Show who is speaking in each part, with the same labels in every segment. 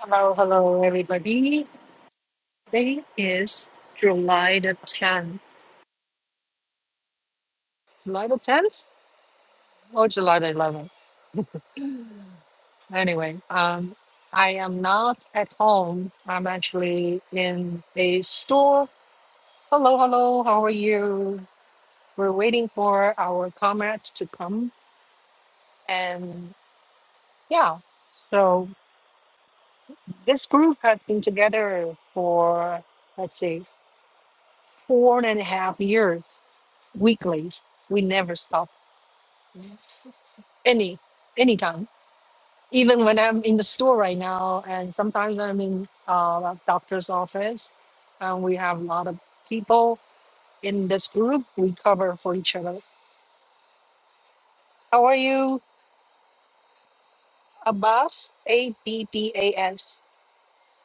Speaker 1: Hello, hello, everybody. Today is July the 10th. July the 10th or July the 11th? Anyway, um, I am not at home. I'm actually in a store. Hello, hello, how are you? We're waiting for our comrades to come. And yeah, so this group has been together for, let's say, four and a half years weekly. We never stop any anytime even when i'm in the store right now and sometimes i'm in uh, doctor's office and we have a lot of people in this group we cover for each other how are you abbas a-b-b-a-s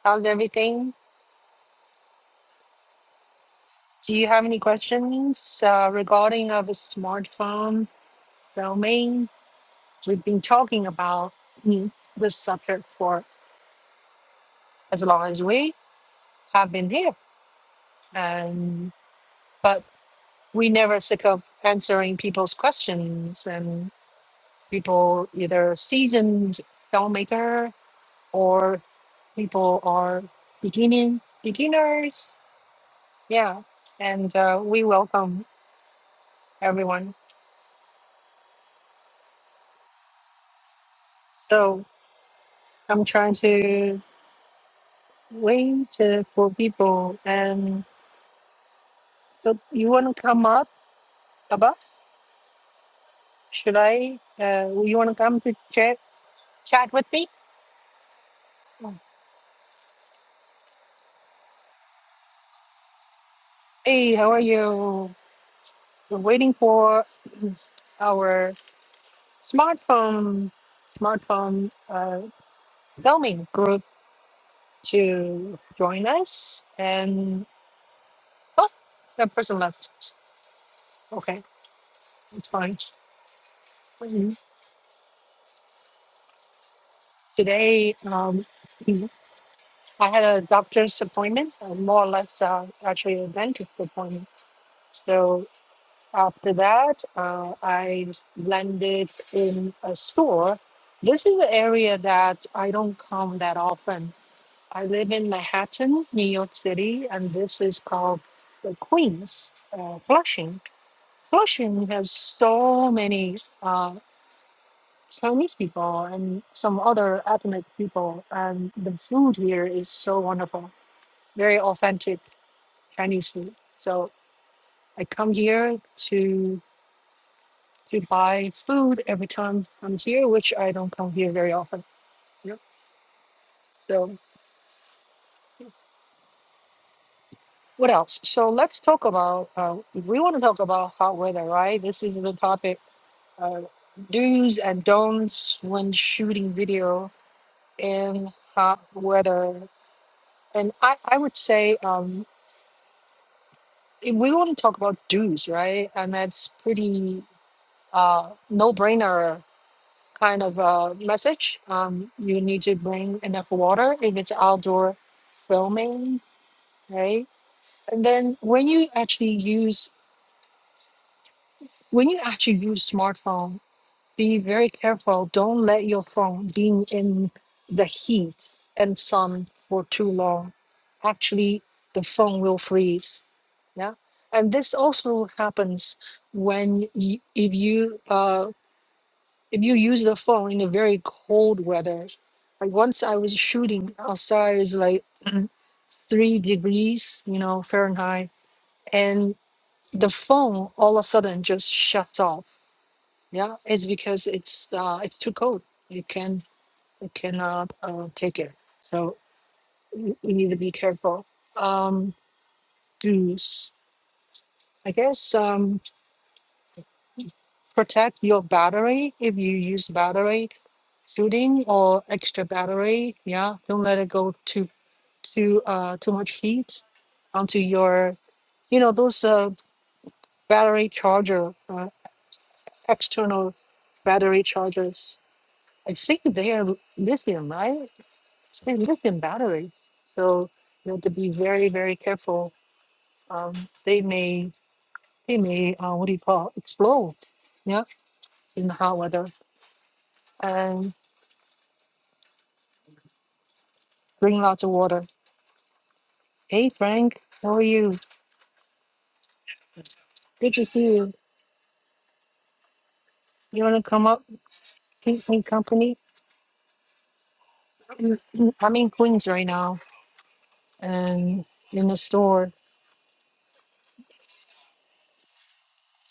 Speaker 1: how's everything do you have any questions uh, regarding of a smartphone filming we've been talking about mm, this subject for as long as we have been here and but we never sick of answering people's questions and people either seasoned filmmaker or people are beginning beginners yeah and uh, we welcome everyone so i'm trying to wait uh, for people and so you want to come up above should i uh, you want to come to chat chat with me hey how are you we're waiting for our smartphone smartphone uh, filming group to join us and oh that person left okay it's fine Mhm. today um, i had a doctor's appointment uh, more or less uh, actually a dentist appointment so after that uh, i landed in a store this is an area that i don't come that often I live in Manhattan, New York City, and this is called the Queens, uh, Flushing. Flushing has so many uh, Chinese people and some other ethnic people, and the food here is so wonderful, very authentic Chinese food. So I come here to to buy food every time I'm here, which I don't come here very often. Yep. So. What else? So let's talk about, uh, if we want to talk about hot weather, right? This is the topic uh, do's and don'ts when shooting video in hot weather. And I, I would say, um, if we want to talk about do's, right? And that's pretty uh, no brainer kind of uh, message. Um, you need to bring enough water if it's outdoor filming, right? And then when you actually use when you actually use smartphone be very careful. Don't let your phone being in the heat and sun for too long. Actually, the phone will freeze. Yeah, and this also happens when you, if you uh, if you use the phone in a very cold weather. Like once I was shooting outside, it's like three degrees, you know, Fahrenheit, and the phone all of a sudden just shuts off yeah, it's because it's uh, it's too cold. You can you cannot uh, take it. So you, you need to be careful. Um, do s- I guess um, protect your battery if you use battery shooting or extra battery. Yeah, don't let it go too too uh, too much heat onto your you know those uh, battery charger uh, external battery chargers. I think they are lithium, right? They live in batteries, so you have to be very, very careful. Um, they may, they may, uh, what do you call, explode, yeah, in the hot weather. And bring lots of water. Hey, Frank, how are you? Good to see you. You want to come up, keep me company? I'm in I'm in Queens right now, and in the store,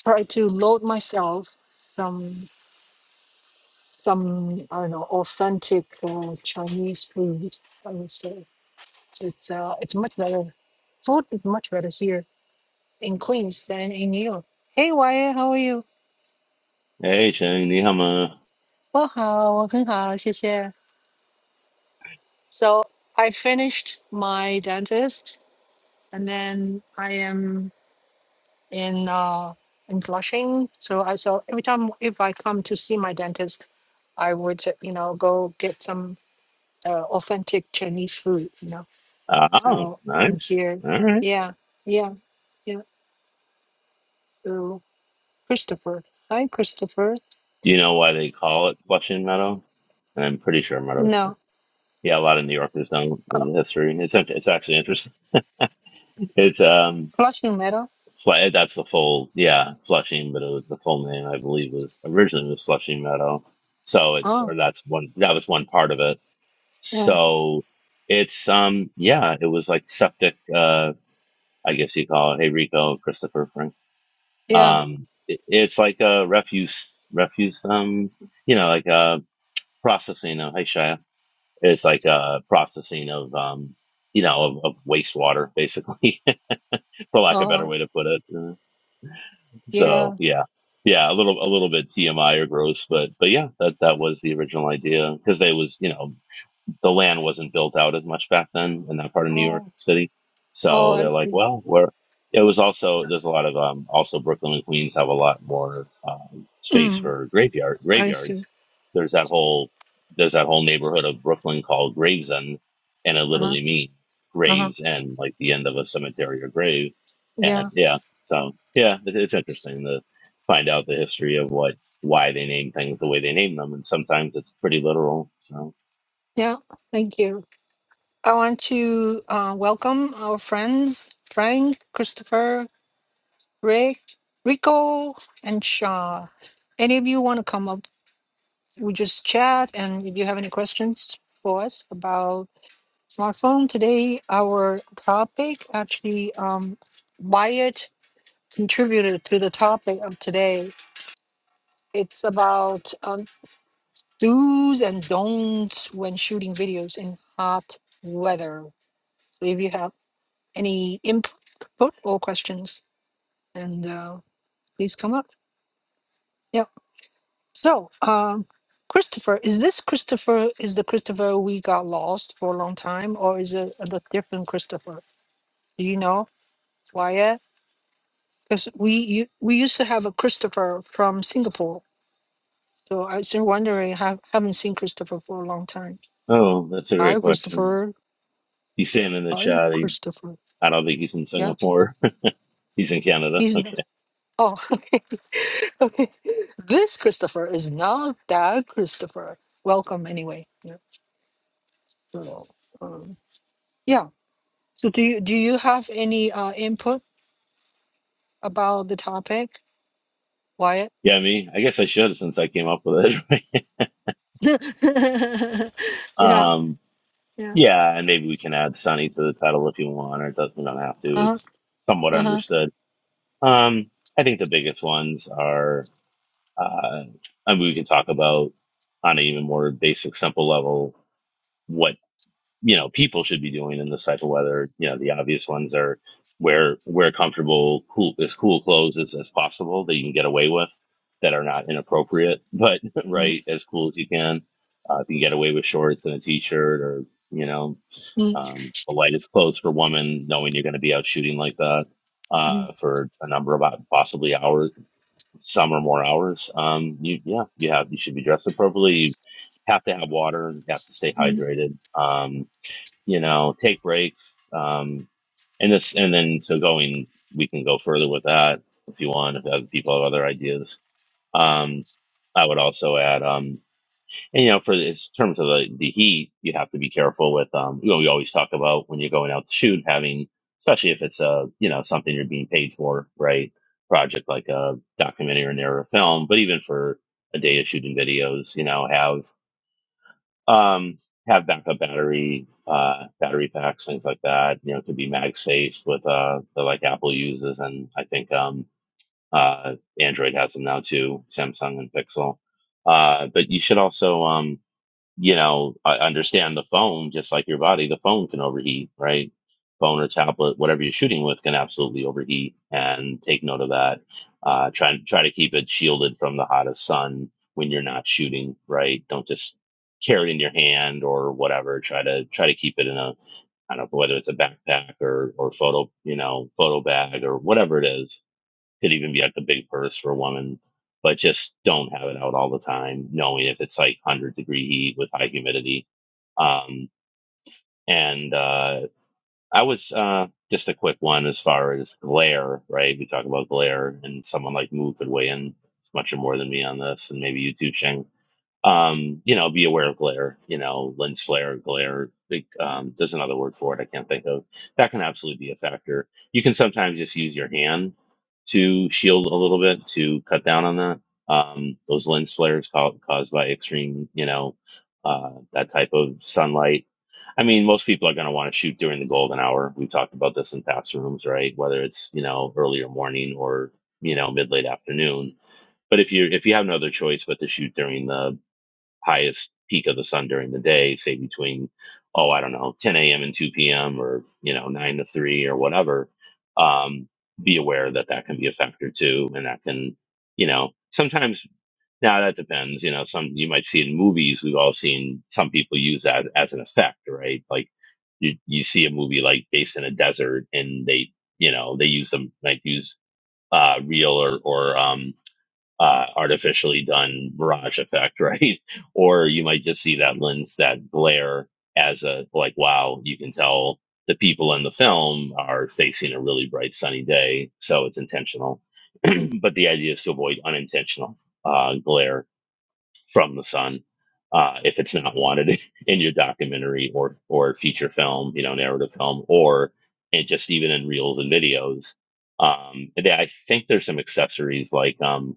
Speaker 1: try to load myself some, some, I don't know, authentic uh, Chinese food. I would say. It's uh, it's much better. Food is much better here in Queens than in New York. Hey, Wyatt, how are you?
Speaker 2: Hey, Shane, ni hao ma.
Speaker 1: 我好，我很好，谢谢。So I finished my dentist, and then I am in uh in Flushing. So I so every time if I come to see my dentist, I would you know go get some uh, authentic Chinese food. You know,
Speaker 2: Oh,
Speaker 1: so I'm
Speaker 2: nice.
Speaker 1: here.
Speaker 2: All right.
Speaker 1: Yeah, yeah, yeah. So Christopher, hi Christopher.
Speaker 2: Do you know why they call it Flushing Meadow? And I'm pretty sure Meadow.
Speaker 1: No.
Speaker 2: Yeah, a lot of New Yorkers don't
Speaker 1: Oh,
Speaker 2: know the history. It's act- it's actually interesting. It's um,
Speaker 1: flashing metal.
Speaker 2: Fle- that's the full yeah Flushing, but it was, the full name I believe was originally was Flushing Meadow. So it's
Speaker 1: Oh.
Speaker 2: or that's one that was one part of it.
Speaker 1: Oh.
Speaker 2: So it's um yeah, it was like septic. Uh, I guess you call it. Hey Rico, Christopher, Frank.
Speaker 1: Yeah.
Speaker 2: Um, it, it's like a refuse, refuse, um, you know, like a processing of, hey, Shia, it's like a processing of, um, you know, of, of wastewater, basically, for lack of a better
Speaker 1: Oh.
Speaker 2: way to put it. Uh, So
Speaker 1: Yeah.
Speaker 2: yeah, yeah, a little, a little bit TMI or gross, but, but yeah, that, that was the original idea because they was, you know, the land wasn't built out as much back then in that part of New York
Speaker 1: Oh.
Speaker 2: City.
Speaker 1: Oh.
Speaker 2: So
Speaker 1: I
Speaker 2: they're like,
Speaker 1: see.
Speaker 2: well, we're, it was also, there's a lot of, um, also Brooklyn and Queens have a lot more, um, space
Speaker 1: Mm.
Speaker 2: for graveyard,
Speaker 1: I see.
Speaker 2: graveyards. There's that whole, there's that whole neighborhood of Brooklyn called Gravesend and it
Speaker 1: Uh huh.
Speaker 2: literally means
Speaker 1: Uh huh.
Speaker 2: graves end, like the end of a cemetery or grave. And
Speaker 1: Yeah.
Speaker 2: yeah, so yeah, it, it's interesting to find out the history of what, why they name things the way they name them. And sometimes it's pretty literal. So.
Speaker 1: Yeah. Thank you. I want to uh, welcome our friends Frank, Christopher, Rick, Rico, and Shaw. Any of you want to come up? We just chat, and if you have any questions for us about smartphone today, our topic actually um wired contributed to the topic of today. It's about um, do's and don'ts when shooting videos in hot weather. So if you have any input or questions, and uh, please come up. Yeah. So, um, Christopher, is this Christopher? Is the Christopher we got lost for a long time, or is it a different Christopher? Do you know, Wyatt? Because we you, we used to have a Christopher from Singapore So I was just wondering, have haven't seen Christopher for a long time.
Speaker 2: Oh, that's a great
Speaker 1: Hi,
Speaker 2: question.
Speaker 1: Christopher.
Speaker 2: He's saying in the
Speaker 1: Hi,
Speaker 2: chat, he,
Speaker 1: Christopher.
Speaker 2: I don't think he's in
Speaker 1: Yeah,
Speaker 2: Singapore. he's in Canada.
Speaker 1: he's not.
Speaker 2: Okay.
Speaker 1: Oh, okay. okay. This Christopher is not that Christopher. Welcome anyway. Yeah. So, um, yeah. So do you do you have any uh, input about the topic, Wyatt?
Speaker 2: Yeah, me. I guess I should since I came up with it. right?
Speaker 1: yeah.
Speaker 2: um,
Speaker 1: Yeah.
Speaker 2: yeah, and maybe we can add Sunny to the title if you want, or it doesn't, we don't have to.
Speaker 1: Uh huh.
Speaker 2: It's somewhat
Speaker 1: Uh huh.
Speaker 2: understood. Um, I think the biggest ones are, uh, I mean, we can talk about on an even more basic, simple level what you know people should be doing in this type of weather. You know, the obvious ones are wear wear comfortable, cool as cool clothes as, as possible that you can get away with that are not inappropriate, but
Speaker 1: Mm,
Speaker 2: right as cool as you can. Uh, if you can get away with shorts and a t-shirt or you know
Speaker 1: mm,
Speaker 2: um, the lightest clothes for women, knowing you're going to be out shooting like that
Speaker 1: mm,
Speaker 2: uh, for a number of hou- possibly hours, some or more hours. Um, you yeah, you have you should be dressed appropriately. You have to have water. You have to stay
Speaker 1: mm.
Speaker 2: hydrated. Um, you know, take breaks. Um, and this, and then so going, we can go further with that if you want, if other people have other ideas. Um, I would also add, um, and you know, for in terms of the, the heat, you have to be careful with, um, you know, we always talk about when you're going out to shoot having, especially if it's a, you know, something you're being paid for, right? Project like a documentary or narrative film, but even for a day of shooting videos, you know, have um, have backup battery, uh, battery packs, things like that. You know, it could be MagSafe with uh, the like Apple uses, and I think um, uh, Android has them now too, Samsung and Pixel. Uh, but you should also um, you know, I understand the phone, just like your body, the phone can overheat, right? Phone or tablet, whatever you're shooting with, can absolutely overheat. And take note of that. Uh, try try to keep it shielded from the hottest sun when you're not shooting, right? Don't just carry it in your hand or whatever. Try to try to keep it in a I don't know whether it's a backpack or or photo you know photo bag or whatever it is could even be like a big purse for a woman, but just don't have it out all the time, knowing if it's like 100 degree heat with high humidity. Um, and uh, I was uh, just a quick one as far as glare, right? We talk about glare, and someone like Moo could weigh in much more than me on this, and maybe you too, Sheng um, you know, be aware of glare, you know, lens flare, glare. Like, um, there's another word for it I can't think of. That can absolutely be a factor. You can sometimes just use your hand to shield a little bit to cut down on that. Um, those lens flares ca- caused by extreme, you know, uh, that type of sunlight. I mean, most people are going to want to shoot during the golden hour. We've talked about this in past rooms, right? Whether it's, you know, earlier morning or, you know, mid late afternoon but if you if you have no other choice but to shoot during the highest peak of the sun during the day, say between, oh, I don't know, 10 a.m. and 2 p.m. or, you know, 9 to 3 or whatever, um, be aware that that can be a factor too. And that can, you know, sometimes now that depends, you know, some you might see in movies, we've all seen some people use that as an effect, right? Like you, you see a movie like based in a desert and they, you know, they use them, like use, uh, real or, or, um, uh, artificially done mirage effect, right? or you might just see that lens, that glare as a, like, wow, you can tell the people in the film are facing a really bright sunny day. So it's intentional. but the idea is to avoid unintentional uh, glare from the sun. Uh, if it's not wanted in your documentary or or feature film, you know, narrative film, or and just even in reels and videos, um, and I think there's some accessories like um,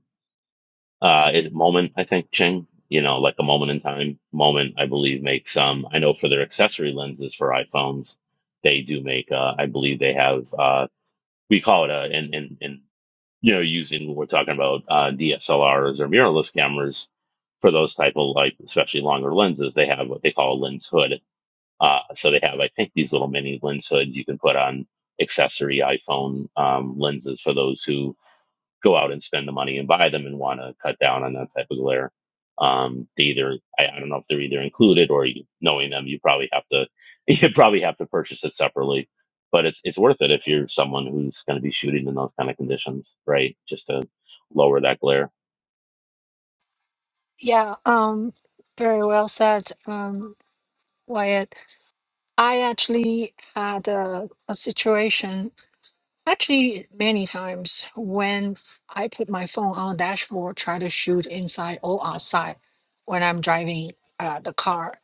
Speaker 2: uh is moment i think ching you know like a moment in time moment i believe makes some. um i know for their accessory lenses for iphones they do make uh i believe they have uh we call it a and and and you know using when we're talking about uh dslrs or mirrorless cameras for those type of like especially longer lenses they have what they call a lens hood uh so they have i think these little mini lens hoods you can put on accessory iphone um lenses for those who go out and spend the money and buy them and want to cut down on that type of glare. Um, they either I, I don't know if they're either included or you, knowing them, you probably have to you probably have to purchase it separately. But it's it's worth it if you're someone who's going to be shooting in those kind of conditions, right? Just to lower that glare.
Speaker 1: Yeah. Um. Very well said. Um. Wyatt, I actually had a, a situation, actually many times, when I put my phone on dashboard, try to shoot inside or outside when I'm driving uh, the car,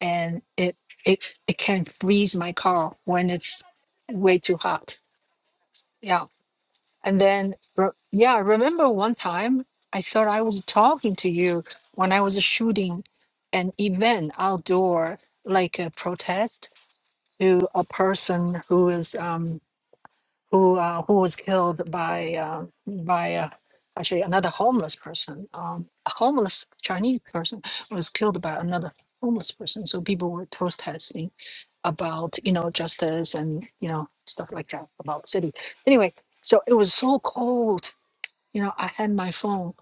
Speaker 1: and it it it can freeze my car when it's way too hot. Yeah, and then re- yeah, I remember one time I thought I was talking to you when I was shooting an event outdoor, like a protest to a person who is um, who uh, who was killed by uh, by uh, actually another homeless person. Um, a homeless Chinese person was killed by another homeless person. So people were protesting about you know justice and you know stuff like that about the city. Anyway, so it was so cold. You know, I had my phone.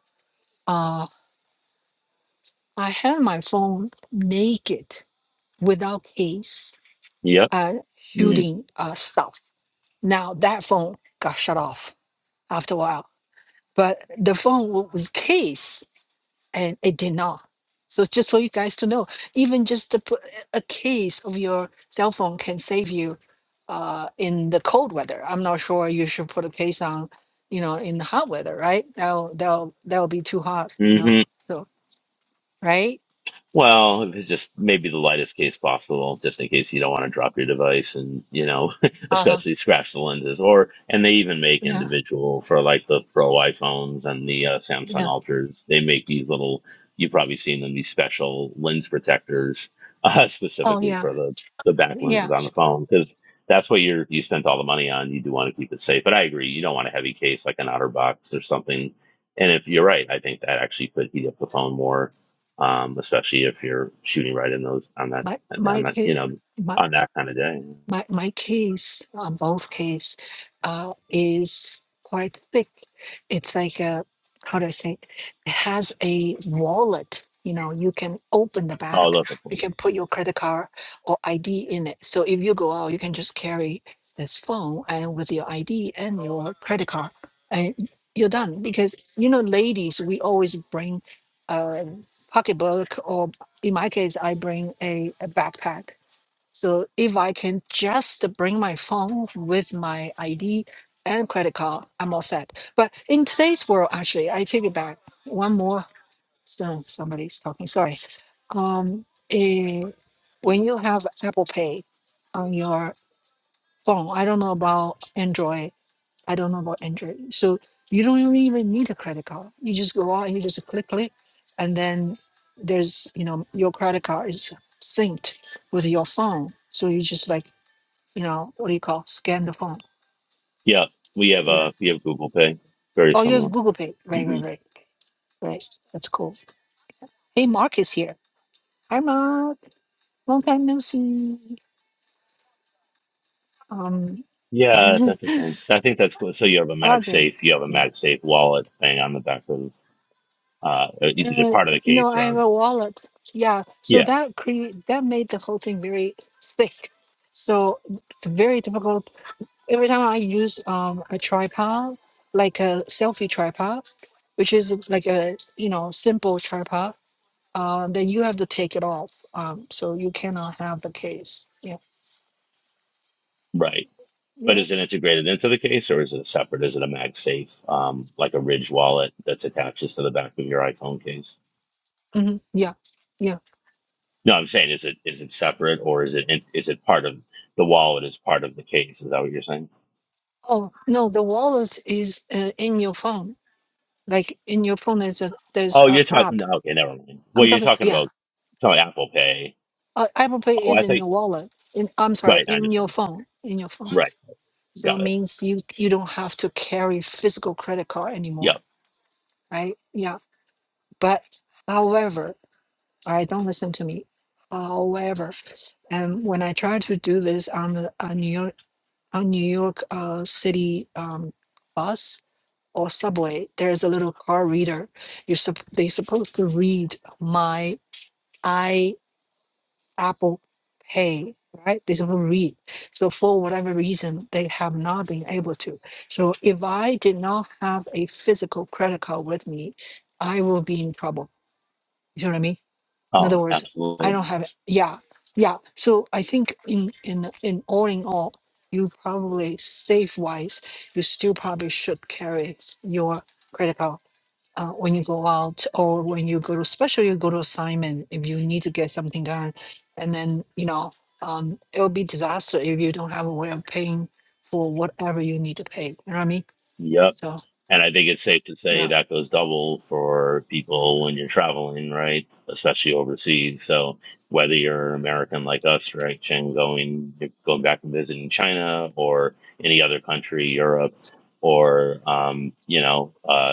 Speaker 1: Uh, I had my phone naked without case,
Speaker 2: Yep.
Speaker 1: uh, shooting uh, stuff Now that phone got shut off after a while, but the phone wa- was case and it did not. So just for you guys to know, even just to put a case of your cell phone can save you uh, in the cold weather. I'm not sure you should put a case on, you know, in the hot weather, right? That'll that'll that'll be too hot, you know.
Speaker 2: Mm.
Speaker 1: So right?
Speaker 2: Well, it's just maybe the lightest case possible, just in case you don't want to drop your device and, you know,
Speaker 1: Uh huh.
Speaker 2: especially scratch the lenses. Or, and they even make
Speaker 1: Yeah.
Speaker 2: individual for like the Pro iPhones and the uh, Samsung
Speaker 1: Yeah.
Speaker 2: Ultras, they make these little, you've probably seen them, these special lens protectors, uh,
Speaker 1: Oh
Speaker 2: specifically
Speaker 1: yeah.
Speaker 2: for the, the back lenses
Speaker 1: Yeah.
Speaker 2: on the phone, because that's what you're, you spent all the money on. You do want to keep it safe. But I agree, you don't want a heavy case like an OtterBox or something. And if you're right, I think that actually could heat up the phone more um, especially if you're shooting right in those on that
Speaker 1: My
Speaker 2: on
Speaker 1: my
Speaker 2: that you
Speaker 1: case.
Speaker 2: know
Speaker 1: My
Speaker 2: on that kind of day.
Speaker 1: my my case on both case uh, is quite thick. It's like a how do I say? It has a wallet. You know, you can open the
Speaker 2: Oh,
Speaker 1: back.
Speaker 2: those are
Speaker 1: You
Speaker 2: cool.
Speaker 1: can put your credit card or ID in it. So if you go out, you can just carry this phone and with your ID and your credit card, and you're done. Because you know, ladies, we always bring a pocketbook, or in my case, I bring a, a backpack so if I can just bring my phone with my ID and credit card, I'm all set. But in today's world, actually, I take it back. One more. So somebody's talking. Sorry. Um, eh, when you have Apple Pay on your phone, I don't know about Android. I don't know about Android. So you don't even need a credit card. You just go out and you just click click, and then there's you know your credit card is synced with your phone. So you just like you know, what do you call scan the phone?
Speaker 2: Yeah, we have
Speaker 1: Yeah.
Speaker 2: uh we have Google Pay, very
Speaker 1: Oh, you have
Speaker 2: similar.
Speaker 1: Google Pay. Right,
Speaker 2: hmm
Speaker 1: right, right. Right. That's cool. Hey, Mark is here. Hi, Mark. Long time no see. Um,
Speaker 2: Yeah, that's interesting. I think that's cool. So you have a
Speaker 1: Audrey.
Speaker 2: MagSafe, you have a
Speaker 1: Yeah.
Speaker 2: MagSafe wallet thing on the back of uh it's either
Speaker 1: Uh,
Speaker 2: part of the
Speaker 1: no,
Speaker 2: case or
Speaker 1: I have
Speaker 2: on
Speaker 1: a wallet. Yeah. So
Speaker 2: yeah
Speaker 1: that create that made the whole thing very thick. So it's very difficult. Every time I use um a tripod, like a selfie tripod, which is like a you know simple tripod, uh, then you have to take it off. Um, so you cannot have the case. Yeah,
Speaker 2: right. But
Speaker 1: yeah,
Speaker 2: is it integrated into the case or is it separate? Is it a MagSafe, um, like a Ridge wallet that's attaches to the back of your iPhone case?
Speaker 1: hmm yeah, yeah.
Speaker 2: No, I'm saying is it is it separate or is it is it part of the wallet is part of the case? Is that what you're saying?
Speaker 1: Oh no, the wallet is uh, in your phone. Like in your phone, there's a there's
Speaker 2: Oh,
Speaker 1: a
Speaker 2: you're talking.
Speaker 1: app.
Speaker 2: Okay, never mind. Well,
Speaker 1: I'm
Speaker 2: you're
Speaker 1: talking.
Speaker 2: talking
Speaker 1: Yeah,
Speaker 2: about talking about Apple Pay.
Speaker 1: uh, Apple Pay
Speaker 2: Oh, I
Speaker 1: is in
Speaker 2: think
Speaker 1: your wallet. In I'm sorry,
Speaker 2: right. I
Speaker 1: in your
Speaker 2: understand.
Speaker 1: phone, in your phone.
Speaker 2: Right,
Speaker 1: So it
Speaker 2: got it.
Speaker 1: means you you don't have to carry physical credit card anymore,
Speaker 2: Yep.
Speaker 1: right? Yeah, but however, all right, don't listen to me. However, and when I tried to do this on the on New On New York uh, City um, bus or subway, there's a little car reader. You're sup- they're supposed to read my i Apple Pay, right? They're supposed to read. So for whatever reason, they have not been able to. So if I did not have a physical credit card with me, I will be in trouble. You know what I mean? in other
Speaker 2: Oh,
Speaker 1: words i
Speaker 2: absolutely.
Speaker 1: don't have yeah yeah so i think in in in all in all you probably safe wise you still probably should carry your credit card uh, when you go out or when you go to especially you go to assignment if you need to get something done and then you know um, it'll be disaster if you don't have a way of paying for whatever you need to pay you know what i mean
Speaker 2: Yep.
Speaker 1: so
Speaker 2: And I think it's safe to say
Speaker 1: yeah
Speaker 2: that goes double for people when you're traveling, right? Especially overseas. So whether you're an American like us, right, Chen, going going back and visiting China or any other country, Europe, or um, you know, uh,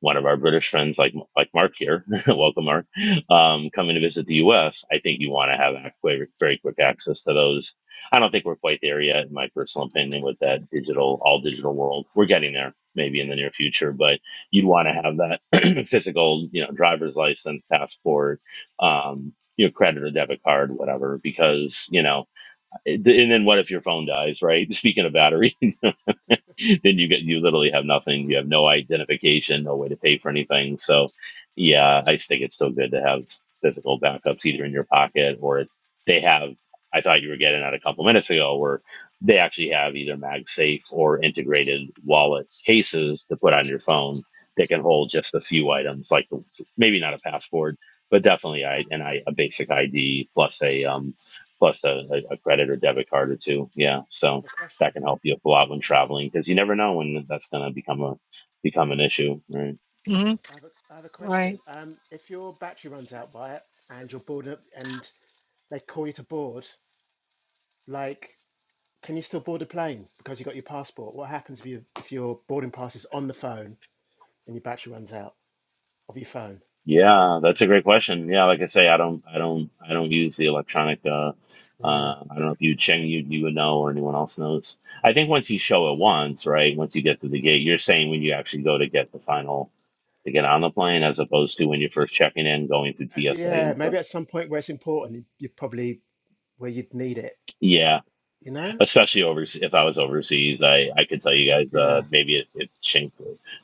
Speaker 2: one of our British friends, like like Mark here, welcome Mark, um, coming to visit the U.S. I think you want to have ac- very very quick access to those. I don't think we're quite there yet, in my personal opinion, with that digital all digital world. We're getting there, maybe in the near future, but you'd want to have that physical, you know, driver's license, passport. Um, you know, credit or debit card, whatever, because you know, it- and then what if your phone dies, right? Speaking of battery, then you get you literally have nothing. You have no identification, no way to pay for anything. So, yeah, I just think it's still good to have physical backups either in your pocket or they have. I thought you were getting at a couple minutes ago where they actually have either MagSafe or integrated wallet cases to put on your phone that can hold just a few items, like the- maybe not a passport, but definitely I and I a basic ID plus a um plus a, a a credit or debit card or two. Yeah,
Speaker 3: I
Speaker 2: so
Speaker 3: have a
Speaker 2: that
Speaker 3: question.
Speaker 2: can help you up a lot when traveling because you never know when that's going to become a become an issue right
Speaker 1: hmm
Speaker 3: I have a, I have a
Speaker 1: right
Speaker 3: question. Um, if your battery runs out by it and you're bored up and they call you to board, like, can you still board a plane because you got your passport? What happens if you if your boarding pass is on the phone and your battery runs out of your phone?
Speaker 2: yeah that's a great question yeah like i say i don't i don't i don't use the electronic uh
Speaker 3: Yeah,
Speaker 2: uh, I don't know if you Cheng you you would know or anyone else knows. I think once you show it once, right? Once you get through the gate, you're saying when you actually go to get the final to get on the plane, as opposed to when you're first checking in, going through
Speaker 3: Uh,
Speaker 2: TSA
Speaker 3: yeah.
Speaker 2: and stuff.
Speaker 3: Maybe at some point where it's important, you probably where you'd need it.
Speaker 2: Yeah,
Speaker 3: You know?
Speaker 2: especially over if I was overseas. I I could tell you guys uh,
Speaker 3: Yeah.
Speaker 2: maybe it if Chink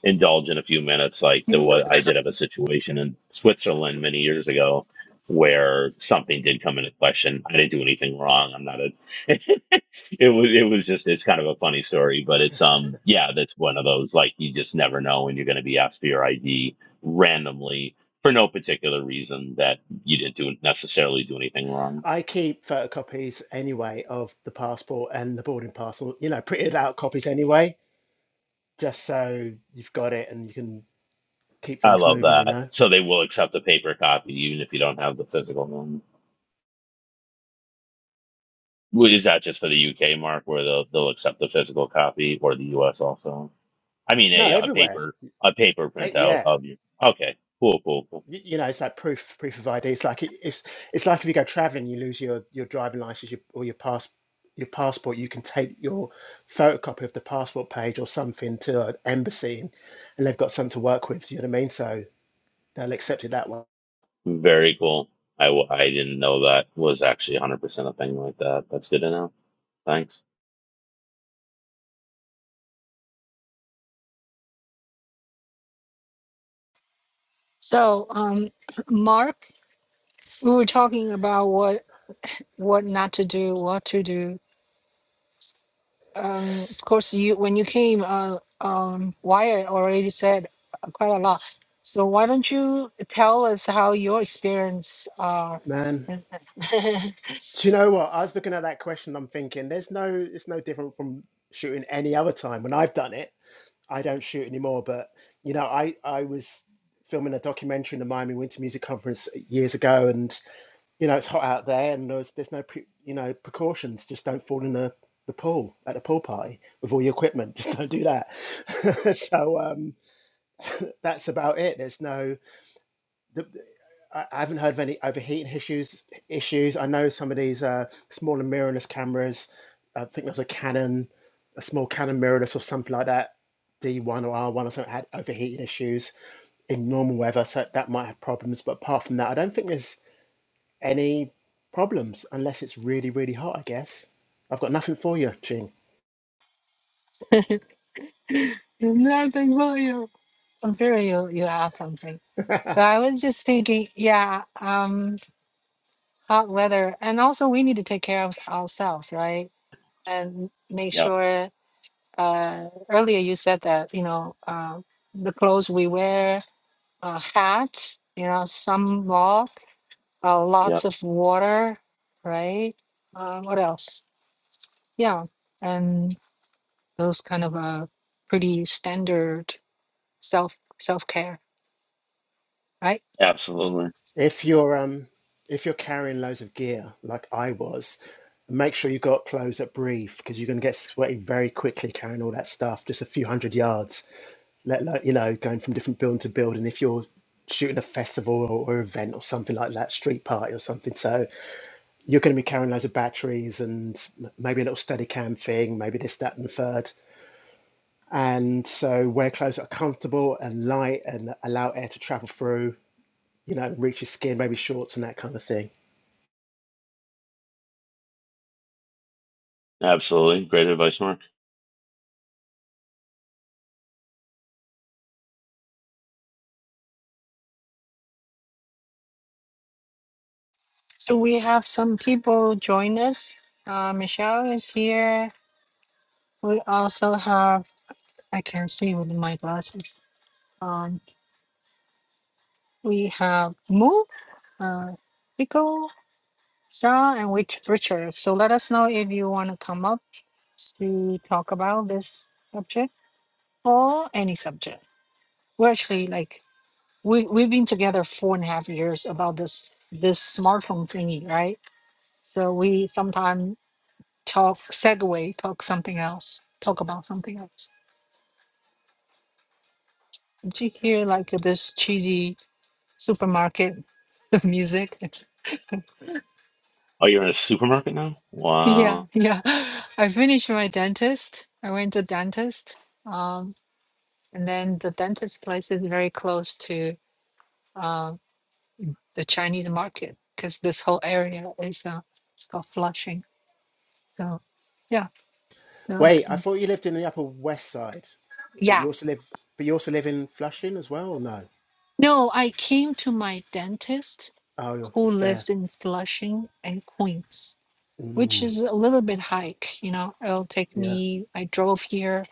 Speaker 2: indulge in a few minutes, like the
Speaker 1: Mm.
Speaker 2: what I did have a situation in Switzerland many years ago where something did come into question. I didn't do anything wrong. I'm not a. it was it was just it's kind of a funny story, but it's um yeah that's one of those like you just never know when you're going to be asked for your ID randomly for no particular reason that you didn't do necessarily do anything wrong.
Speaker 3: I keep photocopies anyway of the passport and the boarding pass, or you know, printed out copies anyway, just so you've got it and you can. keep
Speaker 2: I
Speaker 3: things
Speaker 2: love
Speaker 3: moving, you
Speaker 2: that.
Speaker 3: know.
Speaker 2: So they will accept a paper copy even if you don't have the physical one. Well, Is that just for the UK mark where they'll they'll accept the physical copy or the US also? I mean
Speaker 3: No,
Speaker 2: a, a
Speaker 3: everywhere.
Speaker 2: paper a paper
Speaker 3: Pa-
Speaker 2: printout
Speaker 3: Yeah,
Speaker 2: of you. Okay, cool, cool, cool.
Speaker 3: Y- you know, it's like proof proof of ID. It's like it, it's it's like if you go traveling, you lose your your driving license your, or your pass your passport. You can take your photocopy of the passport page or something to an embassy, and, and they've got something to work with. Do you know what I mean? So they'll accept it that way.
Speaker 2: Very cool. I, w- I didn't know that was actually 100% a thing like that. That's good to know. Thanks.
Speaker 1: so um mark we were talking about what what not to do, what to do. Um, of course, you when you came, uh, um, Wyatt already said quite a lot. So why don't you tell us how your experience are?
Speaker 3: Man,
Speaker 1: Nothing
Speaker 3: do you know what? I was looking at that question. I'm thinking, there's no, it's no different from shooting any other time when I've done it. I don't shoot anymore, but you know, I I was filming a documentary in the Miami Winter Music Conference years ago, and you know, it's hot out there, and there's there's no pre, you know precautions. Just don't fall in the the pool at a pool party with all your equipment. Just don't do that. so um, that's about it. There's no. the, I haven't heard of any overheating issues. Issues. I know some of these uh, smaller mirrorless cameras. uh, I think there was a Canon, a small Canon mirrorless or something like that, D1 or R1 or something had overheating issues in normal weather, so that might have problems. But apart from that, I don't think there's any problems unless it's really really hot. I guess I've got nothing for you, Ching.
Speaker 1: for you. I'm sure you you have something. But I was just thinking, yeah, um, hot weather, and also we need to take care of ourselves, right? And make
Speaker 2: Yep.
Speaker 1: sure. Uh, earlier you said that you know uh, the clothes we wear uh, hats, you know, some loft, uh,
Speaker 2: Yep.
Speaker 1: lots of water, right? Uh, what else? Yeah, and those kind of uh, pretty standard self self care, right?
Speaker 2: Absolutely.
Speaker 3: If you're um if you're carrying loads of gear like I was, make sure you've got clothes that breathe because you're going to get sweaty very quickly carrying all that stuff just a few hundred yards. Let alone you know going from different building to building if you're shooting a festival or, or event or something like that, street party or something. So you're going to be carrying loads of batteries and m- maybe a little steady cam thing, maybe this, that, and the third. And so wear clothes that are comfortable and light and allow air to travel through, you know, reach your skin, maybe shorts and that kind of thing
Speaker 2: Absolutely. Great advice, Mark.
Speaker 1: So we have some people join us. Uh, Michelle is here. We also have I can see with my glasses. Um, we have Moo, uh, Rico, Shaw and which Richard. So let us know if you want to come up to talk about this subject or any subject. We're actually like we we've been together four and a half years about this this smartphone thingy, right? So we sometimes talk segue, talk something else, talk about something else. Did you hear like this cheesy supermarket music?
Speaker 2: Oh, you're in a supermarket now? Wow.
Speaker 1: Yeah, yeah. I finished my dentist. I went to dentist. Um. And then the dentist place is very close to uh, the Chinese market because this whole area is uh, it's called Flushing. So yeah, no,
Speaker 3: Wait, I
Speaker 1: c-
Speaker 3: thought you lived in the Upper West Side, but
Speaker 1: yeah.
Speaker 3: you also live, but you also live in Flushing as well, or no?
Speaker 1: No, I came to my dentist
Speaker 3: Oh,
Speaker 1: who
Speaker 3: it's there.
Speaker 1: lives in Flushing and Queens, which
Speaker 3: Mm,
Speaker 1: is a little bit hike. You know, it'll take
Speaker 3: yeah,
Speaker 1: me. I drove here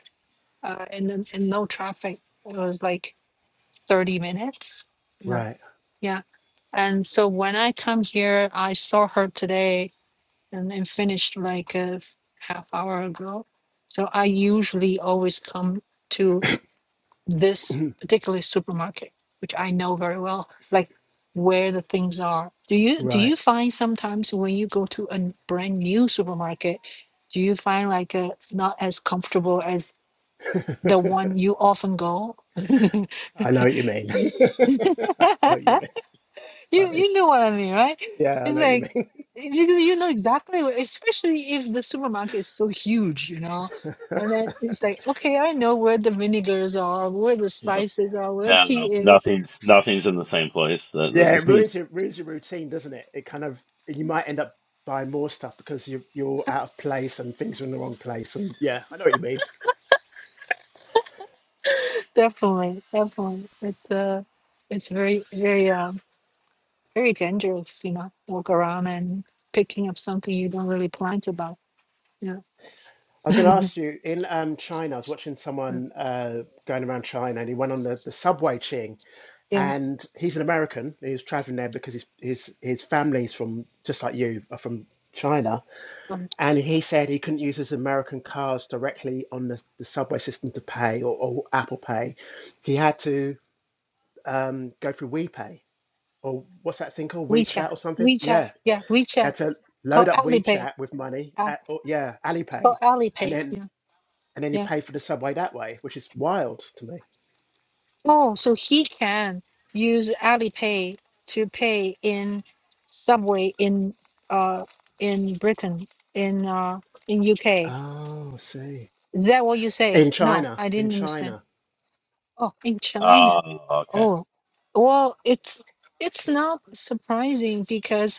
Speaker 1: uh, and then in no traffic. It was like thirty minutes. You know,
Speaker 3: right,
Speaker 1: yeah. And so when I come here, I saw her today and, and finished like a half hour ago. So I usually always come to this particular supermarket, which I know very well, like where the things are. Do you do
Speaker 3: right.
Speaker 1: you find sometimes when you go to a n- brand new supermarket, do you find like uh it's not as comfortable as the one you often go?
Speaker 3: I know what you mean.
Speaker 1: Do you-
Speaker 3: I know what you mean. It's
Speaker 1: You
Speaker 3: funny.
Speaker 1: you know what I mean, right?
Speaker 3: Yeah, I
Speaker 1: It's
Speaker 3: know what you
Speaker 1: like
Speaker 3: mean.
Speaker 1: you you know exactly what, especially if the supermarket is so huge, you know. And then it's like, okay, I know where the vinegars are, where the
Speaker 2: Yep.
Speaker 1: spices are, where
Speaker 2: No,
Speaker 1: tea
Speaker 2: no,
Speaker 1: is.
Speaker 2: nothing's nothing's in the same place.
Speaker 3: yeah,
Speaker 2: that.
Speaker 3: it
Speaker 2: that-
Speaker 3: ruins your ruins your routine, doesn't it? It kind of you might end up buying more stuff because you are you're out of place and things are in the wrong place. And yeah, I know what you mean.
Speaker 1: Definitely, definitely, it's uh, it's very very um very dangerous, you know, walk around and picking up something you don't really plan to buy. Yeah,
Speaker 3: I was going to
Speaker 1: Mm.
Speaker 3: ask you in um, China. I was watching someone uh, going around China, and he went on the, the subway Ching,
Speaker 1: yeah.
Speaker 3: and he's an American. He was traveling there because his his his family's from just like you are from China,
Speaker 1: Um,
Speaker 3: and he said he couldn't use his American cards directly on the, the subway system to pay or, or Apple Pay. He had to um, go through WePay or what's that thing called
Speaker 1: WeChat,
Speaker 3: WeChat or something?
Speaker 1: WeChat,
Speaker 3: Yeah,
Speaker 1: yeah,
Speaker 3: he
Speaker 1: WeChat,
Speaker 3: had to
Speaker 1: called
Speaker 3: load up
Speaker 1: Alipay.
Speaker 3: WeChat with money. At, or, yeah,
Speaker 1: So
Speaker 3: Alipay and
Speaker 1: Alipay,
Speaker 3: then
Speaker 1: yeah,
Speaker 3: and then you
Speaker 1: yeah.
Speaker 3: pay for the subway that way, which is wild to me.
Speaker 1: Oh, so he can use Alipay to pay in subway in uh in Britain in uh in UK.
Speaker 3: Oh, I see.
Speaker 1: Is that what you say?
Speaker 3: In
Speaker 1: No,
Speaker 3: China,
Speaker 1: I
Speaker 3: in
Speaker 1: didn't understand.
Speaker 3: China.
Speaker 1: Oh, in China.
Speaker 2: Oh, okay.
Speaker 1: Oh, well, it's it's not surprising because.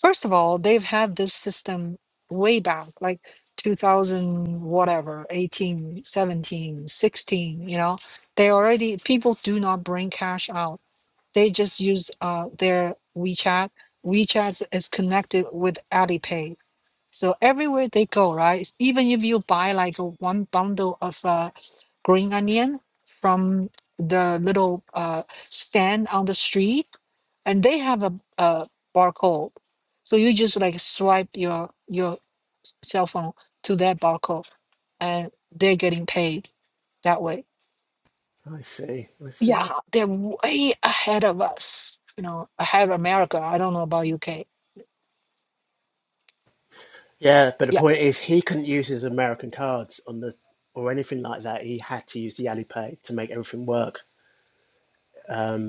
Speaker 1: First of all, they've had this system way back, like 2000, whatever, 18, 17, 16, you know, they already, people do not bring cash out. They just use uh, their WeChat. WeChat is connected with Alipay. So everywhere they go, right? Even if you buy like a one bundle of uh, green onion from the little uh, stand on the street, and they have a, a barcode, so you just like swipe your your cell phone to that barcode, and they're getting paid that way.
Speaker 3: I see, I
Speaker 1: Yeah,
Speaker 3: see.
Speaker 1: they're way ahead of us. You know, ahead of America. I don't know about UK.
Speaker 3: Yeah, but the
Speaker 1: Yeah,
Speaker 3: point is, he couldn't use his American cards on the or anything like that. He had to use the Alipay to make everything work.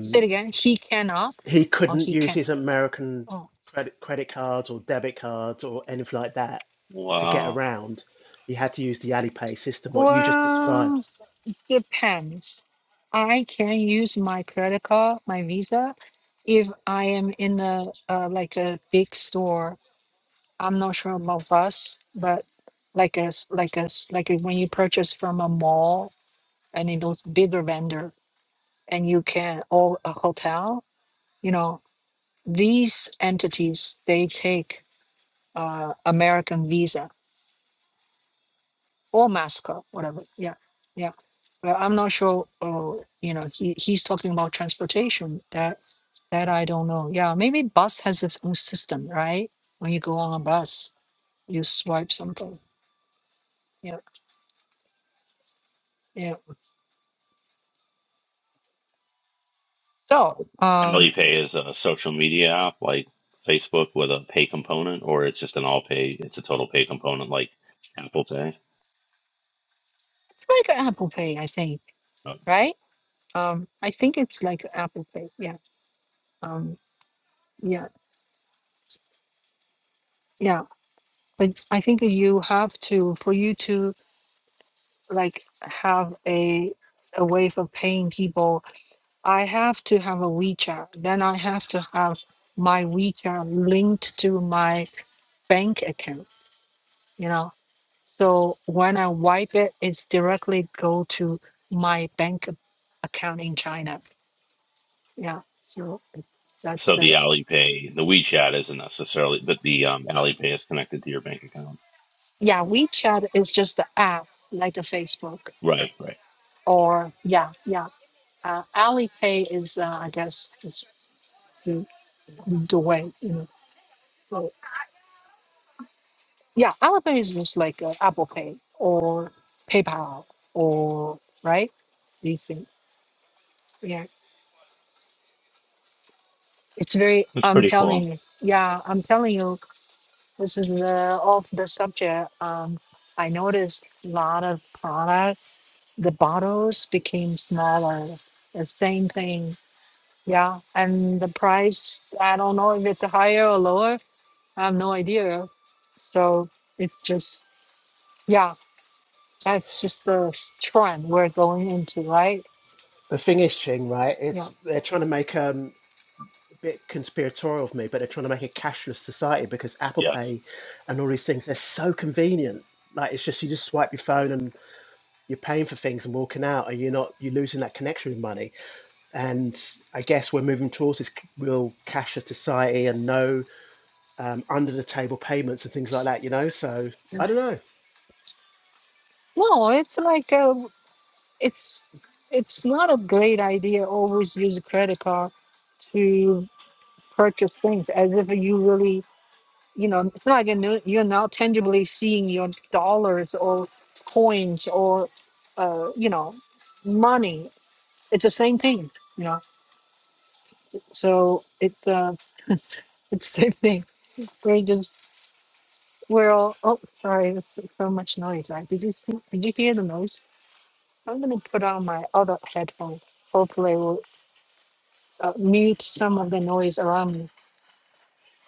Speaker 1: say it again. She cannot,
Speaker 3: he
Speaker 1: or
Speaker 3: couldn't
Speaker 1: he
Speaker 3: use
Speaker 1: can.
Speaker 3: his American credit credit cards or debit cards or anything like that to get
Speaker 2: Well,
Speaker 3: around. He had to use the Alipay system, what you just described.
Speaker 1: Well, depends. I can use my credit card, my Visa, if I am in the uh, like a big store. I'm not sure about us, but like a s- like a s- like a, when you purchase from a mall and in those bigger vendor, and you can or a hotel, you know, these entities they take uh, American Visa or masker, whatever. Yeah, yeah. Well, I'm not sure. Uh, you know, he, he's talking about transportation. That that I don't know. Yeah, maybe bus has its own system, right? When you go on a bus, you swipe something. Yeah, yeah. So um,
Speaker 2: Friendly Pay is a social media app like Facebook with a pay component, or it's just an all pay, it's a total pay component like Apple Pay.
Speaker 1: it's like Apple Pay, I think,
Speaker 2: Oh.
Speaker 1: right? Um, I think it's like Apple Pay. Yeah. Um, yeah, yeah. But I think you have to for you to like have a a way for paying people I have to have a WeChat. Then I have to have my WeChat linked to my bank account. You know, so when I wipe it, it's directly go to my bank ac- account in China. Yeah. So it- that's
Speaker 2: So the
Speaker 1: the
Speaker 2: Alipay, the WeChat isn't necessarily, but the um, Alipay is connected to your bank account.
Speaker 1: yeah WeChat is just the app like the Facebook
Speaker 2: Right, right.
Speaker 1: or yeah yeah. Uh, Alipay is uh, I guess is the, the way you know. yeah, Alipay is just like uh, Apple Pay or PayPal or right these things. Yeah, it's very.
Speaker 2: It's
Speaker 1: I'm
Speaker 2: pretty
Speaker 1: telling
Speaker 2: cool.
Speaker 1: you. Yeah, I'm telling you. This is the off the subject. Um, I noticed a lot of product. The bottles became smaller. The same thing. Yeah, and the price. I don't know if it's higher or lower. I have no idea. So it's just yeah. That's just the trend we're going into, right?
Speaker 3: The thing is, Ching, right?
Speaker 1: Yeah.
Speaker 3: It's they're trying to make um bit conspiratorial of me, but they're trying to make a cashless society because Apple
Speaker 2: Yes.
Speaker 3: Pay and all these things they're so convenient. Like it's just you just swipe your phone and you're paying for things and walking out, and you're not you're losing that connection with money. And I guess we're moving towards this real cashless society and no um, under the table payments and things like that. You know, so I don't know.
Speaker 1: No, it's like uh it's it's not a great idea always use a credit card to purchase things as if you really, you know, it's not like you're, no- you're now tangibly seeing your dollars or coins or, uh, you know, money. It's the same thing, you know. So it's uh, it's the same thing. We're just we're all. Oh, sorry, that's so much noise. Right? Did you see? Did you hear the noise? I'm going to put on my other headphones. Hopefully, it will uh, mute some of the noise around me.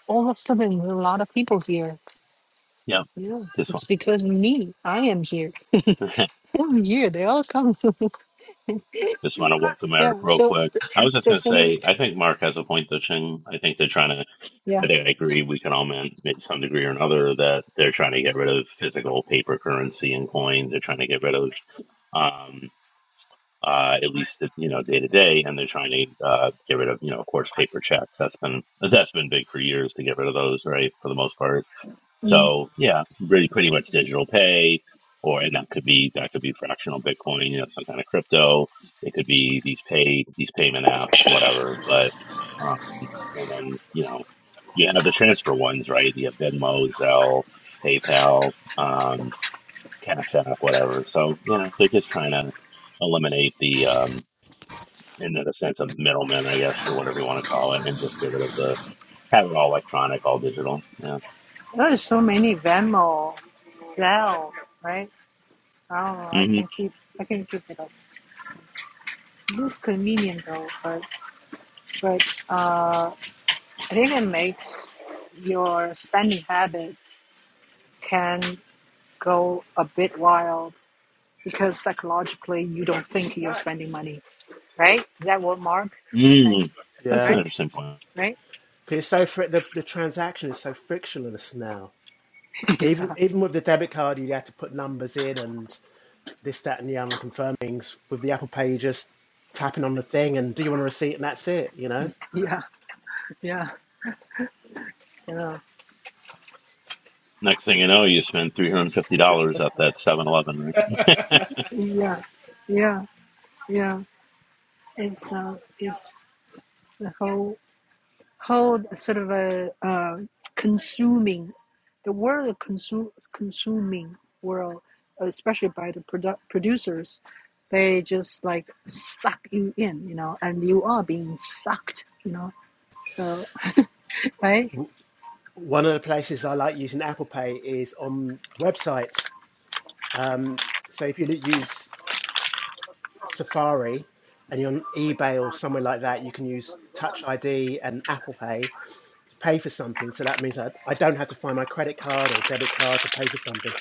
Speaker 1: All of a sudden, a lot of people here.
Speaker 2: Yep.
Speaker 1: Yeah,
Speaker 2: This
Speaker 1: it's because me. I am here.
Speaker 2: one.
Speaker 1: I'm here. They all come.
Speaker 2: Just want to welcome Eric
Speaker 1: yeah.
Speaker 2: real
Speaker 1: So
Speaker 2: quick. I was just going
Speaker 1: does
Speaker 2: to
Speaker 1: anyone?
Speaker 2: say, I think Mark has a point to Ching. I think they're trying to, I
Speaker 1: Yeah.
Speaker 2: think I agree, we can all admit, to some degree or another, that they're trying to get rid of physical paper currency and coin. They're trying to get rid of, um, uh, at least, you know, day to day, and they're trying to, uh, get rid of, you know, of course, paper checks. That's been, that's been big for years to get rid of those, right? For the most part.
Speaker 1: Mm.
Speaker 2: So yeah, really pretty much digital pay, or and that could be that could be fractional Bitcoin, you know, some kind of crypto. It could be these pay these payment apps, whatever. But um, and then you know you have the transfer ones, right? You have Venmo, Zelle, PayPal, um, Cash App, whatever. So you know they're just trying to eliminate the um, in the sense of middlemen, I guess, or whatever you want to call it, and just give it of the have it all electronic, all digital. Yeah.
Speaker 1: There's so many Venmo, Zelle, right? I don't know. I can keep. I can keep it up. It's convenient though, but but uh, I think it makes your spending habit can. go a bit wild because psychologically you don't think you're spending money, right? Is that what Mark was saying?
Speaker 2: Mm, that's an
Speaker 3: Yeah,
Speaker 1: Right?
Speaker 2: interesting point.
Speaker 1: Right?
Speaker 3: because it's so fr- the the transaction is so frictionless now. Even
Speaker 1: yeah.
Speaker 3: even with the debit card, you had to put numbers in, and this, that, and the other confirmings with the Apple Pay just tapping on the thing and do you want a receipt and that's it, you know?
Speaker 1: Yeah, yeah, you know,
Speaker 2: Next thing you know, you spend three hundred and fifty dollars at that Seven Eleven, right?
Speaker 1: yeah, yeah, yeah. It's uh, it's the whole whole sort of a uh, consuming the world of consume consuming world, especially by the produ- producers. They just like suck you in, you know, and you are being sucked, you know. So right?
Speaker 3: One of the places I like using Apple Pay is on websites. Um, so if you use Safari and you're on eBay or somewhere like that, you can use Touch ID and Apple Pay to pay for something. So that means I, I don't have to find my credit card or debit card to pay for something.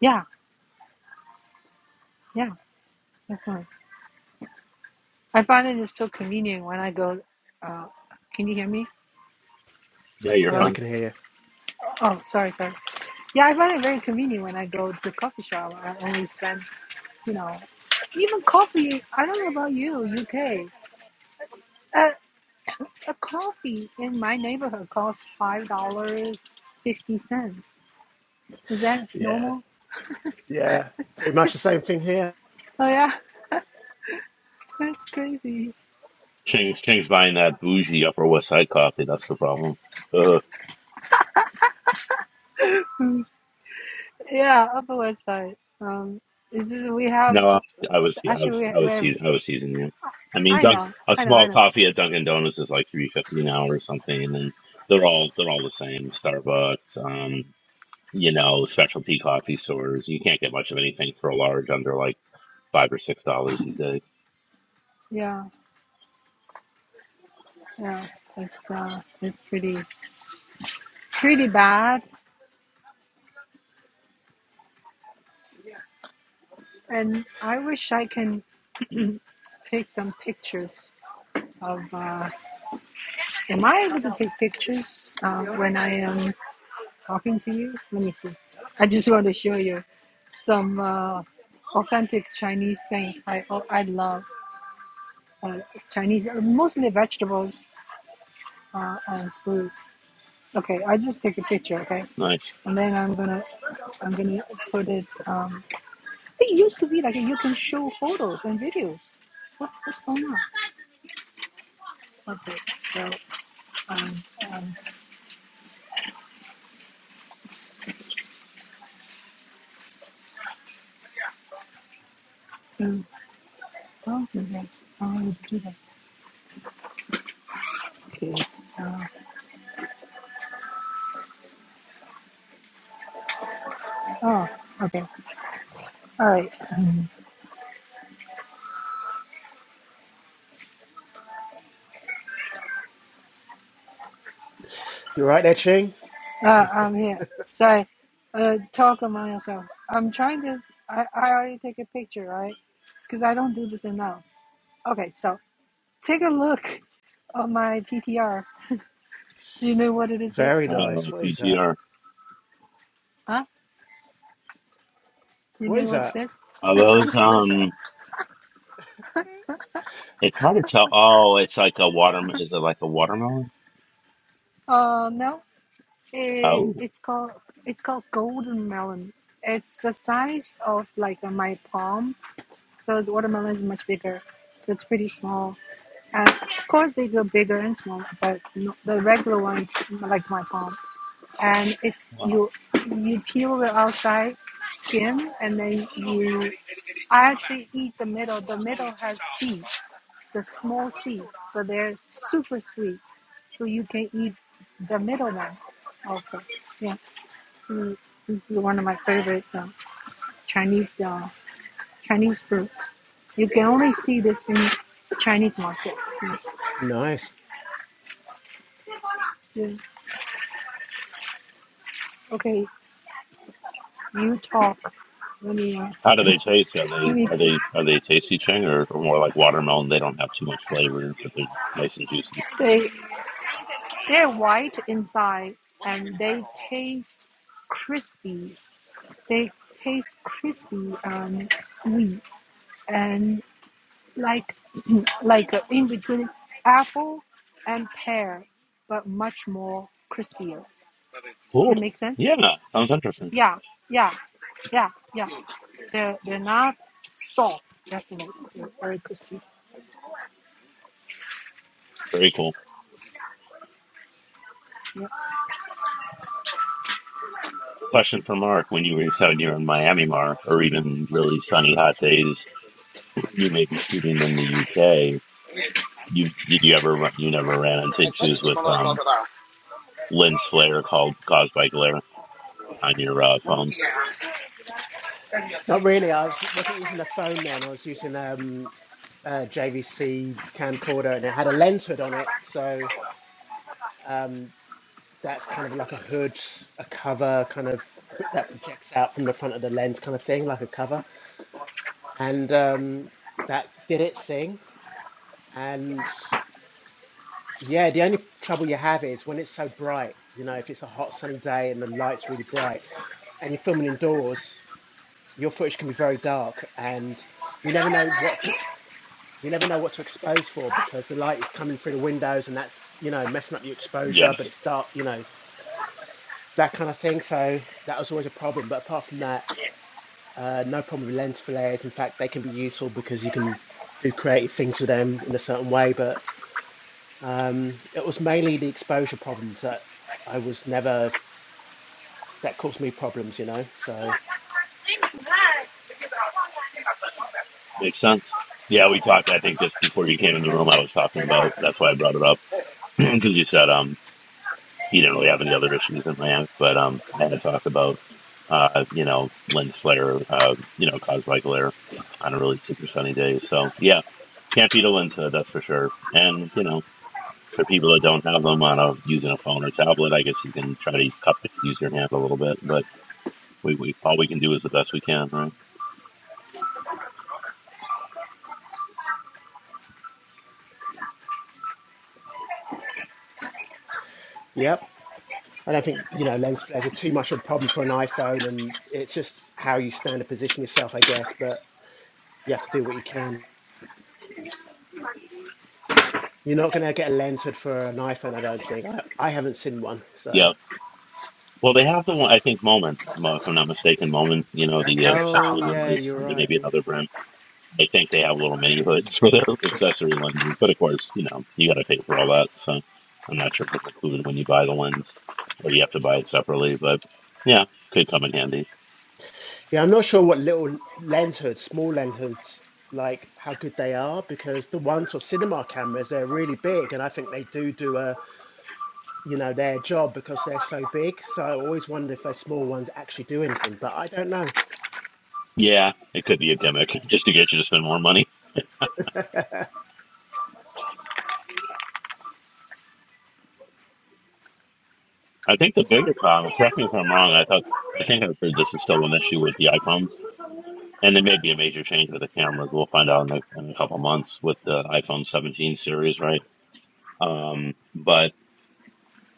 Speaker 1: Yeah, yeah, definitely. I find it is so convenient when I go. Uh, can you hear me?
Speaker 2: yeah, you're
Speaker 3: Yeah,
Speaker 1: Hello.
Speaker 3: we
Speaker 2: fine.
Speaker 3: can hear you.
Speaker 1: Oh, sorry, sorry. Yeah, I find it very convenient when I go to coffee shop. I only spend, you know, even coffee. I don't know about you, UK. A, a coffee in my neighborhood costs five dollars fifty cents. Is that
Speaker 3: Yeah,
Speaker 1: normal?
Speaker 3: yeah. Pretty much the same thing here.
Speaker 1: Oh yeah, that's crazy.
Speaker 2: Chang's Chang's buying that bougie Upper West Side coffee. That's the problem. Uh,
Speaker 1: Mm, Yeah, up the website. Um, is this, we have
Speaker 2: no, I, I was I
Speaker 1: actually
Speaker 2: was I
Speaker 1: we we
Speaker 2: was
Speaker 1: have.
Speaker 2: teasing I was teasing you. I mean,
Speaker 1: I
Speaker 2: Dunk,
Speaker 1: know,
Speaker 2: a
Speaker 1: I know, I
Speaker 2: small
Speaker 1: know.
Speaker 2: coffee at Dunkin' Donuts is like three fifty an hour or something, and then they're all they're all the same. Starbucks, um, you know, specialty coffee stores. You can't get much of anything for a large under like five or six dollars these days.
Speaker 1: Yeah. Yeah, it's uh, it's pretty pretty bad. And I wish I can take some pictures of. Uh, am I able to take pictures uh, when I am talking to you? Let me see. I just want to show you some uh, authentic Chinese things. I oh, I love uh, Chinese, uh, mostly vegetables uh, and food. Okay, I just take a picture. Okay,
Speaker 2: Nice.
Speaker 1: and then I'm gonna I'm gonna put it. Um, It used to be like you can show photos and videos. What's what's going on? Okay, so um um mm, oh okay, oh Peter, uh, oh okay, all right.
Speaker 3: You're right there, Ching.
Speaker 1: Uh, I'm here. Sorry, uh, talk among yourself. I'm trying to. I I already take a picture, right? Because I don't do this enough. Okay, so take a look on my PTR. Do you know what it is? This?
Speaker 3: Very
Speaker 2: Oh,
Speaker 3: nice. What is that?
Speaker 2: PGR.
Speaker 1: Huh? You
Speaker 3: What
Speaker 1: know
Speaker 3: is
Speaker 1: what's
Speaker 3: that?
Speaker 1: this?
Speaker 2: Are
Speaker 3: Was that
Speaker 2: those
Speaker 3: pumpkin? What is
Speaker 2: um?
Speaker 3: that?
Speaker 2: It's hard to tell. Oh, it's like a water. Is it like a watermelon?
Speaker 1: Uh, no. Eh,
Speaker 2: Oh,
Speaker 1: it's called it's called golden melon. It's the size of like uh, my palm, so the watermelon is much bigger. So it's pretty small. And of course, they go bigger and smaller, but no, the regular ones like my palm. And it's
Speaker 2: wow.
Speaker 1: you you peel the outside skin, and then you. I actually eat the middle. The middle has seeds, the small seeds, so they're super sweet. So you can eat the middle one also. Yeah. Mm, This is one of my favorite um, Chinese uh, Chinese fruits. You can only see this in Chinese market. Mm.
Speaker 3: Nice.
Speaker 1: Yeah. Okay, you talk. Let me. Uh,
Speaker 2: How do they taste? Are
Speaker 1: let
Speaker 2: they
Speaker 1: me.
Speaker 2: are they are they tasty chang or, or more like watermelon? They don't have too much flavor, but they're nice and juicy.
Speaker 1: They they're white inside and they taste crispy. They taste crispy and sweet and like like uh, in between apple and pear, but much more crispier. It
Speaker 2: Cool.
Speaker 1: make sense.
Speaker 2: Yeah, sounds interesting.
Speaker 1: Yeah, yeah, yeah, yeah. They're they're not soft, definitely. They're very crispy.
Speaker 2: Very cool.
Speaker 1: Yeah.
Speaker 2: Question for Mark: When you were out here in Miami, Mark, or even really sunny hot days, you may be shooting in the UK. You did you ever run, you never ran into issues with um lens flare called caused by glare on your uh, phone?
Speaker 3: Not really. I was, wasn't using a phone then. I was using um, a JVC camcorder, and it had a lens hood on it. So um, that's kind of like a hood, a cover, kind of put- that projects out from the front of the lens, kind of thing, like a cover. And um, that did its thing. And yeah, the only trouble you have is when it's so bright. You know, if it's a hot sunny day and the light's really bright, and you're filming indoors your footage can be very dark, and you never know what to ex- you never know what to expose for because the light is coming through the windows, and that's you know messing up your exposure. But
Speaker 2: Yes.
Speaker 3: it's dark, you know that kind of thing. So that was always a problem. But apart from that, uh, no problem with lens flares. In fact, they can be useful because you can do creative things with them in a certain way. But um, it was mainly the exposure problems that I was never that caused me problems. You know, so
Speaker 2: Makes sense. Yeah, we talked. I think just before you came in the room, I was talking about. That's why I brought it up because you said um you didn't really have any other issues in Miami, but um I had to talk about uh you know lens flare uh you know caused by glare on a really super sunny day. So yeah, can't beat a lens hood that's for sure. And you know for people that don't have them on a using a phone or tablet, I guess you can try to cup it, use your hand a little bit, but we, we all we can do is the best we can, right?
Speaker 3: yep. I don't think you know lens flares are too much of a problem for an iPhone, and it's just how you stand and position yourself, I guess. But you have to do what you can. You're not going to get a lens hood for an iPhone, I don't think. I, I haven't seen one,
Speaker 2: Yeah.
Speaker 3: so.
Speaker 2: Well, they have the one I think Moment, mo- if I'm not mistaken, Moment. You know the uh,
Speaker 3: Oh
Speaker 2: accessory
Speaker 3: yeah,
Speaker 2: lenses,
Speaker 3: you're
Speaker 2: and then maybe
Speaker 3: right.
Speaker 2: another brand. I think they have little mini hoods for their accessory lenses, but of course, you know you got to pay for all that. So I'm not sure if it's included when you buy the lens, or you have to buy it separately. But yeah, could come in handy.
Speaker 3: Yeah, I'm not sure what little lens hoods, small lens hoods, like how good they are because the ones for cinema cameras, they're really big, and I think they do do a you know their job because they're so big. So I always wonder if those small ones actually do anything, but I don't know.
Speaker 2: Yeah, it could be a gimmick just to get you to spend more money. I think the bigger problem. Correct me if I'm wrong. I thought I think I've heard this is still an issue with the iPhones And it may be a major change with the cameras. We'll find out in a, in a couple months with the iPhone 17 series, right? Um, but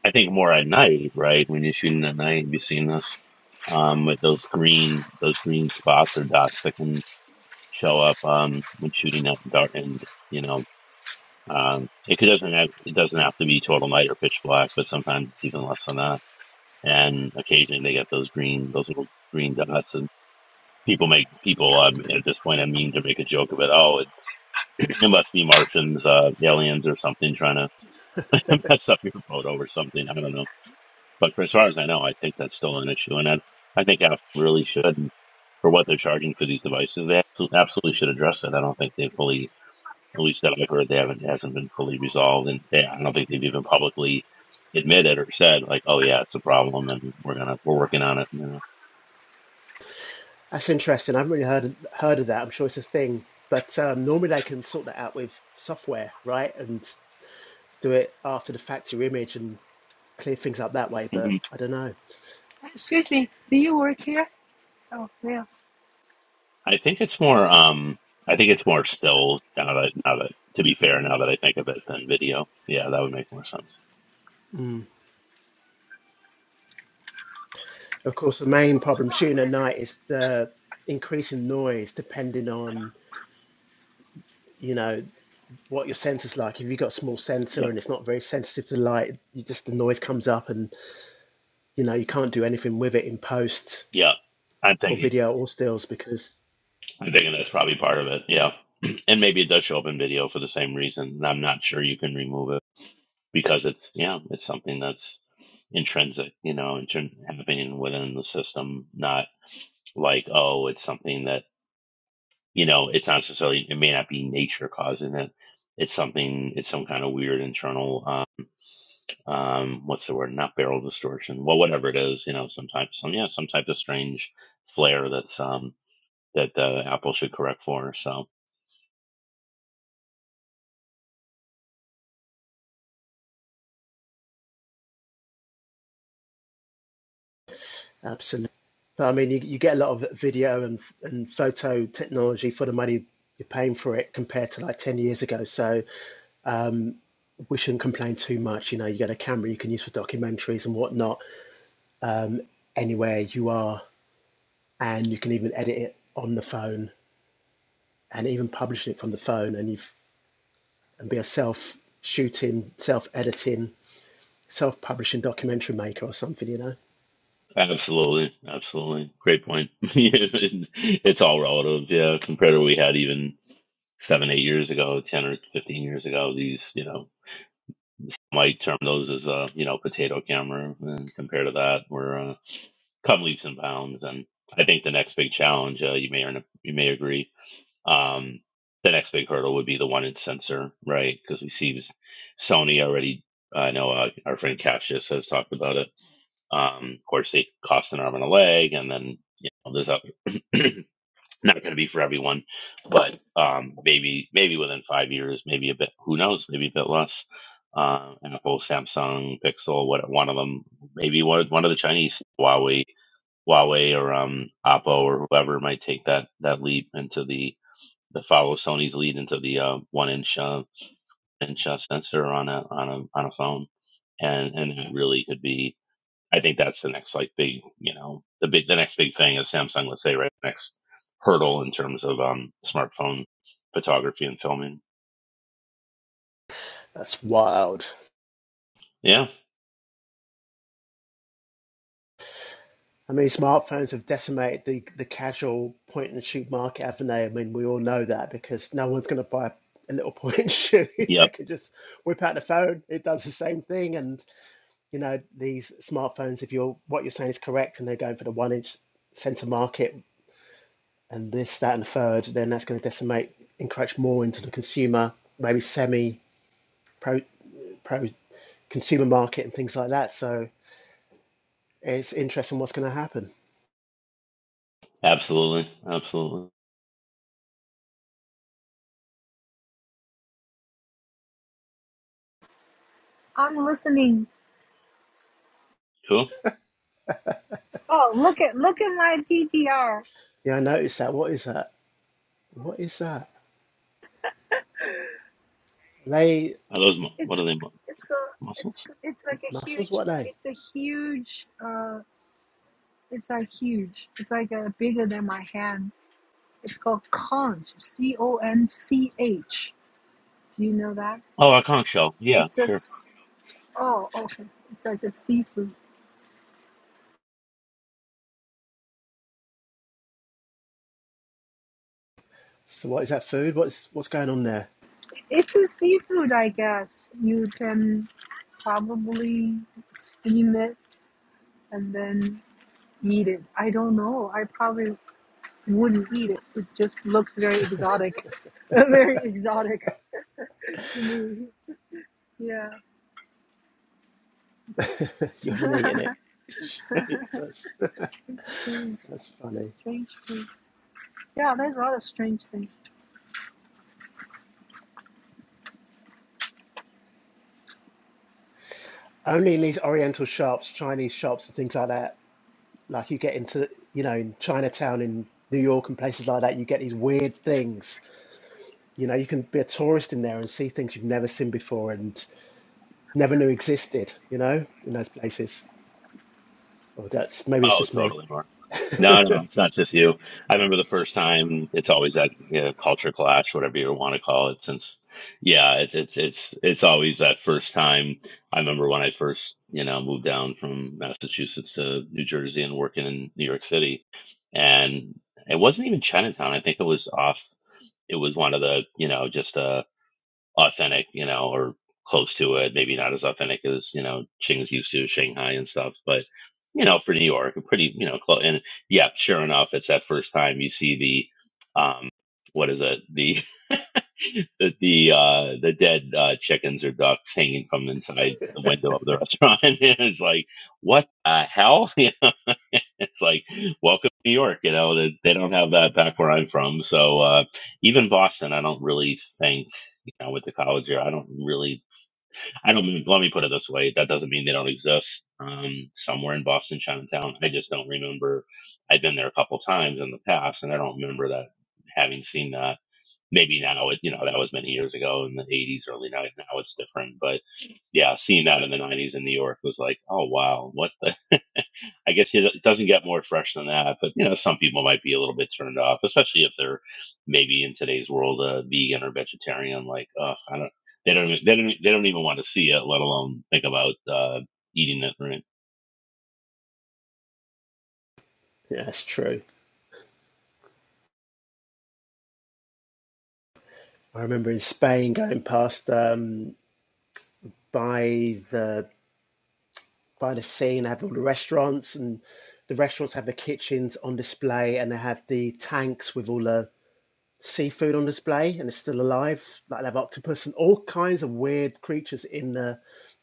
Speaker 2: I think more at night, right? When you're shooting at night, you've seen this, um, with those green, those green spots or dots that can show up, um, when shooting at dark and, you know, um, it could- doesn't have, it doesn't have to be total night or pitch black, but sometimes it's even less than that. And occasionally they get those green, those little green dots and people make people um, at this point I mean to make a joke of it. Oh, It must be Martians, uh, aliens or something trying to mess up your photo or something. I don't know. But for as far as I know, I think that's still an issue. And I, I think Apple really should, for what they're charging for these devices, they abso- absolutely should address it. I don't think they've fully, at least that I've heard, they haven't, it hasn't been fully resolved. And they, I don't think they've even publicly admitted or said like, oh yeah, it's a problem and we're going to, we're working on it, you know.
Speaker 3: That's interesting. I haven't really heard of, heard of that. I'm sure it's a thing, but um, normally they can sort that out with software, right? And do it after the factory image and clear things up that way.
Speaker 2: Mm-hmm.
Speaker 3: But I don't know.
Speaker 1: Excuse me, do you work here? Oh yeah.
Speaker 2: I think it's more. Um, I think it's more stills now that now that to be fair, now that I think of it, than video. Yeah, that would make more sense.
Speaker 3: Mm. Of course, the main problem shooting at night is the increasing noise, depending on you know what your sensor's like. If you've got a small sensor
Speaker 2: Yep,
Speaker 3: and it's not very sensitive to light, you just the noise comes up, and you know you can't do anything with it in post
Speaker 2: yep. I'm
Speaker 3: for
Speaker 2: thinking.
Speaker 3: video or stills because
Speaker 2: I'm thinking that's probably part of it. Yeah, and maybe it does show up in video for the same reason. And I'm not sure you can remove it because it's yeah, it's something that's intrinsic, you know, intrin- happening within the system. Not like oh, it's something that you know, it's not necessarily. It may not be nature causing it. It's something. It's some kind of weird internal. um, what's the word? Not barrel distortion. Well, whatever it is, you know, some type, some yeah, some type of strange flare that's um, that uh, Apple should correct for. So
Speaker 3: Absolutely. So, I mean, you, you get a lot of video and and photo technology for the money you're paying for it compared to like 10 years ago. So um, we shouldn't complain too much. You know, you get a camera you can use for documentaries and whatnot um, anywhere you are, and you can even edit it on the phone and even publish it from the phone, and you've and be a self shooting, self editing, self publishing documentary maker or something. You know,
Speaker 2: absolutely, absolutely, great point. it's all relative, yeah. Compared to what we had even seven, eight years ago, ten or fifteen years ago, these, you know, might term those as a you know potato camera, and compared to that, we're uh, come leaps and bounds. And I think the next big challenge, uh, you may or you may agree, Um, the next big hurdle would be the one inch sensor, right? Because we see Sony already. I know uh, our friend Cassius has talked about it. Um, of course, they cost an arm and a leg, and then you know, there's other not going to be for everyone, but um, maybe maybe within five years, maybe a bit. Who knows? Maybe a bit less. Uh, and Apple, Samsung, Pixel, what one of them? Maybe one one of the Chinese Huawei, Huawei or um, Oppo or whoever might take that that leap into the that follow Sony's lead into the uh, one inch uh, inch uh, sensor on a on a on a phone, and and it really could be. I think that's the next like big you know the big the next big thing is Samsung. Let's say right next hurdle in terms of um, smartphone photography and filming.
Speaker 3: that's wild.
Speaker 2: Yeah.
Speaker 3: I mean, smartphones have decimated the, the casual point and shoot market, haven't they? I mean, we all know that because no one's going to buy a little point and shoot if they
Speaker 2: Yep.
Speaker 3: could just whip out the phone. It does the same thing. And, you know, these smartphones, if you're what you're saying is correct and they're going for the one inch center market and this, that, and the third, then that's going to decimate, encroach more into the consumer, maybe semi pro, pro consumer market and things like that. So it's interesting what's going to happen.
Speaker 2: Absolutely. Absolutely.
Speaker 1: I'm listening.
Speaker 2: Cool.
Speaker 1: Oh, look at look at my DDR.
Speaker 3: Yeah, I noticed that. What is that? What is that? They
Speaker 2: Are those mu- what
Speaker 1: It's
Speaker 2: are they mu-
Speaker 1: it's go it's
Speaker 2: muscles?
Speaker 1: go- it's like a
Speaker 3: mussels,
Speaker 1: huge.
Speaker 3: what are they?
Speaker 1: It's a huge. Uh, it's like huge. It's like a bigger than my hand. It's called conch, C O N C H. Do you know that?
Speaker 2: Oh, a conch shell. Yeah,
Speaker 1: It's a
Speaker 2: sure.
Speaker 1: oh okay. It's like a seafood.
Speaker 3: So what is that food? What's what's going on there?
Speaker 1: It's a seafood, I guess. You can probably steam it and then eat it. I don't know. I probably wouldn't eat it. It just looks very exotic, very exotic to me. Yeah,
Speaker 3: you haven't eaten it.
Speaker 1: it's
Speaker 3: That's,
Speaker 1: strange,
Speaker 3: that's funny.
Speaker 1: strange food. Yeah, there's a lot of strange things.
Speaker 3: Only in these Oriental shops, Chinese shops, and things like that. Like you get into, you know, in Chinatown in New York and places like that, you get these weird things. You know, you can be a tourist in there and see things you've never seen before and never knew existed. You know, in those places. Well, that's maybe it's
Speaker 2: Oh,
Speaker 3: just me.
Speaker 2: totally, Mark. No, no, it's not just you. I remember the first time. It's always that you know, culture clash, whatever you want to call it. Since, yeah, it's it's it's it's always that first time. I remember when I first, you know, moved down from Massachusetts to New Jersey and working in New York City, and it wasn't even Chinatown. I think it was off. It was one of the, you know, just uh, authentic, you know, or close to it. Maybe not as authentic as you know Ching's used to Shanghai and stuff, but you know, for New York, pretty you know close. And yeah, sure enough, it's that first time you see the um, what is it? the. the the, uh, the dead uh, chickens or ducks hanging from inside the window of the restaurant. and it's like, what the hell? You know, it's like, welcome to New York. You know, they, they don't have that back where I'm from. So uh, even Boston, I don't really think. You know, with the college here, I don't really, I don't mean, let me put it this way. That doesn't mean they don't exist um, somewhere in Boston, Chinatown. I just don't remember. I've been there a couple times in the past and I don't remember that having seen that maybe now it you know that was many years ago in the 80s early 90s now it's different but yeah seeing that in the 90s in new york was like oh wow what the i guess it doesn't get more fresh than that but you know some people might be a little bit turned off especially if they're maybe in today's world uh, vegan or vegetarian like uh, i don't they don't even- they don't e, they don't even want to see it let alone think about uh, eating it right
Speaker 3: Yeah, that's true. I remember in Spain going past. um, by the by the sea, and They have all the restaurants, and the restaurants have the kitchens on display, and they have the tanks with all the seafood on display, and it's still alive. Like they have octopus and all kinds of weird creatures in the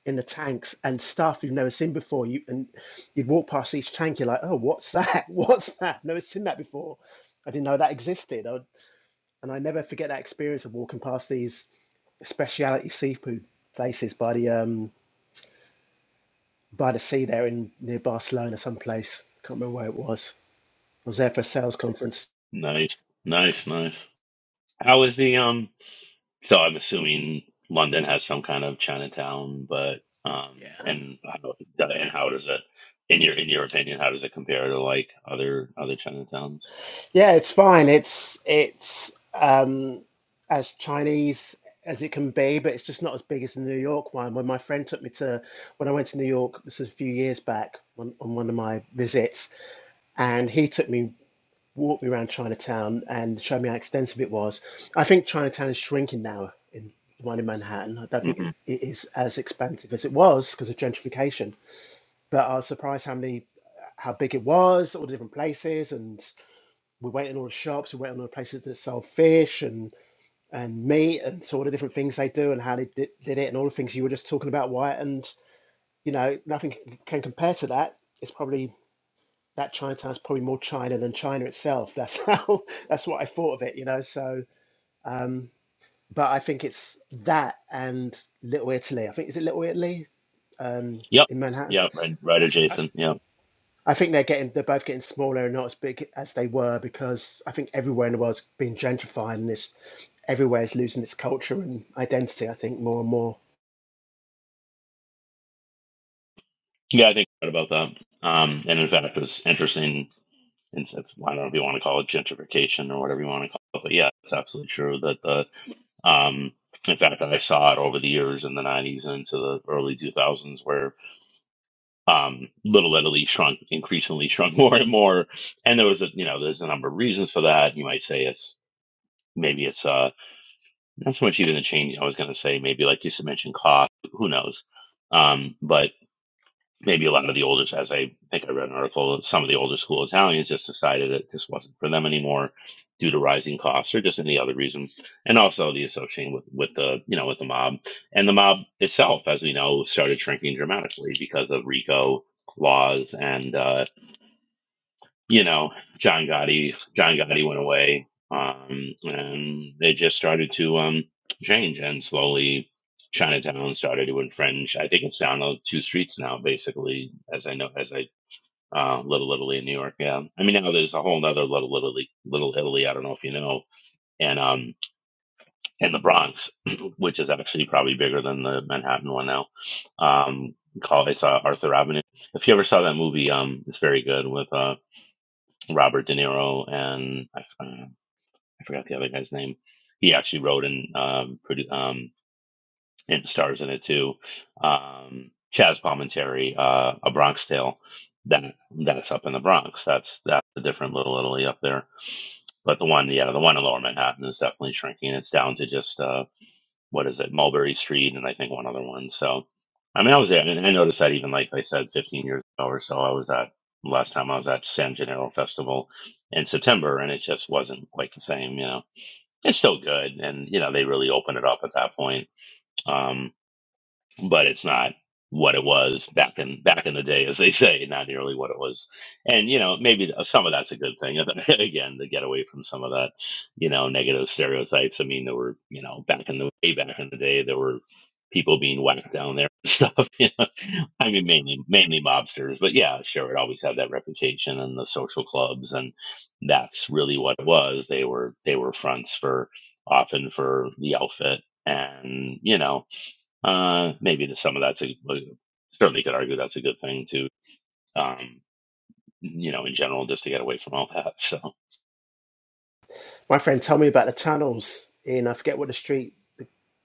Speaker 3: in the tanks and stuff you've never seen before. You and you'd walk past each tank, you're like, oh, what's that? What's that? Never seen that before. I didn't know that existed. I would, and I never forget that experience of walking past these speciality seafood places by the um, by the sea there in near Barcelona, someplace. Can't remember where it was. I was there for a sales conference.
Speaker 2: nice nice nice how is the um So I'm assuming London has some kind of Chinatown, but
Speaker 3: Yeah,
Speaker 2: um, and how, and how does it, in your in your opinion, how does it compare to like other other Chinatowns?
Speaker 3: yeah, it's fine. It's it's um, as Chinese as it can be, but it's just not as big as the New York one. When my friend took me to when I went to New York, this was a few years back on, on one of my visits, and he took me walked me around Chinatown and showed me how extensive it was. I think Chinatown is shrinking now in the one in Manhattan. I don't think
Speaker 2: hmm
Speaker 3: it's, it is as expansive as it was because of gentrification but I was surprised how many how big it was, all the different places, and we went in all the shops, we went in all the places that sell fish and and meat, and saw all the different things they do and how they did, did it, and all the things you were just talking about, Wyatt. And you know, nothing can, can compare to that. It's probably that Chinatown's probably more China than China itself. That's how that's what I thought of it, you know. So, um, but I think it's that and Little Italy. I think is it Little Italy um,
Speaker 2: Yep,
Speaker 3: in Manhattan.
Speaker 2: yep, right, right
Speaker 3: I, th- I,
Speaker 2: adjacent. Yep,
Speaker 3: I think they're getting they're both getting smaller and not as big as they were because I think everywhere in the world's being gentrified and this everywhere is losing its culture and identity, I think, more and more.
Speaker 2: yeah, I think right about that. Um, and in fact, it was interesting. And it's- I don't know if you want to call it gentrification or whatever you want to call it, but yeah, it's absolutely true that the um, in fact, I saw it over the years in the '90s and into the early 2000s, where um, Little Italy shrunk increasingly shrunk more and more, and there was a you know there's a number of reasons for that. You might say it's maybe it's uh not so much even a change. I was going to say maybe like you mentioned cost. Who knows? Um, but maybe a lot of the older, as I think I read an article, some of the older school Italians just decided that this wasn't for them anymore due to rising costs or just any other reason. And also the association with, with the, you know, with the mob and the mob itself, as we know, started shrinking dramatically because of RICO laws and, uh, you know, John Gotti, John Gotti went away, um, and they just started to um, change, and slowly Chinatown started to infringe. I think it's down to two streets now, basically, as I know, as I uh, Little Italy in New York. Yeah, I mean now there's a whole other Little Italy, Little Italy. I don't know if you know, and um, and the Bronx, which is actually probably bigger than the Manhattan one now. Um, called it's uh, Arthur Avenue. If you ever saw that movie, um, it's very good with uh Robert De Niro and I, f- uh, I forgot the other guy's name. He actually wrote and um, produ- um, and stars in it too. Um, Chaz Palminteri, uh, A Bronx Tale. That that's up in the Bronx. That's that's a different Little Italy up there. But the one, yeah, the one in Lower Manhattan is definitely shrinking. It's down to just uh, what is it, Mulberry Street, and I think one other one. So, I mean, I was there, and I noticed that even like I said, 15 years ago or so, I was at last time I was at San Gennaro Festival in September, and it just wasn't quite the same. You know, it's still good, and you know they really opened it up at that point. Um, but it's not what it was back in back in the day, as they say, not nearly what it was. And you know, maybe some of that's a good thing. Again, to get away from some of that, you know, negative stereotypes. I mean, there were you know back in the way back in the day, there were people being whacked down there and stuff. You know, I mean, mainly mainly mobsters, but yeah, sure, it always had that reputation and the social clubs, and that's really what it was. They were they were fronts for often for the outfit, and you know uh, maybe to some of that's a uh, certainly could argue that's a good thing too. Um, you know, in general, just to get away from all that. So,
Speaker 3: My friend told me about the tunnels in I forget what the street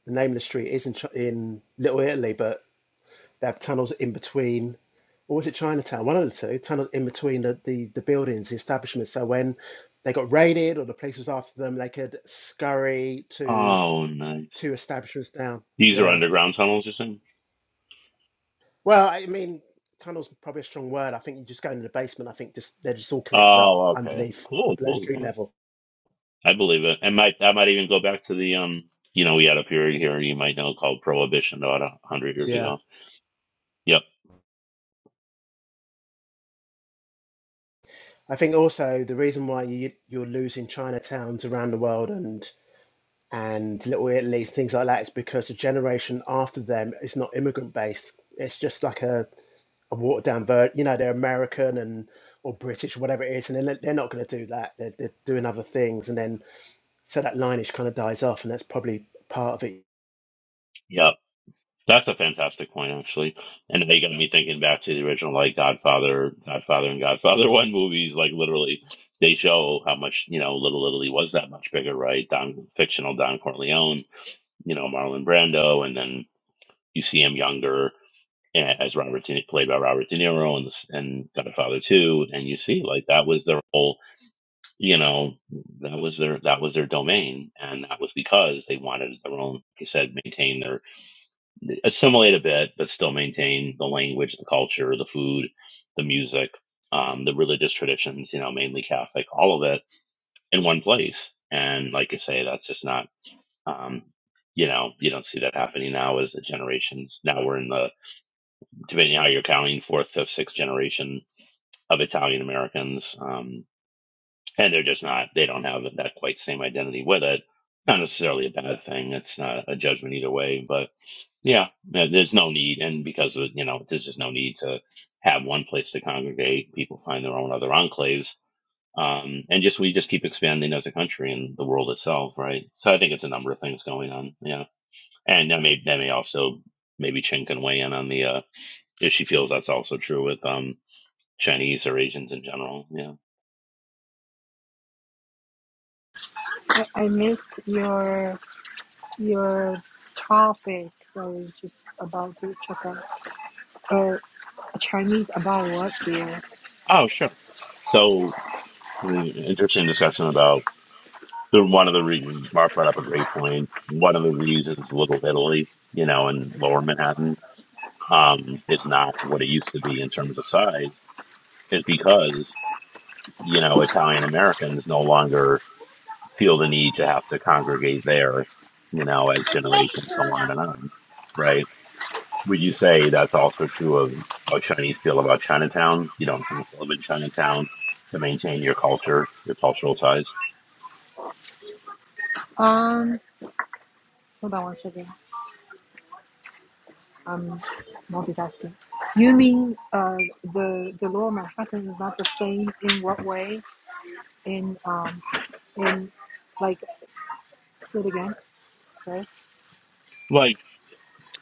Speaker 3: the name of the street is in Chi- in Little Italy, but they have tunnels in between or was it Chinatown? One of the two, tunnels in between the, the, the buildings, the establishments. So when they got raided or the police was after them, they could scurry to
Speaker 2: oh, nice.
Speaker 3: two establishments down.
Speaker 2: These are
Speaker 3: Yeah.
Speaker 2: underground tunnels, you're saying?
Speaker 3: Well, I mean, tunnel's probably a strong word. I think you just go into the basement. I think just they're just all connected up
Speaker 2: Oh, okay,
Speaker 3: underneath
Speaker 2: cool,
Speaker 3: below
Speaker 2: cool,
Speaker 3: street
Speaker 2: cool.
Speaker 3: level.
Speaker 2: I believe it. And might I might even go back to the um, you know, we had a period here you might know called Prohibition about a hundred years
Speaker 3: Yeah.
Speaker 2: ago. Yep,
Speaker 3: I think also the reason why you you're losing Chinatowns around the world and and Little Italy's things like that is because the generation after them is not immigrant based. It's just like a, a watered down version. You know, they're American and or British, whatever it is, and then they're, they're not going to do that. They're, they're doing other things, and then so that lineage kind of dies off, and that's probably part of it.
Speaker 2: yep. That's a fantastic point, actually. And they got me thinking back to the original, like Godfather, Godfather, and Godfather One movies. Like literally, they show how much you know Little Italy was that much bigger, right? Don fictional Don Corleone, you know Marlon Brando, and then you see him younger a- as Robert De, played by Robert De Niro and this, and Godfather Two, and you see like that was their whole, you know, that was their that was their domain, and that was because they wanted their own. He said maintain their assimilate a bit, but still maintain the language, the culture, the food, the music, um, the religious traditions, you know, mainly Catholic, all of it in one place. And like I say, that's just not, um, you know, you don't see that happening now as the generations. Now we're in the, depending on how you're counting, fourth, fifth, sixth generation of Italian Americans. um, and they're just not they don't have that quite same identity with it not necessarily a bad thing it's not a judgment either way but yeah there- there's no need and because of you know there's just no need to have one place to congregate people find their own other enclaves um, and just we just keep expanding as a country and the world itself right so i think it's a number of things going on yeah and that may that may also maybe chen can weigh in on the uh if she feels that's also true with um chinese or asians in general yeah
Speaker 1: I, I missed your Your topic I was just about to check out. Uh, Chinese about what dear?
Speaker 2: oh sure so Really Interesting discussion about the, one of the reasons Mark brought up a great point. One of the reasons Little Italy, you know, in Lower Manhattan, um, is not what it used to be in terms of size is because you know Italian Americans no longer feel the need to have to congregate there, you know, as generations go on and on, right? Would you say that's also true of how Chinese feel about Chinatown? You don't have to live in Chinatown to maintain your culture, your cultural ties.
Speaker 1: Um, hold on one second. I'm multitasking. You mean uh the the lower Manhattan is not the same in what way? In um in like say it again, right?
Speaker 2: like.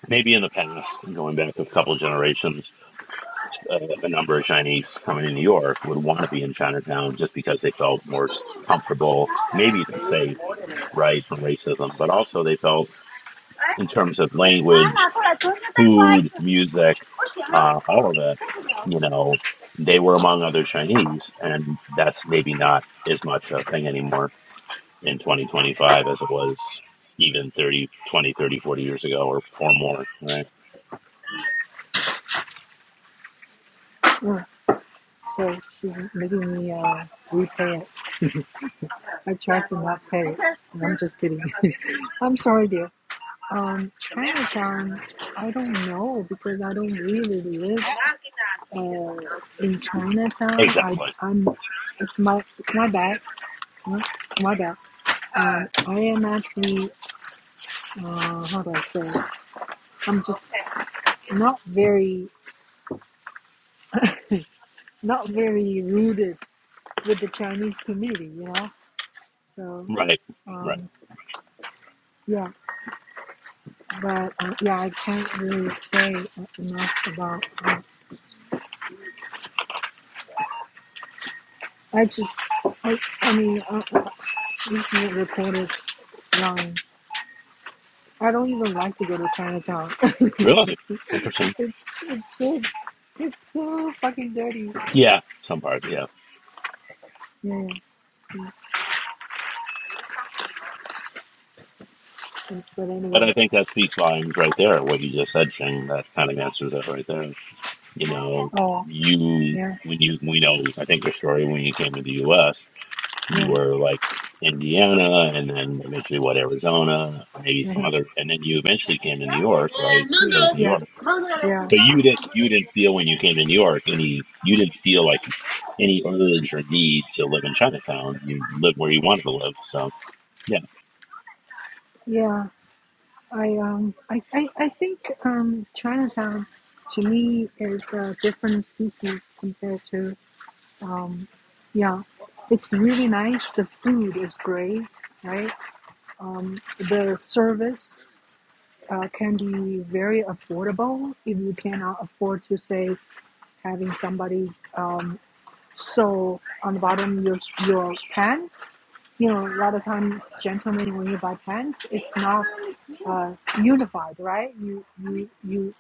Speaker 2: maybe in the past, going back a couple of generations, uh, a number of Chinese coming to New York would want to be in Chinatown just because they felt more comfortable, maybe even safe, right, from racism, but also they felt in terms of
Speaker 1: Mm.
Speaker 2: language, food, music, uh, all of it, you know, they were among other Chinese, and that's maybe not as much a thing anymore in 2025 as it was even 30, 20, 30, 40 years ago or, or more, right?
Speaker 1: So she's making me uh replay it. I try to not pay. No, I'm just kidding. I'm sorry, dear. Um, Chinatown, I don't know because I don't really live uh, in Chinatown. I,
Speaker 2: Exactly.
Speaker 1: I'm. It's my. It's my bad. huh? My bad. Um, I am actually. Uh, how do I say? I'm just not very, not very rooted with the Chinese community. You know. So.
Speaker 2: Right, right.
Speaker 1: Um, yeah, but uh, yeah, I can't really say enough about. uh, I just, I, I mean, uh, uh, listen to reporters lying. I don't even like to go to Chinatown.
Speaker 2: Really interesting.
Speaker 1: it's it's so it's so fucking dirty.
Speaker 2: Yeah, some parts. Yeah,
Speaker 1: Yeah, yeah. But
Speaker 2: but
Speaker 1: anyway.
Speaker 2: I think that speaks volumes right there. What you just said, Shing, that kind of answers that right there. You know,
Speaker 1: Oh,
Speaker 2: you
Speaker 1: yeah,
Speaker 2: when you we know I think your story when you came to the U.S. You
Speaker 1: yeah, uh
Speaker 2: were like Indiana, and then eventually what Arizona, maybe some
Speaker 1: yeah,
Speaker 2: other, and then you eventually came to New York, right? Chose New York,
Speaker 1: yeah,
Speaker 2: but you didn't you didn't feel when you came to New York any you didn't feel like any urge or need to live in Chinatown. You lived where you wanted to live, so. Yeah.
Speaker 1: yeah. I um, I, I, I think um, Chinatown to me is a different species compared to Um, yeah, it's really nice. The food is great, right? Um, the service uh, can be very affordable if you cannot afford to say having somebody um, sew on the bottom your your pants. You know, a lot of times, gentlemen, when you buy pants, it's not uh, unified, right? You you you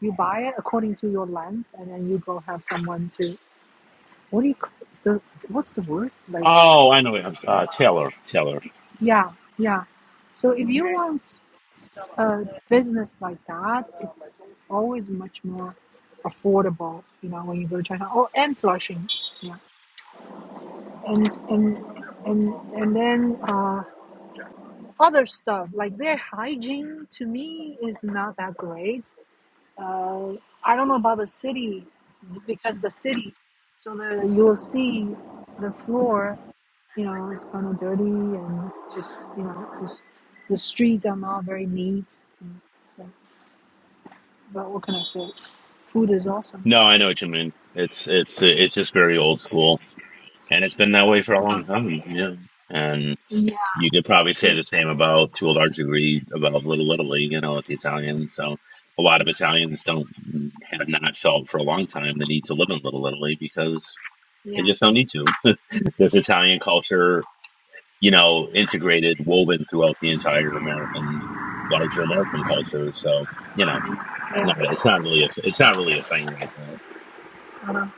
Speaker 1: you buy it according to your length, and then you go have someone to what do you c- the what's the word like?
Speaker 2: Oh, I know. I'm s- uh, Taylor. Taylor.
Speaker 1: Yeah, yeah. So if you want s- s- a business like that, it's always much more affordable, you know, when you go to China. Oh, and Flushing, yeah, and and and and then uh, other stuff like their hygiene to me is not that great. Uh, I don't know about the city it's because the city, so the you'll see the floor, you know, is kind of dirty and just you know just the streets are not very neat. And so, but what can I say? Food is awesome.
Speaker 2: No, I know what you mean. It's it's it's just very old school, and it's been that way for a long time. Yeah, and you could probably say the same about, to a large degree, about Little Italy. You know, with the Italians. So a lot of Italians don't have not felt for a long time the need to live in Little Italy because they
Speaker 1: Yeah,
Speaker 2: just don't need to. There's Italian culture, you know, integrated, woven throughout the entire American, larger American culture. So. you know. No,
Speaker 1: yeah.
Speaker 2: it's not really a it's not really a thing like that.
Speaker 1: I don't,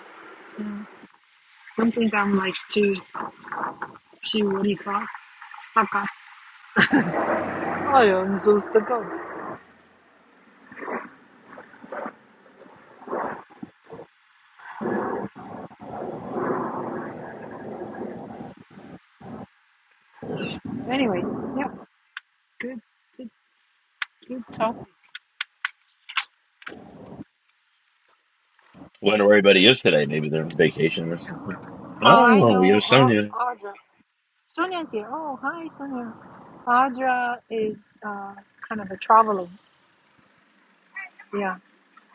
Speaker 1: don't think I'm like too too what do you call it? stuck up. I am so stuck up. Anyway, yeah, good, good, good talk.
Speaker 2: Wonder where everybody is today. Maybe they're on vacation or something.
Speaker 1: Oh, I
Speaker 2: Oh, we have
Speaker 1: know, Ar-
Speaker 2: Sonia.
Speaker 1: Audra. Sonia's here. Oh, hi, Sonia. Audra is uh, kind of a traveling. Yeah,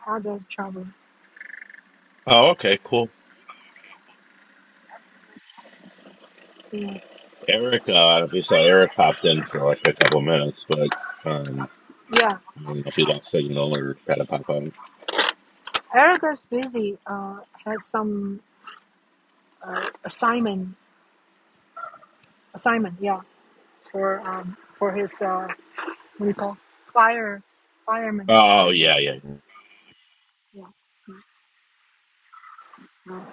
Speaker 1: Audra is traveling.
Speaker 2: Oh, okay, cool.
Speaker 1: Yeah,
Speaker 2: Eric, uh, I don't know if you saw Eric popped in for like a couple of minutes, but um,
Speaker 1: yeah.
Speaker 2: I don't know if he lost signal or had to pop out.
Speaker 1: Erica's busy. Uh, has some uh, assignment. Assignment. Yeah, for um, for his uh, what do you call fire fireman
Speaker 2: Oh
Speaker 1: assignment.
Speaker 2: yeah, yeah,
Speaker 1: Yeah, yeah. yeah.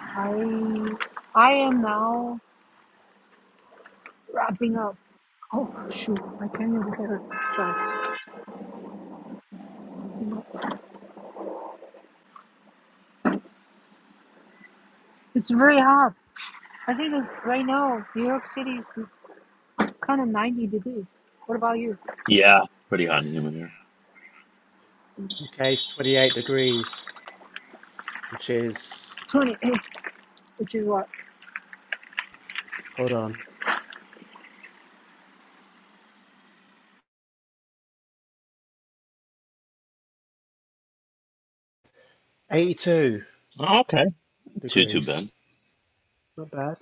Speaker 1: I I am now wrapping up. Oh shoot! I can't even get it. Sorry. It's very hot. I think that right now New York City is kind of 90 degrees. What about you?
Speaker 2: yeah. Pretty hot and humid here.
Speaker 3: UK's 28 degrees. which is,
Speaker 1: 28, which is what?
Speaker 3: hold on, 82
Speaker 2: Oh, okay, too too
Speaker 3: degrees.
Speaker 2: bad.
Speaker 3: Not bad.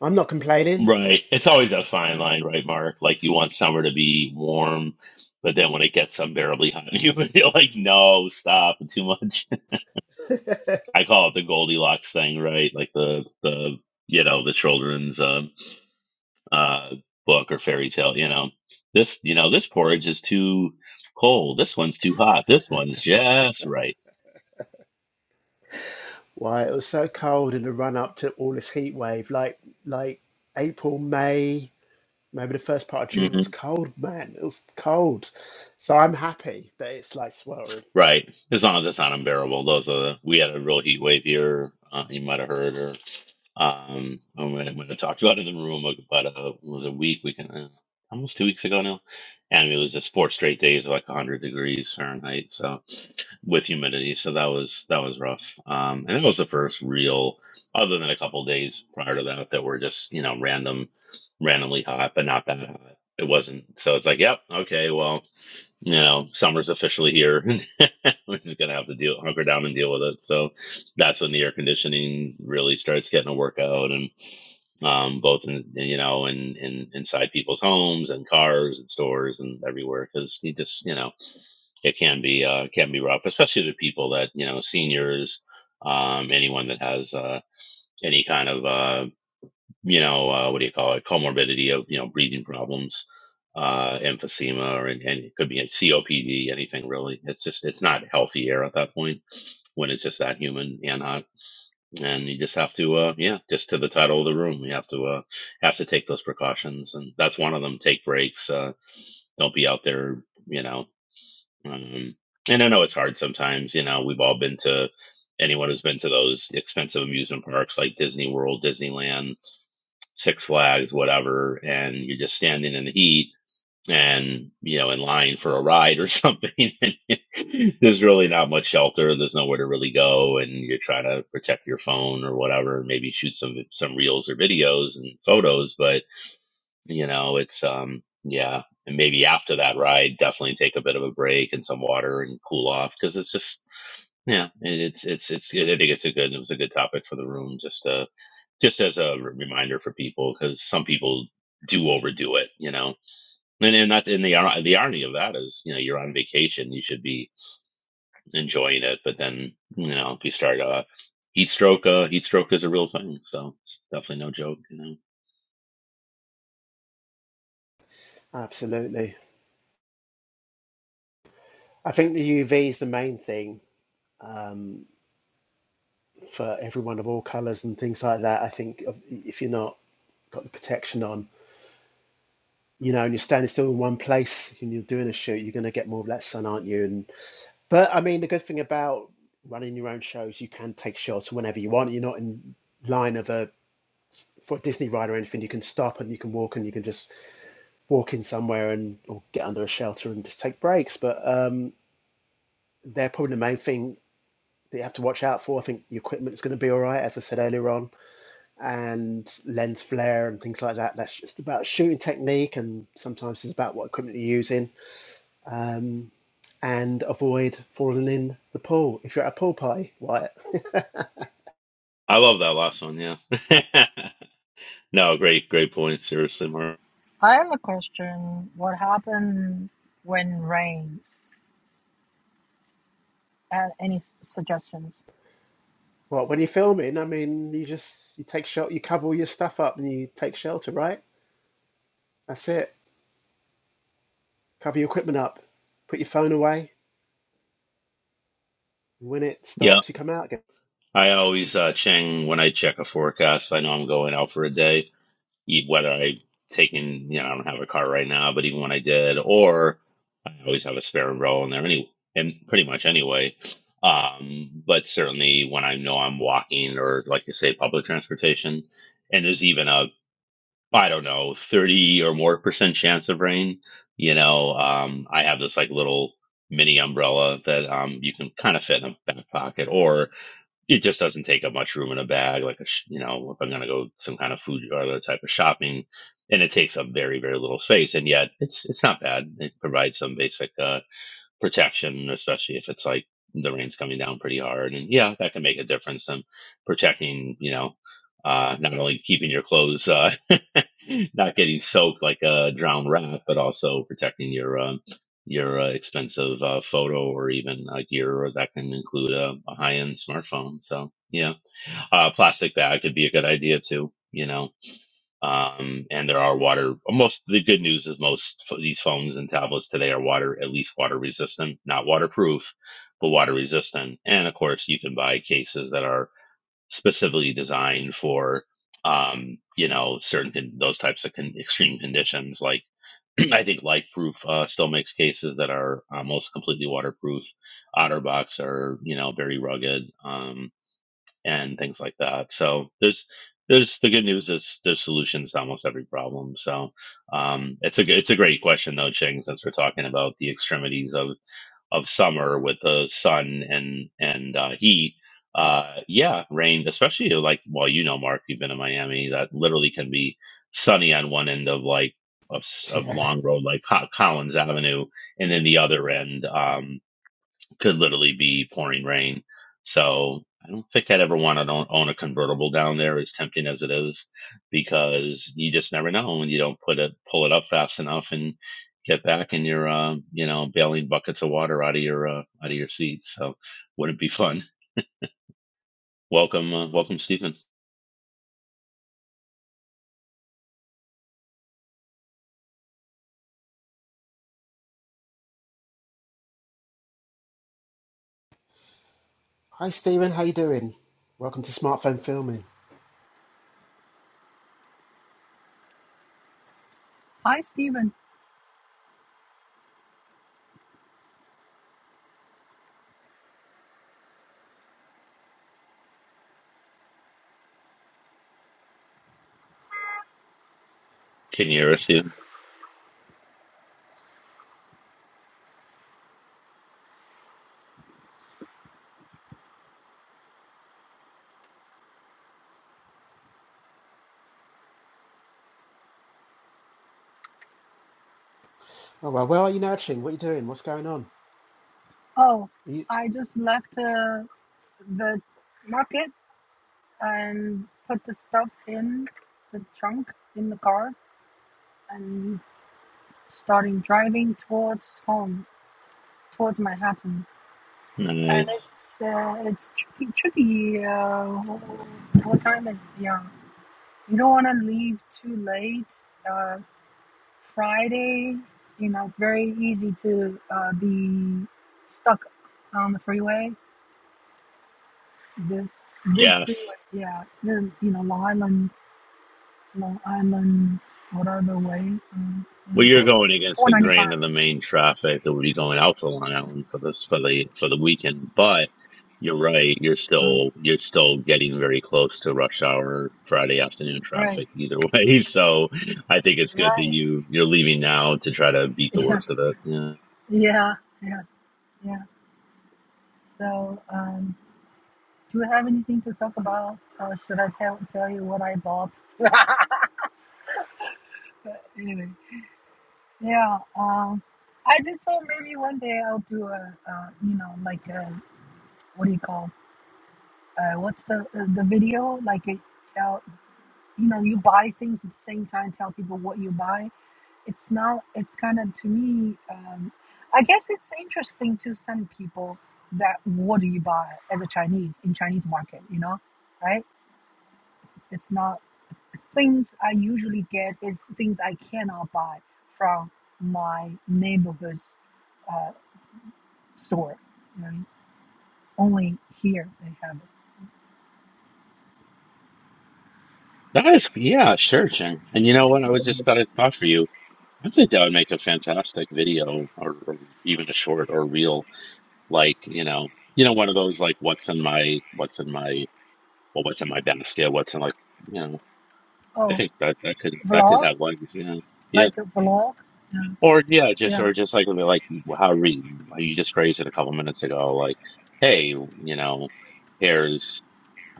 Speaker 3: I'm not complaining.
Speaker 2: Right, it's always a fine line, right, Mark? Like you want summer to be warm, but then when it gets unbearably hot and humid, you're like, no, stop, too much. I call it the Goldilocks thing, right? Like the the you know the children's uh, uh, book or fairy tale. You know this you know this porridge is too cold. This one's too hot. This one's just right.
Speaker 3: Why, it was so cold in the run up to all this heat wave, like like April, May, maybe the first part of June, it
Speaker 2: hmm
Speaker 3: was cold, man. It was cold. So I'm happy that it's like sweltering.
Speaker 2: Right. As long as it's not unbearable. Those are the, we had a real heat wave here. Uh, you might have heard, or um, when I, when I talked about it in the room about a it was a week, we can uh, almost two weeks ago now, and it was just four straight days of like 100 degrees Fahrenheit. So with humidity. So that was that was rough. Um, and it was the first real, other than a couple days prior to that, that were just you know random, randomly hot, but not that hot. It wasn't. So it's like, yep, okay, well, you know, summer's officially here. We're just gonna have to deal, hunker down and deal with it. So that's when the air conditioning really starts getting a workout, and um, both in you know, in, in inside people's homes and cars and stores and everywhere, because you just you know it can be uh, can be rough, especially to people that you know, seniors, um, anyone that has uh, any kind of uh, you know uh, what do you call it comorbidity of you know breathing problems, uh, emphysema, or and, it could be a COPD, anything really. It's just it's not healthy air at that point when it's just that human and hot, and you just have to uh, yeah, just to the title of the room, you have to uh, have to take those precautions, and that's one of them. Take breaks. Uh, don't be out there. You know, um, and I know it's hard sometimes. You know, we've all been to anyone who's been to those expensive amusement parks like Disney World, Disneyland, Six Flags, whatever, and you're just standing in the heat and you know in line for a ride or something and there's really not much shelter there's nowhere to really go and you're trying to protect your phone or whatever maybe shoot some some reels or videos and photos but you know it's um yeah and maybe after that ride definitely take a bit of a break and some water and cool off because it's just yeah it- it's it's it's i think it's a good it was a good topic for the room just uh just as a re- reminder for people because some people do overdo it you know and and that's in the ir- the irony of that is you know you're on vacation you should be enjoying it but then you know if you start uh heat stroke uh heat stroke is a real thing so it's definitely no joke you know
Speaker 3: Absolutely. I think the UV is the main thing um, for everyone of all colours and things like that. I think if if you're not got the protection on, you know, and you're standing still in one place and you're doing a shoot, you're going to get more of that sun, aren't you? And but I mean, the good thing about running your own shows, you can take shots whenever you want. You're not in line of a for a Disney ride or anything. You can stop and you can walk and you can just walk in somewhere and or get under a shelter and just take breaks. But um, they're probably the main thing that you have to watch out for. I think your equipment is going to be all right, as I said earlier on, and lens flare and things like that. That's just about shooting technique, and sometimes it's about what equipment you're using. Um, and avoid falling in the pool if you're at a pool party, Wyatt.
Speaker 2: i love that last one yeah No, great, great point. Seriously, Mark.
Speaker 3: Well, when you're filming, I mean, you just you take shelter, you cover all your stuff up, and you take shelter, right? That's it. Cover your equipment up, put your phone away. And when it
Speaker 2: Yeah,
Speaker 3: stops, you come out again.
Speaker 2: I always uh, Cheng when I check a forecast. if I know I'm going out for a day, e- whether I taking. you know, I don't have a car right now, but even when I did, or I always have a spare umbrella in there anyway, and pretty much anyway. Um, but certainly when I know I'm walking or, like you say, public transportation, and there's even a I don't know, 30 or more percent chance of rain. You know, um, I have this like little mini umbrella that um, you can kind of fit in a back pocket, or it just doesn't take up much room in a bag. Like, a, sh- you know, if I'm going to go some kind of food or other type of shopping, and it takes up very, very little space. And yet it's, it's not bad. It provides some basic, uh, protection, especially if it's like the rain's coming down pretty hard. And yeah, that can make a difference in protecting, you know, uh, not only keeping your clothes, uh, not getting soaked like a drowned rat, but also protecting your, um your uh, expensive uh, photo or even uh, gear that can include a, a high-end smartphone. So yeah, uh, plastic bag could be a good idea too. You know, um, and there are water. Most the good news is most of these phones and tablets today are water, at least water resistant, not waterproof, but water resistant. And of course, you can buy cases that are specifically designed for, um, you know, certain con- those types of con- extreme conditions. Like I think Lifeproof uh, still makes cases that are almost completely waterproof. OtterBox are you know very rugged. Um, and things like that. So there's there's the good news is there's solutions to almost every problem. So um, it's a it's a great question though, Ching, since we're talking about the extremities of of summer with the sun and and uh, heat. Uh, yeah, rain, especially like well, you know, Mark, you've been in Miami. That literally can be sunny on one end of like of, s- of
Speaker 3: Yeah.
Speaker 2: long road, like Co- Collins Avenue, and then the other end. Um, could literally be pouring rain. So I don't think I'd ever want to own own a convertible down there, as tempting as it is, because you just never know when you don't put it, pull it up fast enough, and get back and you're, uh, you know, bailing buckets of water out of your uh, out of your seat. So wouldn't be fun. Welcome, uh, welcome, Stephen.
Speaker 3: Hi, Stephen. How you doing? Welcome to smartphone filming.
Speaker 2: Can you hear us, Stephen?
Speaker 3: Oh well, where are you now, Ching? What are you doing? What's going on?
Speaker 1: Oh,
Speaker 3: Are you,
Speaker 1: I just left uh, the market and put the stuff in the in the car and towards um, towards and
Speaker 2: Nice.
Speaker 1: it's uh, it's tricky tricky. Uh, what time is it? Yeah, you don't want to leave too late. Uh, Friday, you know, it's very easy to uh, be stuck on the freeway this this field,
Speaker 2: Yes.
Speaker 1: yeah, Then you know Long Island, Long Island, whatever way, um,
Speaker 2: Well,
Speaker 1: yeah.
Speaker 2: you're going against
Speaker 1: four
Speaker 2: the
Speaker 1: ninety five.
Speaker 2: grain of the main traffic that would be going out to Long Island for this for the for the weekend. But you're right; you're
Speaker 1: Uh,
Speaker 2: still you're still getting very close to rush hour Friday afternoon
Speaker 1: right,
Speaker 2: traffic either way. So I think it's good that
Speaker 1: right,
Speaker 2: you you're leaving now to try to beat the
Speaker 1: yeah,
Speaker 2: worst of it. Yeah,
Speaker 1: yeah, yeah, yeah. So, um, do you have anything to talk about, or should I tell tell you what I bought? But anyway, yeah. Um, I just thought maybe one day I'll do a, uh, you know, like a, what do you call, uh, what's the the video like a. you know you buy things at the same time tell people what you buy it's not it's kind of to me um, i guess it's interesting to some people that what do you buy as a chinese in chinese market you know right it's, it's not things i usually get is things i cannot buy from my neighborhood's uh, store you only here they have it
Speaker 2: that is yeah, sure, Chen. And you know what? I was just about to thought for you. I think that would make a fantastic video, or, or even a short or reel, like you know, you know, one of those like what's in my what's in my well, what's in my basket, what's in like, you know, I
Speaker 1: oh
Speaker 2: think that that could that could
Speaker 1: vlog
Speaker 2: have legs, yeah, yeah,
Speaker 1: like a vlog yeah
Speaker 2: or yeah, just
Speaker 1: yeah
Speaker 2: or just like like how re, you just phrased it a couple minutes ago, like, hey, you know, here's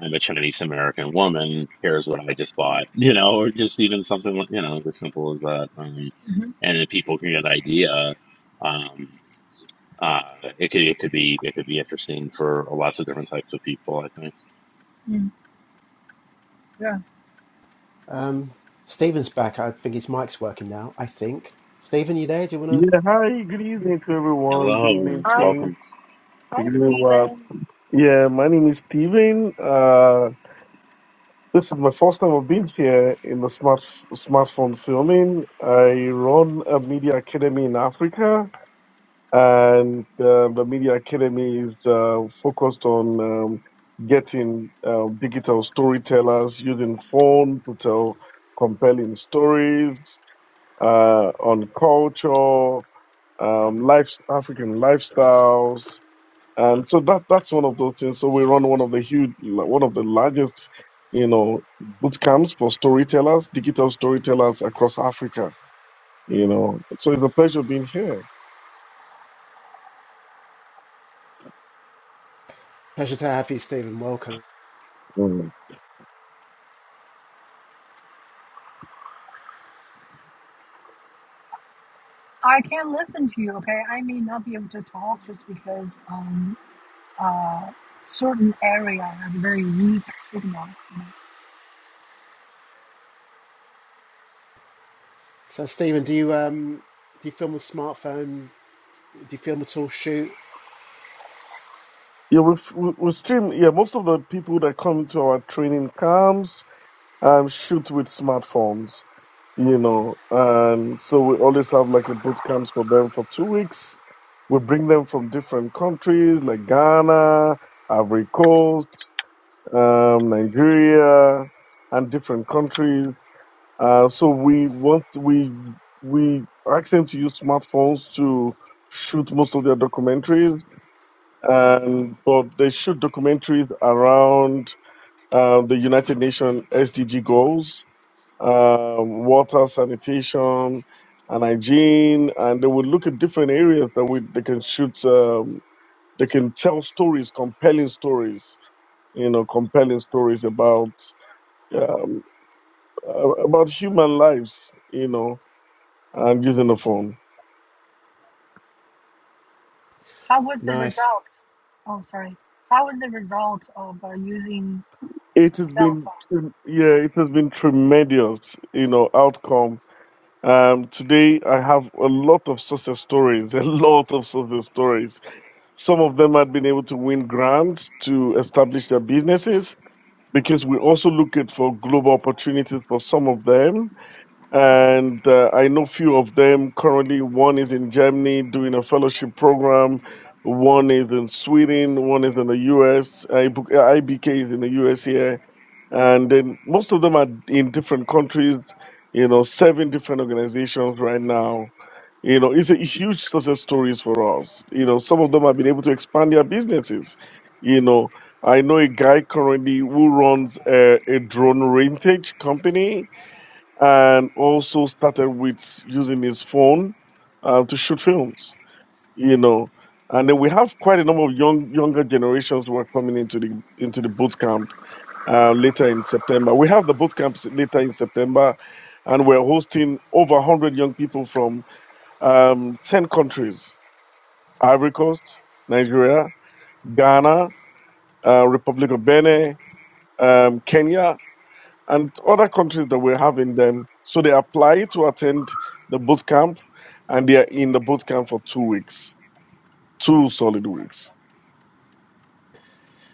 Speaker 2: I'm a Chinese American woman, here's what I just bought, you know, or just even something like you know as simple as that, um, and if people can get an idea, um. Uh, it could, it could be, it could be interesting for lots of different types of people, I think.
Speaker 1: hmm yeah
Speaker 3: um, Stephen's back. I think his mic's working now. I think. Stephen, you there? Do you wanna?
Speaker 4: Yeah, hi, good evening to everyone. Good evening,
Speaker 2: Hello,
Speaker 1: hi
Speaker 4: Ting.
Speaker 2: welcome.
Speaker 4: Good
Speaker 1: hi
Speaker 4: evening, Rob.
Speaker 1: steven
Speaker 4: Yeah, my name is Steven. Uh, this is my first time I've been here in the smart smartphone filming. I run a media academy in Africa, and uh, the media academy is uh, focused on um, getting uh, digital storytellers using phone to tell compelling stories uh, on culture, um, life, African lifestyles, and so that that's one of those things. So we run one of the huge, one of the largest, you know, boot camps for storytellers, digital storytellers across Africa. You know, so it's a pleasure being here.
Speaker 3: Pleasure to have you, Stephen. Welcome.
Speaker 4: Mm.
Speaker 1: I can listen to you, okay? I may not be able to talk just because um uh certain area has very weak signal.
Speaker 3: So, Stephen, do you um do you film with smartphone? Do you film at all? Shoot?
Speaker 4: Yeah, we we we stream. Yeah, most of the people that come to our training camps um, shoot with smartphones, you know. And so we always have like a boot camps for them for two weeks. We bring them from different countries like Ghana, Ivory Coast, um, Nigeria, and different countries. Uh, so we want we we ask them to use smartphones to shoot most of their documentaries, and but they shoot documentaries around uh, the United Nations SDG goals uh, water, sanitation, and hygiene, and they would look at different areas that we they can shoot. Uh, they can tell stories, compelling stories. You know, compelling stories about um, uh, about human lives. You know, and using the phone.
Speaker 1: How was the
Speaker 3: Nice.
Speaker 1: result? Oh, sorry. How was the result of uh, using
Speaker 4: It has
Speaker 1: cell
Speaker 4: been,
Speaker 1: phone?
Speaker 4: yeah, it has been tremendous. You know, outcome. Um, today I have a lot of success stories, a lot of success stories Some of them had been able to win grants to establish their businesses because we also look at for global opportunities for some of them. And uh, I know few of them currently. One is in Germany doing a fellowship program. One is in Sweden. One is in the US. IBK is in the US here and then most of them are in different countries you know serving different organizations right now you know it's a huge success stories for us you know some of them have been able to expand their businesses you know i know a guy currently who runs a, a drone rentage company and also started with using his phone uh, to shoot films you know and then we have quite a number of young younger generations who are coming into the into the boot camp uh, later in September. We have the boot camps later in September, and we're hosting over 100 young people from um, 10 countries Ivory Coast, Nigeria, Ghana, uh, Republic of Benin, um, Kenya, and other countries that we have in them. So they apply to attend the boot camp, and they are in the boot camp for two weeks. Two solid weeks.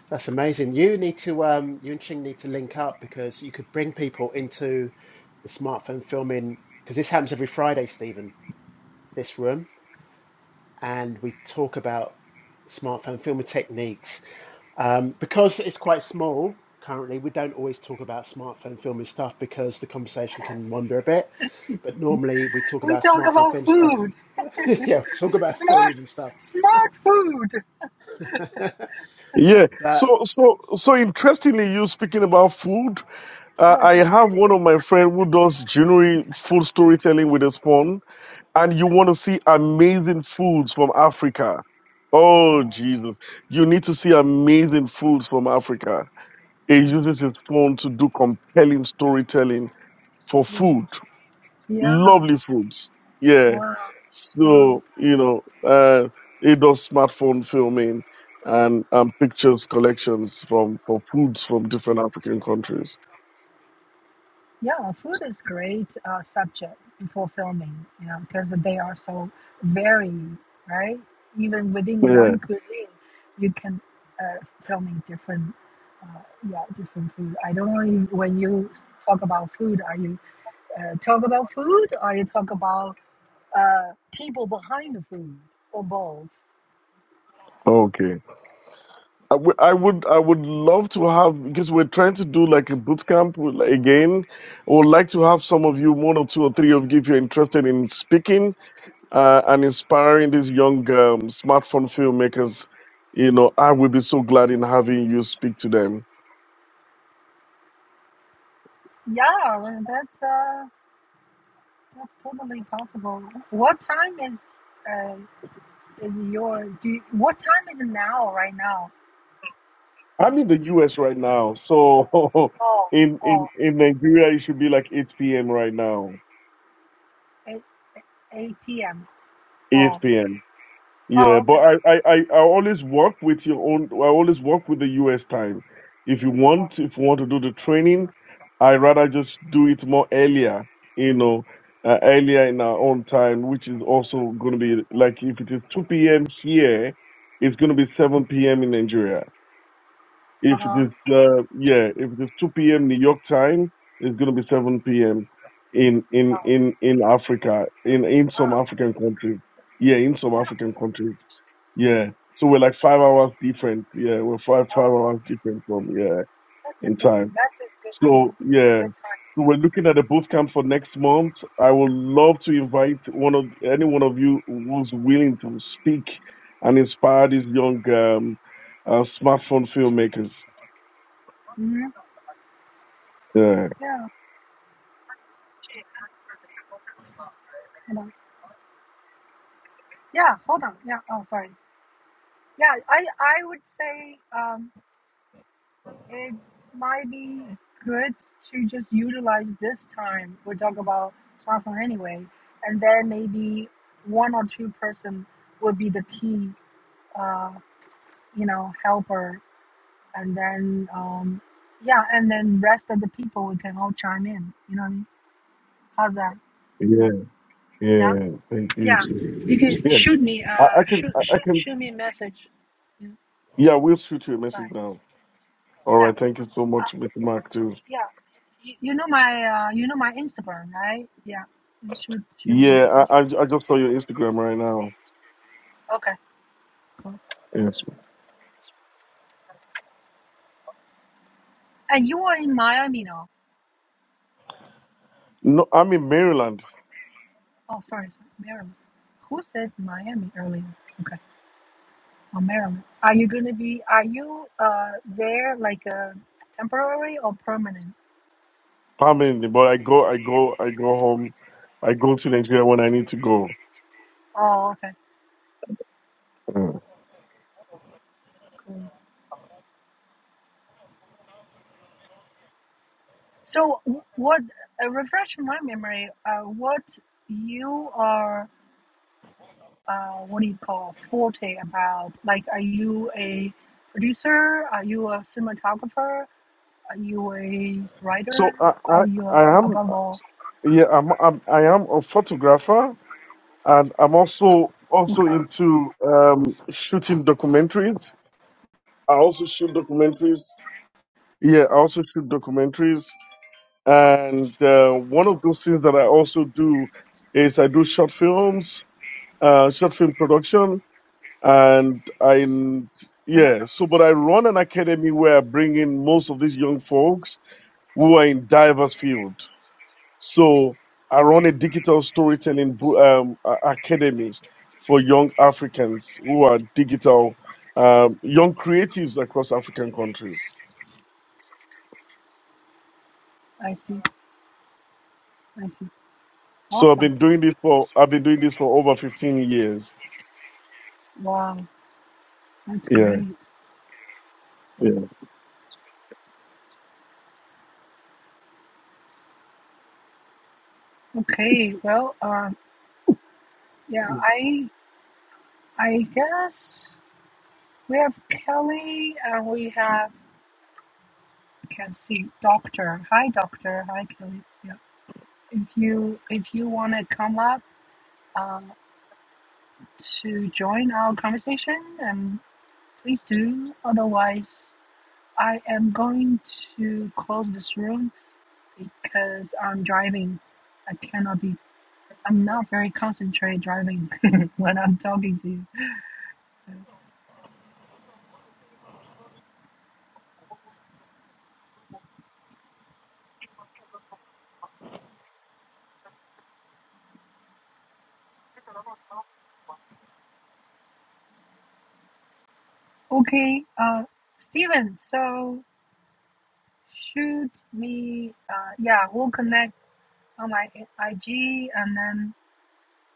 Speaker 3: That's amazing. You need to um you and Ching need to link up because you could bring people into the smartphone filming because this happens every Friday, Stephen. This room and we talk about smartphone filming techniques. Um, because it's quite small currently, we don't always talk about smartphone filming stuff because the conversation can wander a bit. But normally we talk
Speaker 1: We
Speaker 3: about
Speaker 1: talk
Speaker 3: smartphone
Speaker 1: about
Speaker 3: film stuff.
Speaker 1: food,
Speaker 3: yeah, we talk about
Speaker 1: smart,
Speaker 3: food and stuff.
Speaker 1: smart food.
Speaker 4: Yeah.
Speaker 3: But
Speaker 4: So so so interestingly, you speaking about food. Uh,
Speaker 1: No,
Speaker 4: I
Speaker 1: just
Speaker 4: have one
Speaker 1: kidding.
Speaker 4: of my friend who does genuine food storytelling with his phone. and you want to see amazing foods from Africa. Oh,
Speaker 1: Wow.
Speaker 4: Jesus. You need to see amazing foods from Africa. He uses his phone to do compelling storytelling for food,
Speaker 1: Yeah.
Speaker 4: lovely foods. Yeah.
Speaker 1: Wow.
Speaker 4: So, you know, uh, he does smartphone filming and, and pictures collections from for foods from different African countries.
Speaker 1: Yeah, food is great uh, subject for filming, you know, because they are so varied, right? Even within
Speaker 4: Yeah.
Speaker 1: one cuisine, you can uh, filming different, uh, yeah, different food. I don't know if, when you s- talk about food, are you uh, talk about food or you talk about uh, people behind the food or both?
Speaker 4: Okay. I would, I would, I would love to have because we're trying to do like a boot camp with- again. I would like to have some of you, one or two or three of you, if you're interested in speaking uh, and inspiring these young um, smartphone filmmakers. You know, I would be so glad in having you speak to them.
Speaker 1: Yeah, well, that's uh, that's totally possible. What time is uh, is your? Do you, what time is it now? Right now?
Speaker 4: I'm in the U.S. right now, so
Speaker 1: Oh,
Speaker 4: in
Speaker 1: oh,
Speaker 4: in in Nigeria, it should be like 8 p.m. right now.
Speaker 1: 8, 8 p.m.
Speaker 4: 8
Speaker 1: Oh,
Speaker 4: p.m. Yeah,
Speaker 1: oh,
Speaker 4: but
Speaker 1: okay.
Speaker 4: I, I, I, I always work with your own. I always work with the U.S. time. If you
Speaker 1: Oh,
Speaker 4: want, if you want to do the training, I rather just do it more earlier. You know, uh, earlier in our own time, which is also going to be like if it is two p.m. here, it's going to be seven p.m. in Nigeria. If it
Speaker 1: uh-huh.
Speaker 4: is, uh, yeah, if it is 2 p.m. New York time, it's going to be 7 p.m. in in
Speaker 1: Oh,
Speaker 4: in in Africa, in in some
Speaker 1: oh,
Speaker 4: African countries. Yeah, in some
Speaker 1: yeah.
Speaker 4: African countries. Yeah, so we're like five hours different. Yeah, we're five five
Speaker 1: Oh, okay.
Speaker 4: hours different from yeah
Speaker 1: That's a
Speaker 4: in
Speaker 1: good,
Speaker 4: time.
Speaker 1: that's a good, yeah,
Speaker 4: So
Speaker 1: that's a
Speaker 4: yeah.
Speaker 1: good time.
Speaker 4: So we're looking at a boot camp for next month. I would love to invite one of any one of you who's willing to speak and inspire these young um, uh, smartphone filmmakers
Speaker 1: Mm-hmm.
Speaker 4: Yeah,
Speaker 1: Yeah, hold on. Yeah, hold on. Yeah, oh, sorry. Yeah, I, I would say um, it might be good to just utilize this time. We're talking about smartphone anyway. And then maybe one or two person would be the key, uh, you know, helper and then um yeah and then rest of the people we can all chime in you know what i mean how's that
Speaker 4: yeah,
Speaker 1: yeah
Speaker 4: yeah. Thank you.
Speaker 1: yeah
Speaker 4: sir.
Speaker 1: you can
Speaker 4: Yeah,
Speaker 1: shoot me
Speaker 4: I,
Speaker 1: uh
Speaker 4: I can,
Speaker 1: shoot
Speaker 4: I, I
Speaker 1: shoot,
Speaker 4: can.
Speaker 1: shoot
Speaker 4: s-
Speaker 1: me a message yeah
Speaker 4: Yeah, we'll shoot you a message
Speaker 1: right.
Speaker 4: now. All
Speaker 1: yeah
Speaker 4: right. Thank you so
Speaker 1: uh,
Speaker 4: much, Mr. Mark. Too.
Speaker 1: yeah you, you know my uh you know my instagram right yeah you shoot shoot me a
Speaker 4: Yeah,
Speaker 1: message
Speaker 4: I, I, I just saw your Instagram right now.
Speaker 1: okay
Speaker 4: Yes.
Speaker 1: and you are in miami now
Speaker 4: No, I'm in Maryland,
Speaker 1: oh sorry, sorry maryland who said miami earlier okay oh maryland are you gonna be are you uh there like uh temporary or permanent
Speaker 4: permanently, but I go, I go, I go home. I go to Nigeria when I need to go.
Speaker 1: Oh, okay.
Speaker 4: Mm.
Speaker 1: Mm. So, w- what uh, refresh my memory? Uh, what you are? Uh, what do you call forte about? Like, are you a producer? Are you a cinematographer? Are you a
Speaker 4: So
Speaker 1: writer?
Speaker 4: I, I,
Speaker 1: Or you're
Speaker 4: I am.
Speaker 1: above all?
Speaker 4: Yeah, I'm, I'm. I am a photographer, and I'm also also
Speaker 1: Okay,
Speaker 4: into um, shooting documentaries. I also shoot documentaries Yeah, I also shoot documentaries, and uh, one of those things that I also do is I do short films, uh, short film production, and I yeah. So, but I run an academy where I bring in most of these young folks who are in diverse field. So I run a digital storytelling bo- um, a- academy for young Africans who are digital, um, young creatives across African countries.
Speaker 1: I see. I see.
Speaker 4: So I've
Speaker 1: Awesome.
Speaker 4: been doing this for I've been doing this for over fifteen years.
Speaker 1: Wow, that's
Speaker 4: Yeah,
Speaker 1: great.
Speaker 4: yeah,
Speaker 1: Okay, well, um, yeah, I I guess we have Kelly and we have. can see doctor. Hi, doctor. Hi, Kelly. Yeah. If you if you want to come up uh, to join our conversation, um, please do. Otherwise, I am going to close this room because I'm driving. I cannot be. I'm not very concentrated driving when I'm talking to you. Okay, uh, Steven, so shoot me. Uh, yeah, we'll connect on my IG and then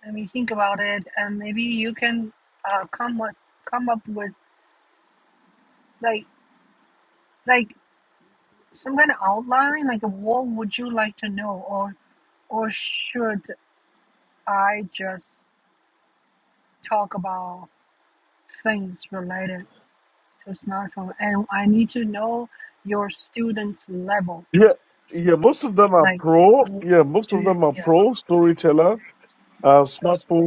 Speaker 1: Let me think about it, and maybe you can uh, come up come up with like like some kind of outline. Like, what would you like to know, or or should I just talk about things related to smartphone? And I need to know your students' level.
Speaker 4: yeah, yeah. Most of them are
Speaker 1: Like,
Speaker 4: pro.
Speaker 1: w-
Speaker 4: Yeah, most
Speaker 1: do
Speaker 4: of
Speaker 1: you,
Speaker 4: them are
Speaker 1: yeah?
Speaker 4: pro storytellers, uh, smartphone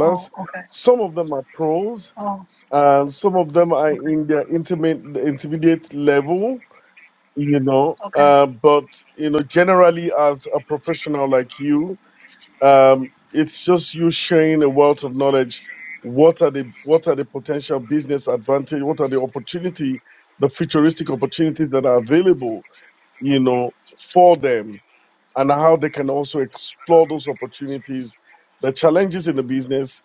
Speaker 1: Oh, okay.
Speaker 4: Some of them are pros,
Speaker 1: Oh,
Speaker 4: and some of them are
Speaker 1: okay.
Speaker 4: in their intimate intermediate level. You know,
Speaker 1: Okay.
Speaker 4: uh, but you know, generally as a professional like you, um, it's just you sharing a wealth of knowledge. What are the what are the potential business advantage? What are the opportunity, the futuristic opportunities that are available, you know, for them, and how they can also explore those opportunities, the challenges in the business,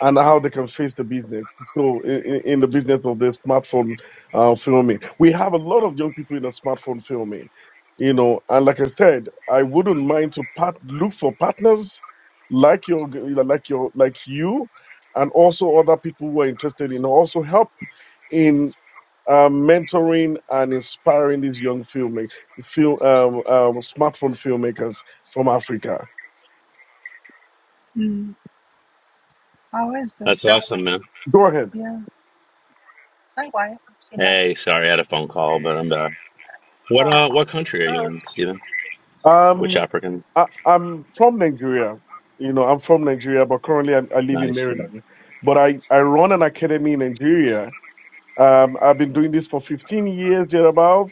Speaker 4: and how they can face the business. So in, in the business of the smartphone uh, filming, we have a lot of young people in the smartphone filming, you know. And like I said, I wouldn't mind to part, look for partners like your you know, like your like you, and also other people who are interested in also help in. Uh, mentoring and inspiring these young filmmakers, film, um, um, smartphone filmmakers from Africa.
Speaker 1: Mm. How is the
Speaker 2: That's
Speaker 1: filming?
Speaker 2: awesome, man.
Speaker 4: Go ahead.
Speaker 1: Yeah. Hi, Wyatt. You're back.
Speaker 2: Hey, sorry, I had a phone call, but I'm back. What
Speaker 1: Oh,
Speaker 2: uh, what country are
Speaker 1: all
Speaker 2: you
Speaker 1: right.
Speaker 2: in, Stephen? Which
Speaker 4: Um,
Speaker 2: African?
Speaker 4: I, I'm from Nigeria. You know, I'm from Nigeria, but currently I, I live in
Speaker 2: Nice.
Speaker 4: Maryland. But I, I run an academy in Nigeria. Um, I've been doing this for 15 years, thereabout,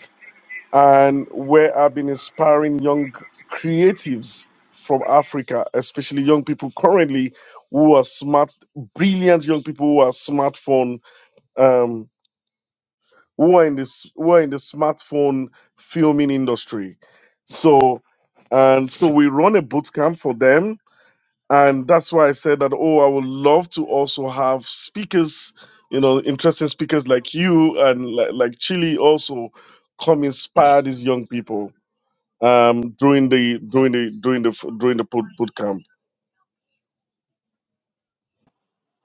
Speaker 4: and where I've been inspiring young creatives from Africa, especially young people currently who are smart, brilliant young people who are smartphone, um, who are in this, who are in the smartphone filming industry. So, and so we run a boot camp for them and that's why I said that. Oh, I would love to also have speakers, you know, interesting speakers like you and like, like Chile also come inspire these young people um during the during the during the during the boot boot camp.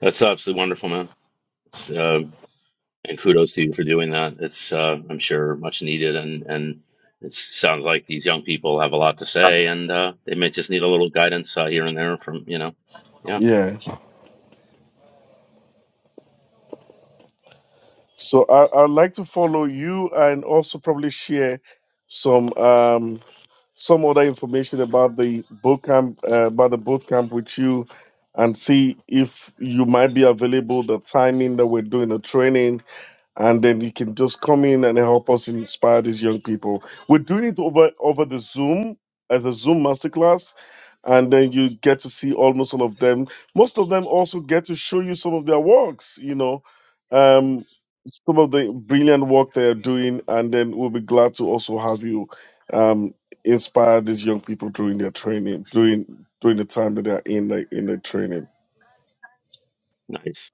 Speaker 2: That's absolutely wonderful, man. It's, uh, and kudos to you for doing that. It's uh, I'm sure much needed, and and it sounds like these young people have a lot to say, and uh, they may just need a little guidance uh, here and there from you know. Yeah,
Speaker 4: Yeah. So I I'd like to follow you and also probably share some um some other information about the boot camp uh, about the boot camp with you and see if you might be available the timing that we're doing the training and then you can just come in and help us inspire these young people. We're doing it over over the Zoom as a Zoom masterclass, and then you get to see almost all of them. Most of them also get to show you some of their works. You know, um, some of the brilliant work they are doing, and then we'll be glad to also have you um, inspire these young people during their training during during the time that they are in the in the training.
Speaker 2: nice.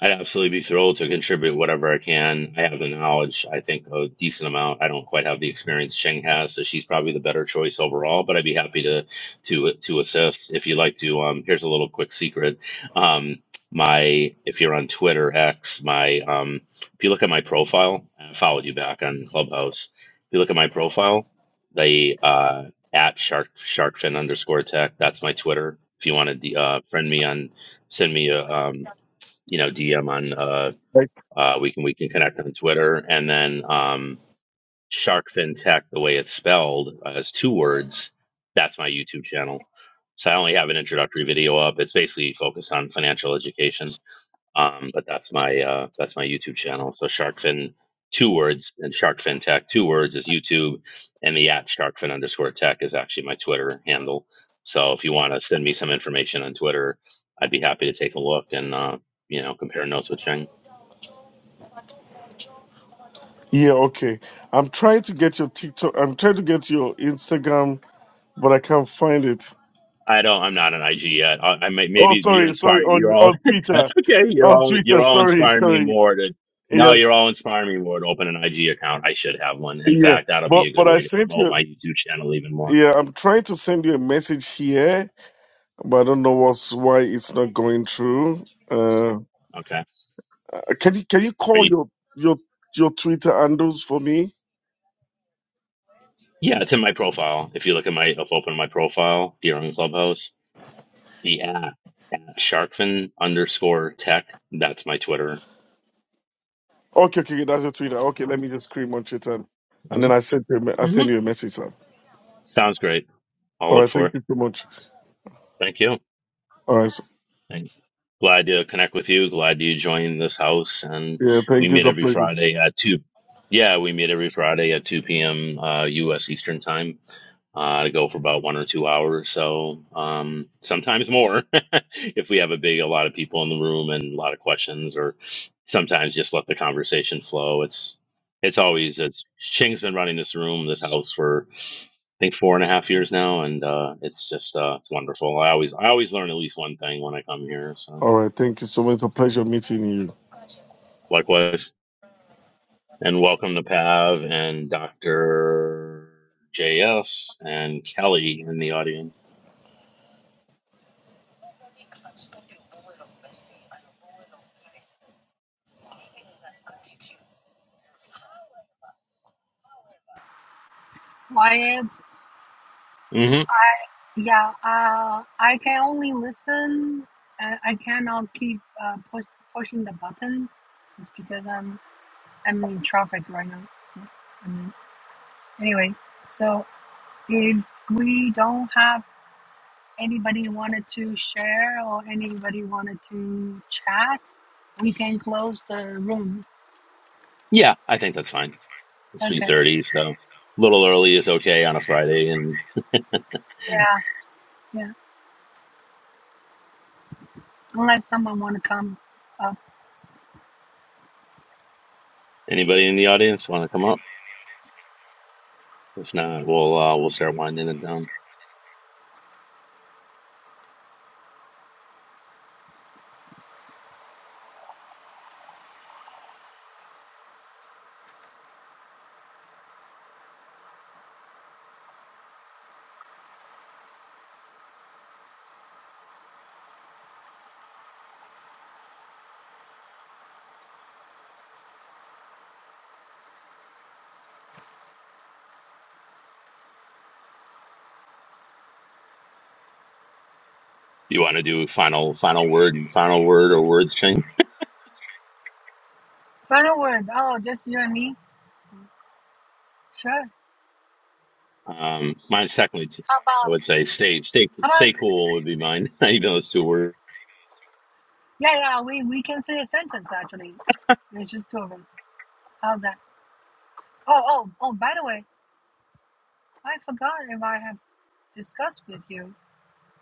Speaker 2: I'd absolutely be thrilled to contribute whatever I can. I have the knowledge, I think, a decent amount. I don't quite have the experience Cheng has, so she's probably the better choice overall. But I'd be happy to to to assist if you'd like to. Um, here's a little quick secret. Um, my if you're on Twitter X, my um, if you look at my profile, I followed you back on Clubhouse. If you look at my profile, they uh, at shark sharkfin underscore tech. That's my Twitter. If you want to uh, friend me on, send me a um, you know, DM on uh, uh, we can we can connect on Twitter, and then um, Shark FinTech, the way it's spelled, uh, is two words. That's my YouTube channel. So I only have an introductory video up. It's basically focused on financial education. Um, but that's my uh, that's my YouTube channel. So Sharkfin, two words, and Sharkfin Tech, two words is YouTube, and the at Sharkfin underscore Tech is actually my Twitter handle. So if you want to send me some information on Twitter, I'd be happy to take a look and uh, you know compare notes with Cheng.
Speaker 4: Yeah, okay. I'm trying to get your TikTok. I'm trying to get your Instagram, but I can't find it.
Speaker 2: I don't. I'm not an IG yet. I, I may,
Speaker 4: Oh,
Speaker 2: maybe you're
Speaker 4: sorry, sorry.
Speaker 2: inspiring. You're
Speaker 4: On
Speaker 2: all.
Speaker 4: on Twitter,
Speaker 2: that's okay. You're
Speaker 4: on
Speaker 2: all.
Speaker 4: Twitter.
Speaker 2: You're all
Speaker 4: Sorry,
Speaker 2: inspiring me
Speaker 4: sorry.
Speaker 2: more to. No,
Speaker 4: Yeah,
Speaker 2: you're all inspiring me more to open an IG account. I should have one. In
Speaker 4: yeah.
Speaker 2: fact, that'll be
Speaker 4: But
Speaker 2: a good
Speaker 4: but I
Speaker 2: way to
Speaker 4: sent
Speaker 2: promote
Speaker 4: you.
Speaker 2: my YouTube channel even more.
Speaker 4: Yeah, I'm trying to send you a message here, but I don't know what's why it's not going through. Uh,
Speaker 2: Okay.
Speaker 4: can you can you
Speaker 2: Are
Speaker 4: call
Speaker 2: you?
Speaker 4: your your your Twitter handles for me?
Speaker 2: Yeah, it's in my profile. If you look at my, if open my profile, Deer on Clubhouse, the app at Sharkfin underscore tech. That's my Twitter.
Speaker 4: Okay, okay, okay, that's your Twitter. Okay, let me just scream on Twitter, and
Speaker 2: hmm
Speaker 4: then I sent you. a me- I
Speaker 2: hmm
Speaker 4: send you a message, sir.
Speaker 2: Sounds great. I'll
Speaker 4: All
Speaker 2: look
Speaker 4: right,
Speaker 2: for
Speaker 4: thank
Speaker 2: it.
Speaker 4: you so much.
Speaker 2: Thank you.
Speaker 4: All right. so-
Speaker 2: And glad to connect with you. Glad you joined this house. And
Speaker 4: yeah,
Speaker 2: we
Speaker 4: thank you. It's
Speaker 2: meet
Speaker 4: a
Speaker 2: every
Speaker 4: pleasure.
Speaker 2: Friday at 2. Yeah, we meet every Friday at 2 p.m. Uh, U.S. Eastern Time uh, to go for about one or two hours. So um, sometimes more if we have a big, a lot of people in the room and a lot of questions, or sometimes just let the conversation flow. It's it's always it's Ching's been running this room, this house for think four and a half years now, and uh, it's just uh, it's wonderful. I always I always learn at least one thing when I come here. So
Speaker 4: All right. Thank you so much. It's a pleasure meeting you.
Speaker 2: likewise, and welcome to Pav and Doctor JS and Kelly in the audience.
Speaker 1: Wyatt.
Speaker 2: hmm
Speaker 1: I Yeah, uh, I can only listen. Uh, I cannot keep uh, push, pushing the button just because I'm I'm in traffic right now. So, um, anyway, so if we don't have anybody wanted to share or anybody wanted to chat, we can close the room.
Speaker 2: Yeah, I think that's fine. It's three
Speaker 1: Okay.
Speaker 2: thirty, so a little early is okay on a Friday. And
Speaker 1: Yeah, yeah. Unless someone want to come up.
Speaker 2: anybody in the audience want to come up? If not, we'll uh, we'll start winding it down. You want to do final final word, final word or words, Ching?
Speaker 1: Further word. Oh, just you and me. Sure.
Speaker 2: Um, mine's technically, t-
Speaker 1: How
Speaker 2: I
Speaker 1: about
Speaker 2: would say, stay, stay,
Speaker 1: How about?
Speaker 2: stay cool would be mine. Even though it's two words.
Speaker 1: Yeah, yeah, we, we can say a sentence actually. There's just two of us. How's that? Oh, oh, oh, by the way, I forgot if I have discussed with you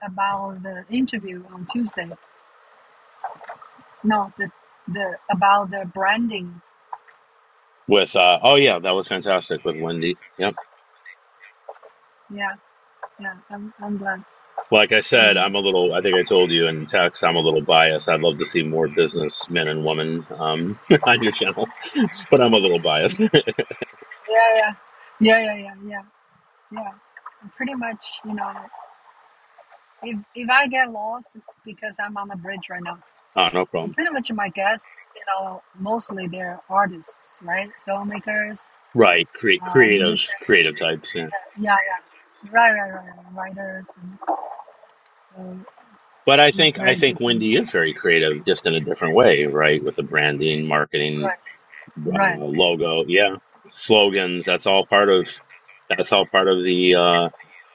Speaker 1: about the interview on Tuesday. No, the, the about the branding.
Speaker 2: With, uh, oh yeah, that was fantastic with Wendy. Yep.
Speaker 1: Yeah, yeah, I'm, I'm glad.
Speaker 2: Like I
Speaker 1: I'm
Speaker 2: said,
Speaker 1: glad.
Speaker 2: I'm a little. I think I told you in text, I'm a little biased. I'd love to see more businessmen and women um, on your channel, but I'm a little biased.
Speaker 1: Yeah, yeah, yeah, yeah, yeah, yeah. Yeah, pretty much, you know, if, if I get lost because I'm on the bridge right now,
Speaker 2: oh, no
Speaker 1: so
Speaker 2: problem.
Speaker 1: pretty much my guests, you know, mostly they're artists, right? Filmmakers,
Speaker 2: Right, create
Speaker 1: uh, musicians,
Speaker 2: creative, creative types. Yeah.
Speaker 1: uh, yeah, yeah, right, right, right, right, writers. And so
Speaker 2: But I
Speaker 1: she's
Speaker 2: think I
Speaker 1: very
Speaker 2: think
Speaker 1: different.
Speaker 2: Wendy is very creative, just in a different way, right? With the branding, marketing,
Speaker 1: Right,
Speaker 2: uh,
Speaker 1: right.
Speaker 2: logo. Yeah, slogans. That's all part of. That's all part of the uh,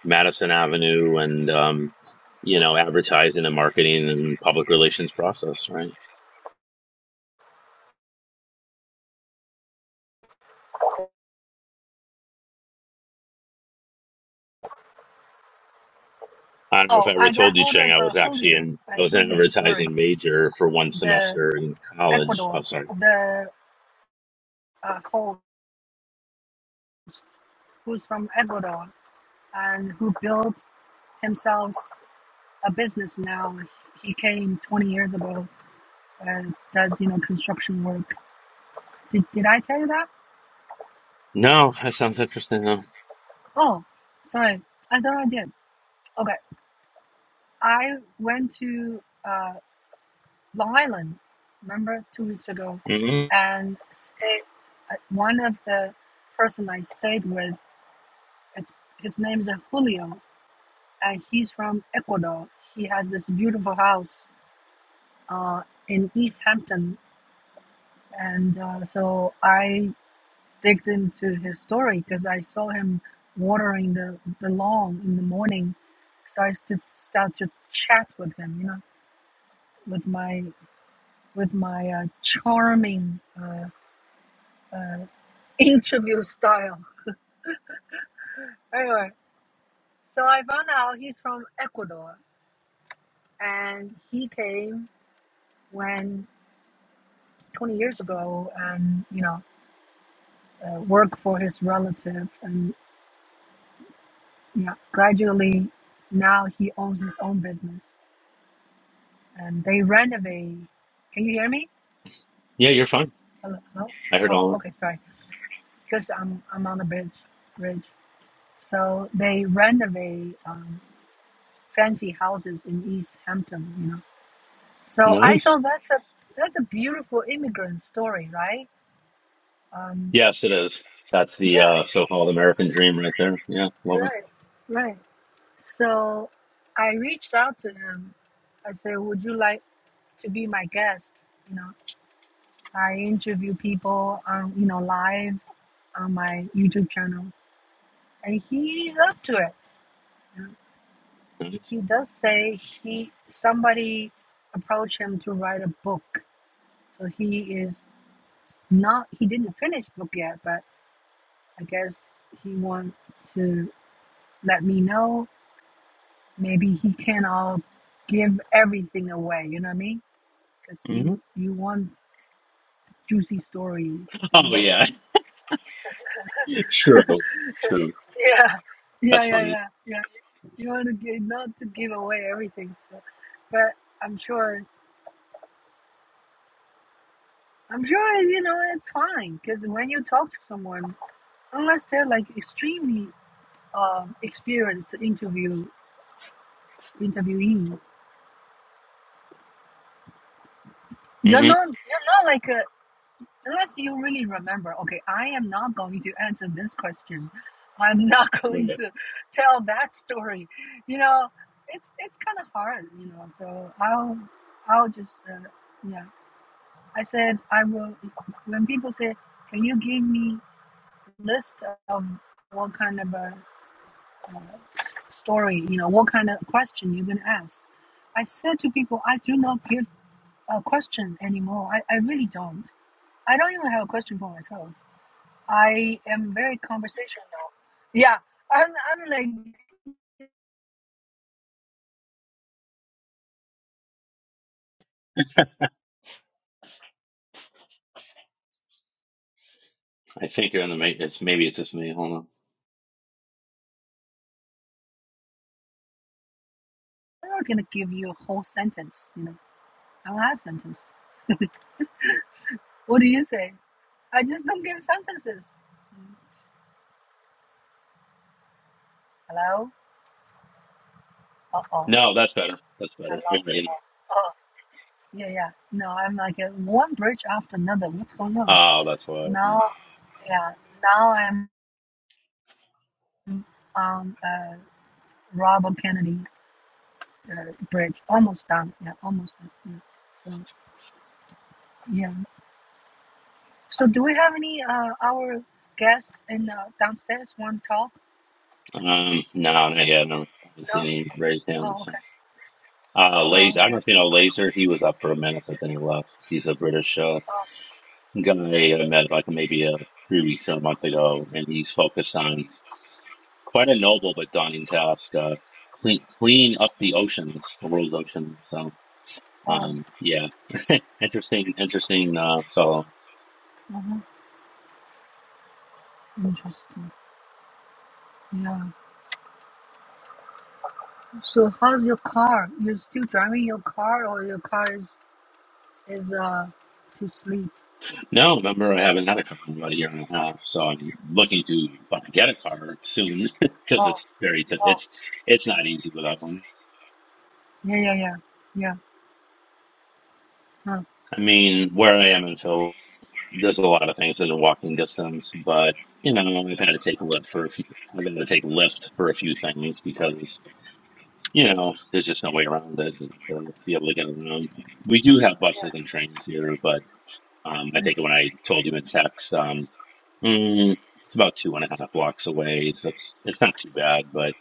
Speaker 2: Madison Avenue and um, you know advertising and marketing and public relations process, right? I don't know if
Speaker 1: Oh,
Speaker 2: I ever
Speaker 1: I got
Speaker 2: told you,
Speaker 1: hold
Speaker 2: Cheng.
Speaker 1: of
Speaker 2: I
Speaker 1: uh,
Speaker 2: was actually
Speaker 1: Julio.
Speaker 2: in. I
Speaker 1: I
Speaker 2: was
Speaker 1: told
Speaker 2: an
Speaker 1: you the story.
Speaker 2: advertising major for one
Speaker 1: The
Speaker 2: semester in college. Oh,
Speaker 1: Ecuador,
Speaker 2: sorry.
Speaker 1: the uh, whole who's from Ecuador and who built himself a business now. He came 20 years ago and does you know construction work. Did did I tell you that?
Speaker 2: No, that sounds interesting. Huh?
Speaker 1: Oh, sorry, I thought I did. Okay, I went to. uh. Long Island, remember two weeks ago,
Speaker 2: hmm
Speaker 1: and stayed. uh, One of the person I stayed with, it's, his name is uh, Julio, and he's from Ecuador. He has this beautiful house uh, in East Hampton, and uh, so I digged into his story because I saw him watering the, the lawn in the morning. So I st- started to chat with him, you know, with my with my uh, charming. Uh, uh, interview style. Anyway, so I found out he's from Ecuador and he came when 20 years ago and, you know, uh, worked for his relative. And yeah, gradually now he owns his own business and they renovate. Can you hear me?
Speaker 2: Yeah, you're fine.
Speaker 1: Hello? No?
Speaker 2: I heard
Speaker 1: Oh,
Speaker 2: all.
Speaker 1: okay, sorry. Because I'm, I'm on the bridge. bridge. So they renovate um, fancy houses in East Hampton, you know. So I
Speaker 2: Nice.
Speaker 1: thought that's a that's a beautiful immigrant story, right? Um,
Speaker 2: Yes, it is. That's the uh,
Speaker 1: yeah,
Speaker 2: so-called American dream right there. Yeah, love it.
Speaker 1: right, right. So I reached out to him. I said, "Would you like to be my guest?" You know, I interview people, um, you know, live on my YouTube channel, and he's up to it. you know.
Speaker 2: Nice.
Speaker 1: He does say he somebody approached him to write a book, so he is not. He didn't finish book yet, but. I guess he wants to let me know. Maybe he can not all give everything away. You know what I mean? Because
Speaker 2: Mhm.
Speaker 1: you you want juicy stories.
Speaker 2: Oh
Speaker 1: You
Speaker 2: yeah,
Speaker 1: know?
Speaker 2: True, true.
Speaker 1: Yeah, yeah,
Speaker 2: That's
Speaker 1: yeah,
Speaker 2: funny.
Speaker 1: yeah, yeah. You want to give, not to give away everything. So, but I'm sure. I'm sure you know it's fine because when you talk to someone, unless they're like extremely um experienced interview interviewee, you're
Speaker 2: hmm
Speaker 1: not you're not like a unless you really remember, okay, I am not going to answer this question. I'm not going
Speaker 2: Right.
Speaker 1: to tell that story. You know, it's it's kind of hard, you know. So I'll I'll just uh, yeah. I said I will. When people say, "Can you give me a list of what kind of a uh, story? You know, what kind of question you're gonna ask?" I said to people, "I do not give a question anymore. I, I really don't. I don't even have a question for myself." I am very conversational. Yeah, I'm, I'm like,
Speaker 2: I think you're in the maintenance. Maybe it's just me. Hold on.
Speaker 1: I'm not gonna give you a whole sentence, you know. I don't have sentence. What do you say? I just don't give sentences. Hello? Uh oh.
Speaker 2: No, that's better. That's better.
Speaker 1: Hello?
Speaker 2: Mhm.
Speaker 1: Oh, yeah, yeah. No, I'm like uh, one bridge after another. What's going on?
Speaker 2: Oh, that's why.
Speaker 1: Now, yeah, now I'm on uh, Robert Kennedy uh, Bridge. Almost done. Yeah, almost done. Yeah. So, yeah. So, do we have any uh, our guests in uh, downstairs want to talk?
Speaker 2: Um, no, not yet. No, I haven't
Speaker 1: No.
Speaker 2: seen any raised
Speaker 1: Oh,
Speaker 2: hands.
Speaker 1: okay.
Speaker 2: So. Uh,
Speaker 1: Oh,
Speaker 2: Laser. I don't know
Speaker 1: okay.
Speaker 2: if you know Laser. He was up for a minute, but then he left. He's a British uh, guy I met like maybe uh, three weeks or a month ago, and he's focused on quite a noble but daunting task: uh, clean clean up the oceans, the world's oceans. so.
Speaker 1: Oh,
Speaker 2: Um, yeah, interesting, interesting uh, fellow.
Speaker 1: uh-huh. interesting. Yeah. So, how's your car? You're still driving your car, or your car is is uh to sleep?
Speaker 2: No, remember I haven't had a car in about a year and a half, so I'm looking to bu- get a car soon because
Speaker 1: Oh,
Speaker 2: it's very t-
Speaker 1: oh.
Speaker 2: it's it's not easy without one.
Speaker 1: Yeah, yeah, yeah, yeah. Huh.
Speaker 2: I mean, where I am in Phil, there's a lot of things that are walking distance, but you know, I've had to take a lift for a few. I've had to take a lift for a few things because you know there's just no way around it. You have to be able to get around. We do have buses and trains here, but Um, I think when I told you in text, um, mm, it's about two and a half blocks away, so it's it's not too bad. But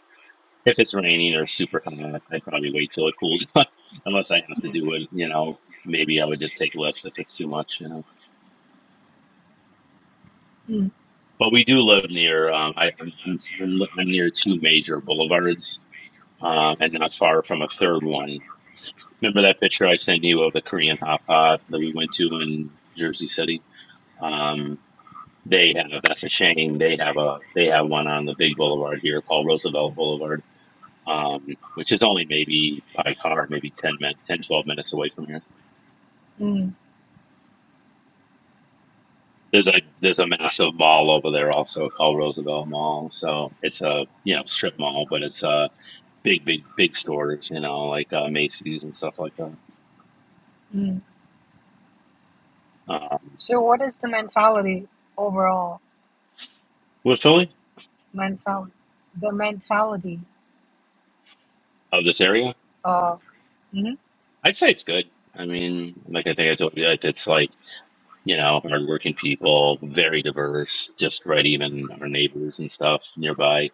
Speaker 2: if it's raining or super hot, I'd probably wait till it cools, off, unless I have to do it. You know, maybe I would just take lifts if it's too much. You know,
Speaker 1: Mm,
Speaker 2: but we do live near. Um, I, I'm, I'm I'm near two major boulevards, um, and not far from a third one. Remember that picture I sent you of the Korean hot pot that we went to in Jersey City? Um, They have that's a shame. They have a they have one on the big boulevard here called Roosevelt Boulevard, um, which is only maybe by car maybe 10 minutes, 10 12 minutes away from here.
Speaker 1: mm,
Speaker 2: There's a there's a massive mall over there also called Roosevelt Mall. So it's a you know strip mall, but it's a big big big stores you know like uh, Macy's and stuff like that.
Speaker 1: mm.
Speaker 2: Um,
Speaker 1: So, what is the mentality overall?
Speaker 2: with Philly
Speaker 1: Mentality, the mentality
Speaker 2: of this area,
Speaker 1: of. Mm,
Speaker 2: I'd say it's good. I mean, like I think I told you, like, it's like you know, hardworking people, very diverse, just right, even our neighbors and stuff nearby.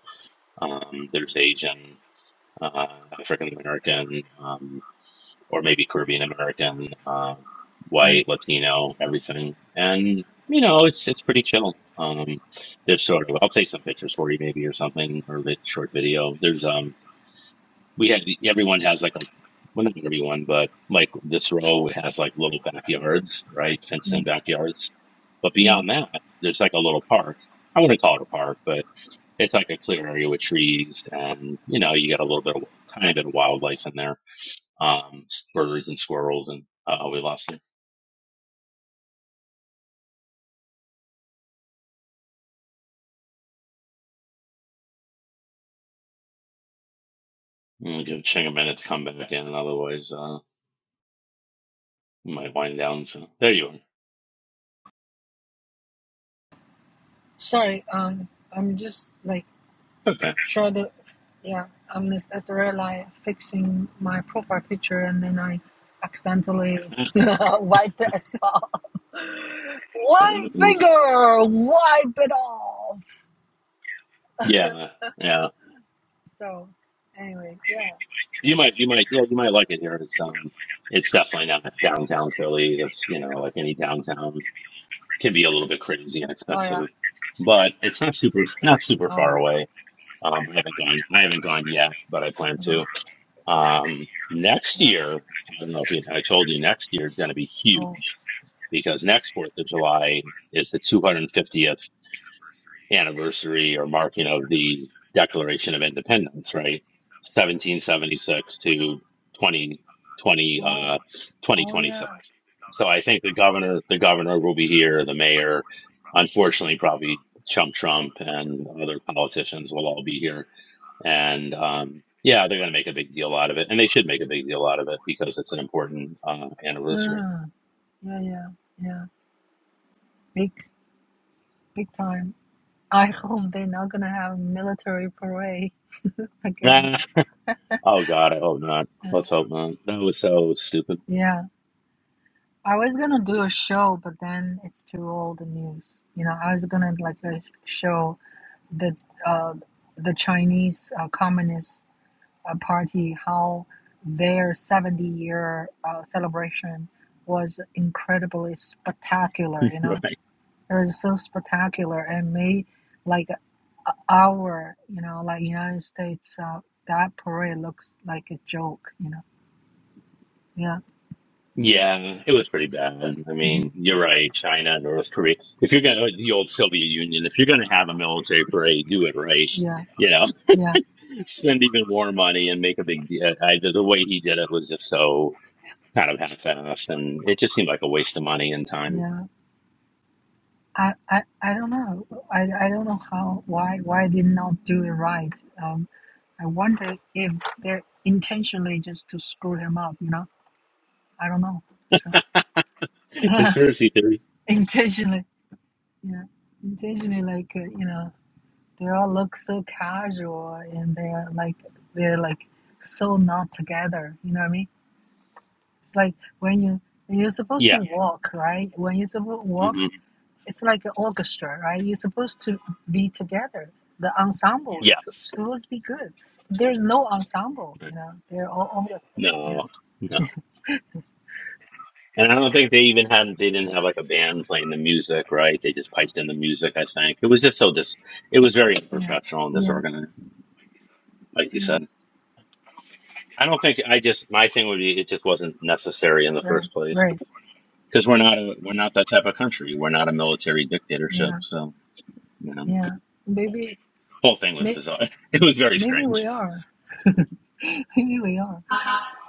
Speaker 2: Um, there's Asian, uh, African American, um, or maybe Caribbean American, uh,
Speaker 1: mm,
Speaker 2: white, Latino, everything. And, you know, it's, it's pretty chill. Um, there's sort of, I'll take some pictures for you maybe or something or a bit short video. There's, um, we have everyone has like a well not everyone but like this row has like little backyards right fenced in
Speaker 1: mm,
Speaker 2: backyards but
Speaker 1: mm.
Speaker 2: beyond that there's like a little park i wouldn't call it a park but it's like a clear area with trees and you know you got a little bit of tiny bit of wildlife in there um s- birds and squirrels and uh we lost it Mm, give Ching a minute to come back in otherwise uh we might wind down so there you are
Speaker 1: Sorry, um, I'm just like.
Speaker 2: okay
Speaker 1: shadow yeah i'm at, at rely fixing my profile picture and then i accidentally
Speaker 2: that
Speaker 1: wiped us off
Speaker 2: that
Speaker 1: one
Speaker 2: happens
Speaker 1: finger wipe it off
Speaker 2: yeah yeah.
Speaker 1: so anyway yeah
Speaker 2: You might, you might, yeah, you might like it here. It's um, it's definitely not downtown Philly. That's you know, like any downtown can be a little bit crazy and
Speaker 1: oh yeah
Speaker 2: expensive, but it's not super, not super far
Speaker 1: oh
Speaker 2: away. Um, I haven't gone, I haven't gone yet, but I plan
Speaker 1: uh-huh.
Speaker 2: to. Um, next
Speaker 1: yeah
Speaker 2: year, I don't know if you, I told you, next year is going to be
Speaker 1: oh
Speaker 2: huge because next Fourth of July is the 250th anniversary or marking of the Declaration of Independence, right? 1776 to 2020, uh,
Speaker 1: oh oh yeah
Speaker 2: 2026. So I think the governor, the governor will be here, the mayor, unfortunately, probably Chump Trump and other politicians will all be here. And, um, yeah, they're going to make a big deal out of it, and they should make a big deal out of it because it's an important uh, anniversary.
Speaker 1: uh, yeah yeah yeah big big time i hope they're not gonna have a military parade again
Speaker 2: Ah, oh God, I hope not.
Speaker 1: Uh,
Speaker 2: Let's hope not. That was so stupid,
Speaker 1: yeah I was gonna do a show, but then it's too old news. You know, I was gonna like a show the uh, the Chinese uh, Communist uh, Party how their seventy year uh, celebration was incredibly spectacular. You know,
Speaker 2: right?
Speaker 1: it was so spectacular and made like a- our you know like United States uh, that parade looks like a joke. You know, yeah,
Speaker 2: Yeah, it was pretty bad. I
Speaker 1: Mhm.
Speaker 2: mean, you're right. China, North Korea. If you're gonna the old Soviet Union, if you're gonna have a military parade, do it right.
Speaker 1: yeah,
Speaker 2: You know,
Speaker 1: yeah,
Speaker 2: spend even more money and make a big deal. I, the the way he did it was just so kind of half-assed, and it just seemed like a waste of money and time.
Speaker 1: yeah. I, I, I don't know. I, I don't know how why why they not do it right. Um, I wonder if they're intentionally just to screw him up. You know, I don't know. So
Speaker 2: Conspiracy theory.
Speaker 1: intentionally, yeah, intentionally like uh, you know they all look so casual and they're like they're like so not together. You know what I mean? It's like when you you're supposed to
Speaker 2: Yeah.
Speaker 1: walk right when you're supposed to walk
Speaker 2: hmm
Speaker 1: it's like an orchestra, right? You're supposed to be together. The ensemble is
Speaker 2: Yes.
Speaker 1: supposed to be good. There's no ensemble, you know. They're all over the place. Yeah,
Speaker 2: No. No. And I don't think they even had they didn't have like a band playing the music, right? They just piped in the music, I think. It was just so dis it was very
Speaker 1: yeah,
Speaker 2: unprofessional and
Speaker 1: yeah,
Speaker 2: disorganized, like you
Speaker 1: yeah.
Speaker 2: said. I don't think I just my thing would be it just wasn't necessary in the
Speaker 1: Right,
Speaker 2: first place
Speaker 1: right.
Speaker 2: because we're not a we're not that type of country. We're not a military dictatorship,
Speaker 1: Yeah,
Speaker 2: so you know, the
Speaker 1: yeah. Maybe,
Speaker 2: whole thing was bizarre. It was very
Speaker 1: maybe we
Speaker 2: strange.
Speaker 1: are. maybe we are.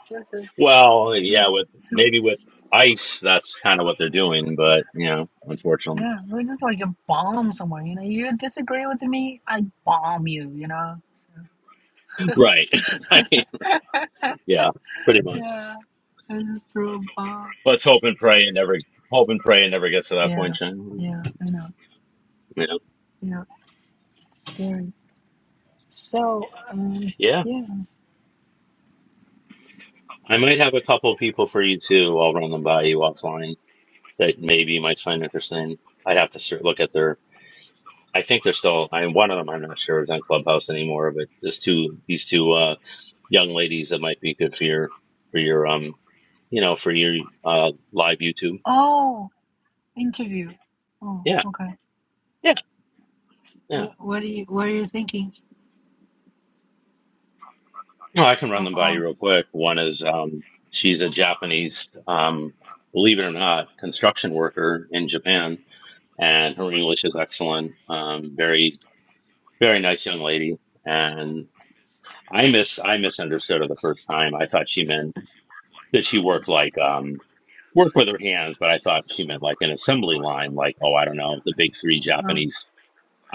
Speaker 1: This is,
Speaker 2: Well, yeah, with maybe with ICE, that's kind of what they're doing,
Speaker 1: yeah,
Speaker 2: but you know, unfortunately,
Speaker 1: yeah. We're just like a bomb somewhere, you know. You disagree with me, I bomb you, you know.
Speaker 2: right?
Speaker 1: So.
Speaker 2: right. Yeah, pretty much.
Speaker 1: yeah, I just threw a bomb.
Speaker 2: Let's hope and pray and never hope and pray and never gets to that
Speaker 1: Yeah,
Speaker 2: point, Jen.
Speaker 1: yeah. I know.
Speaker 2: Yeah.
Speaker 1: Yeah, it's scary. So, um,
Speaker 2: Yeah.
Speaker 1: yeah.
Speaker 2: I might have a couple people for you too. I'll run them by you offline that maybe you might find interesting. I'd have to cer- look at their I think they're still I one of them I'm not sure is on Clubhouse anymore, but there's two these two uh young ladies that might be good for your for your um you know, for your uh live YouTube.
Speaker 1: Oh, interview. Oh,
Speaker 2: Yeah.
Speaker 1: okay.
Speaker 2: Yeah. Yeah.
Speaker 1: What, what are you What are you thinking?
Speaker 2: Oh, I can run
Speaker 1: Oh,
Speaker 2: them by you
Speaker 1: oh,
Speaker 2: real quick. One is um, she's a Japanese, um, believe it or not, construction worker in Japan, and her English is excellent. Um, very, very nice young lady. And I mis I misunderstood her the first time. I thought she meant that she worked like um, worked with her hands, but I thought she meant like an assembly line, like oh, I don't know, the big three
Speaker 1: uh,
Speaker 2: Japanese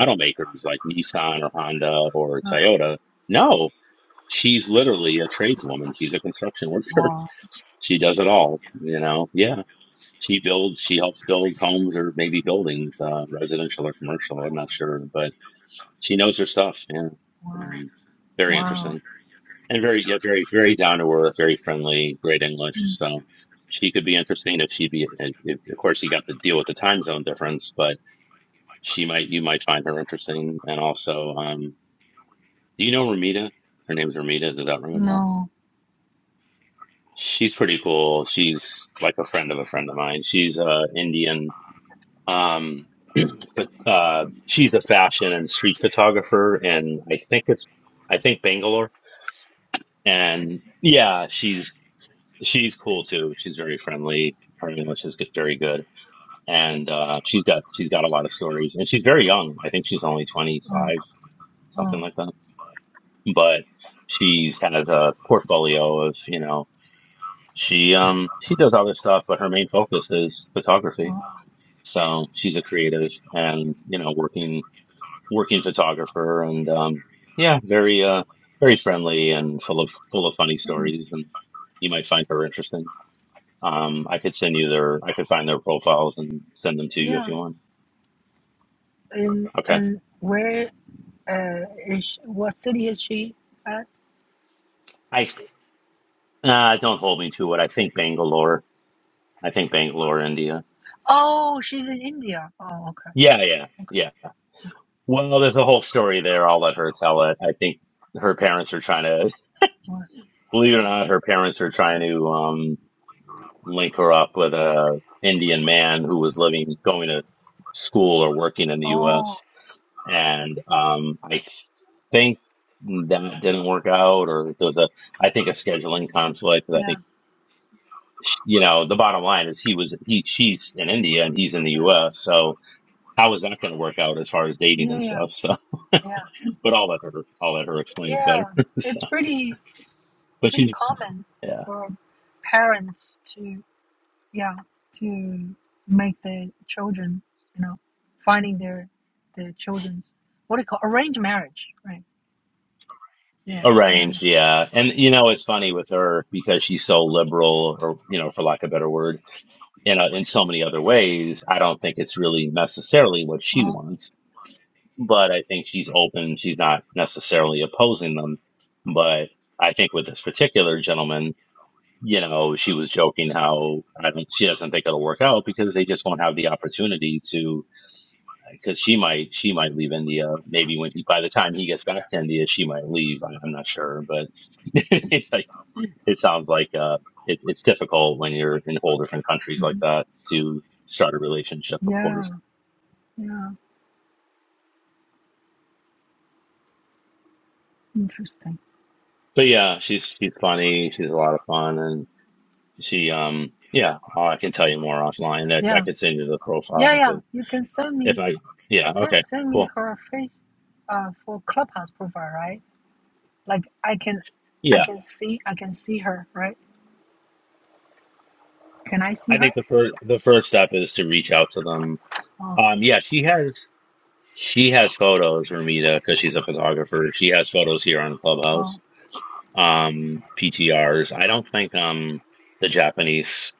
Speaker 2: automakers like Nissan or Honda or
Speaker 1: uh,
Speaker 2: Toyota. No, She's literally a tradeswoman. She's a construction worker.
Speaker 1: wow,
Speaker 2: She does it all, you know. Yeah, she builds. She helps build homes or maybe buildings, uh, residential or commercial. I'm not sure, but she knows her stuff. Yeah,
Speaker 1: wow,
Speaker 2: um, very
Speaker 1: wow.
Speaker 2: interesting and very, yeah, very, very down to earth, very friendly, great English.
Speaker 1: Mm,
Speaker 2: So she could be interesting if she be. and If, of course, you got to deal with the time zone difference, but she might. You might find her interesting. And also, um, do you know Ramita? Her name's Ramita. Does that ring a bell?
Speaker 1: No.
Speaker 2: She's pretty cool. She's like a friend of a friend of mine. She's uh Indian. Um but uh she's a fashion and street photographer and I think it's I think Bangalore. And yeah, she's she's cool too. She's very friendly. Her English is good- very good. And uh she's got she's got a lot of stories and she's very young. I think she's only 25,
Speaker 1: Uh,
Speaker 2: something
Speaker 1: uh,
Speaker 2: like that. But she's has a portfolio of, you know, She um she does other stuff, but her main focus is photography.
Speaker 1: uh,
Speaker 2: So she's a creative and you know working working photographer and um yeah, very uh very friendly and full of full of funny
Speaker 1: uh.
Speaker 2: stories and you might find her interesting. Um I could send you their I could find their profiles and send them to you if
Speaker 1: Yeah.
Speaker 2: you want.
Speaker 1: And
Speaker 2: Okay.
Speaker 1: and where uh is she, what city is she at?
Speaker 2: I
Speaker 1: She,
Speaker 2: uh don't hold me to it. I think Bangalore. I think Bangalore, India.
Speaker 1: oh, she's in India. Oh, okay,
Speaker 2: Yeah, yeah,
Speaker 1: okay.
Speaker 2: yeah. Well, there's a whole story there. I'll let her tell it. I think her parents are trying to
Speaker 1: Wow.
Speaker 2: Believe it or not, her parents are trying to um, link her up with a Indian man who was living, going to school or working in the
Speaker 1: Oh,
Speaker 2: U.S. And um, I think that didn't work out, or there was a, I think a scheduling conflict. But I
Speaker 1: yeah,
Speaker 2: think sh- you know the bottom line is he was he she's in India and he's in the U.S. So how is that going to work out as far as dating
Speaker 1: yeah, yeah,
Speaker 2: and
Speaker 1: yeah,
Speaker 2: stuff? So,
Speaker 1: yeah.
Speaker 2: but I'll let her I'll let her explain it better.
Speaker 1: Yeah.
Speaker 2: so,
Speaker 1: It's pretty.
Speaker 2: but
Speaker 1: pretty
Speaker 2: she's
Speaker 1: common
Speaker 2: yeah.
Speaker 1: for parents to yeah to make their children you know finding their their children's what do you call arranged marriage right yeah
Speaker 2: A
Speaker 1: yeah
Speaker 2: range, yeah. And you know, it's funny with her because she's so liberal or you know, for lack of a better word, you know, in so many other ways, I don't think it's really necessarily what she
Speaker 1: uh
Speaker 2: wants, but I think she's open, she's not necessarily opposing them. But I think with this particular gentleman, you know, she was joking how I don't, she doesn't think it'll work out because they just won't have the opportunity to because she might she might leave India. Maybe when he, by the time he gets back to India, she might leave. I, I'm not sure, but like, it sounds like uh, it, it's difficult when you're in whole different countries like
Speaker 1: hmm
Speaker 2: that to start a relationship, of
Speaker 1: yeah
Speaker 2: course.
Speaker 1: yeah interesting
Speaker 2: But yeah, she's she's funny. She's a lot of fun, and she um yeah. Oh, I can tell you more offline. I, I
Speaker 1: yeah
Speaker 2: could send you the
Speaker 1: yeah
Speaker 2: profiles
Speaker 1: yeah
Speaker 2: of
Speaker 1: you can send
Speaker 2: if
Speaker 1: me
Speaker 2: I yeah
Speaker 1: send,
Speaker 2: okay
Speaker 1: send me
Speaker 2: cool
Speaker 1: her face uh for clubhouse profile right like i can i
Speaker 2: yeah.
Speaker 1: can see i can see her right can i see
Speaker 2: I
Speaker 1: her
Speaker 2: think the first the first step is to reach out to them.
Speaker 1: oh
Speaker 2: Um, yeah, she has. She has photos, Ramita, because she's a photographer. She has photos here on
Speaker 1: oh
Speaker 2: Clubhouse, um, PTRs. I don't think um the Japanese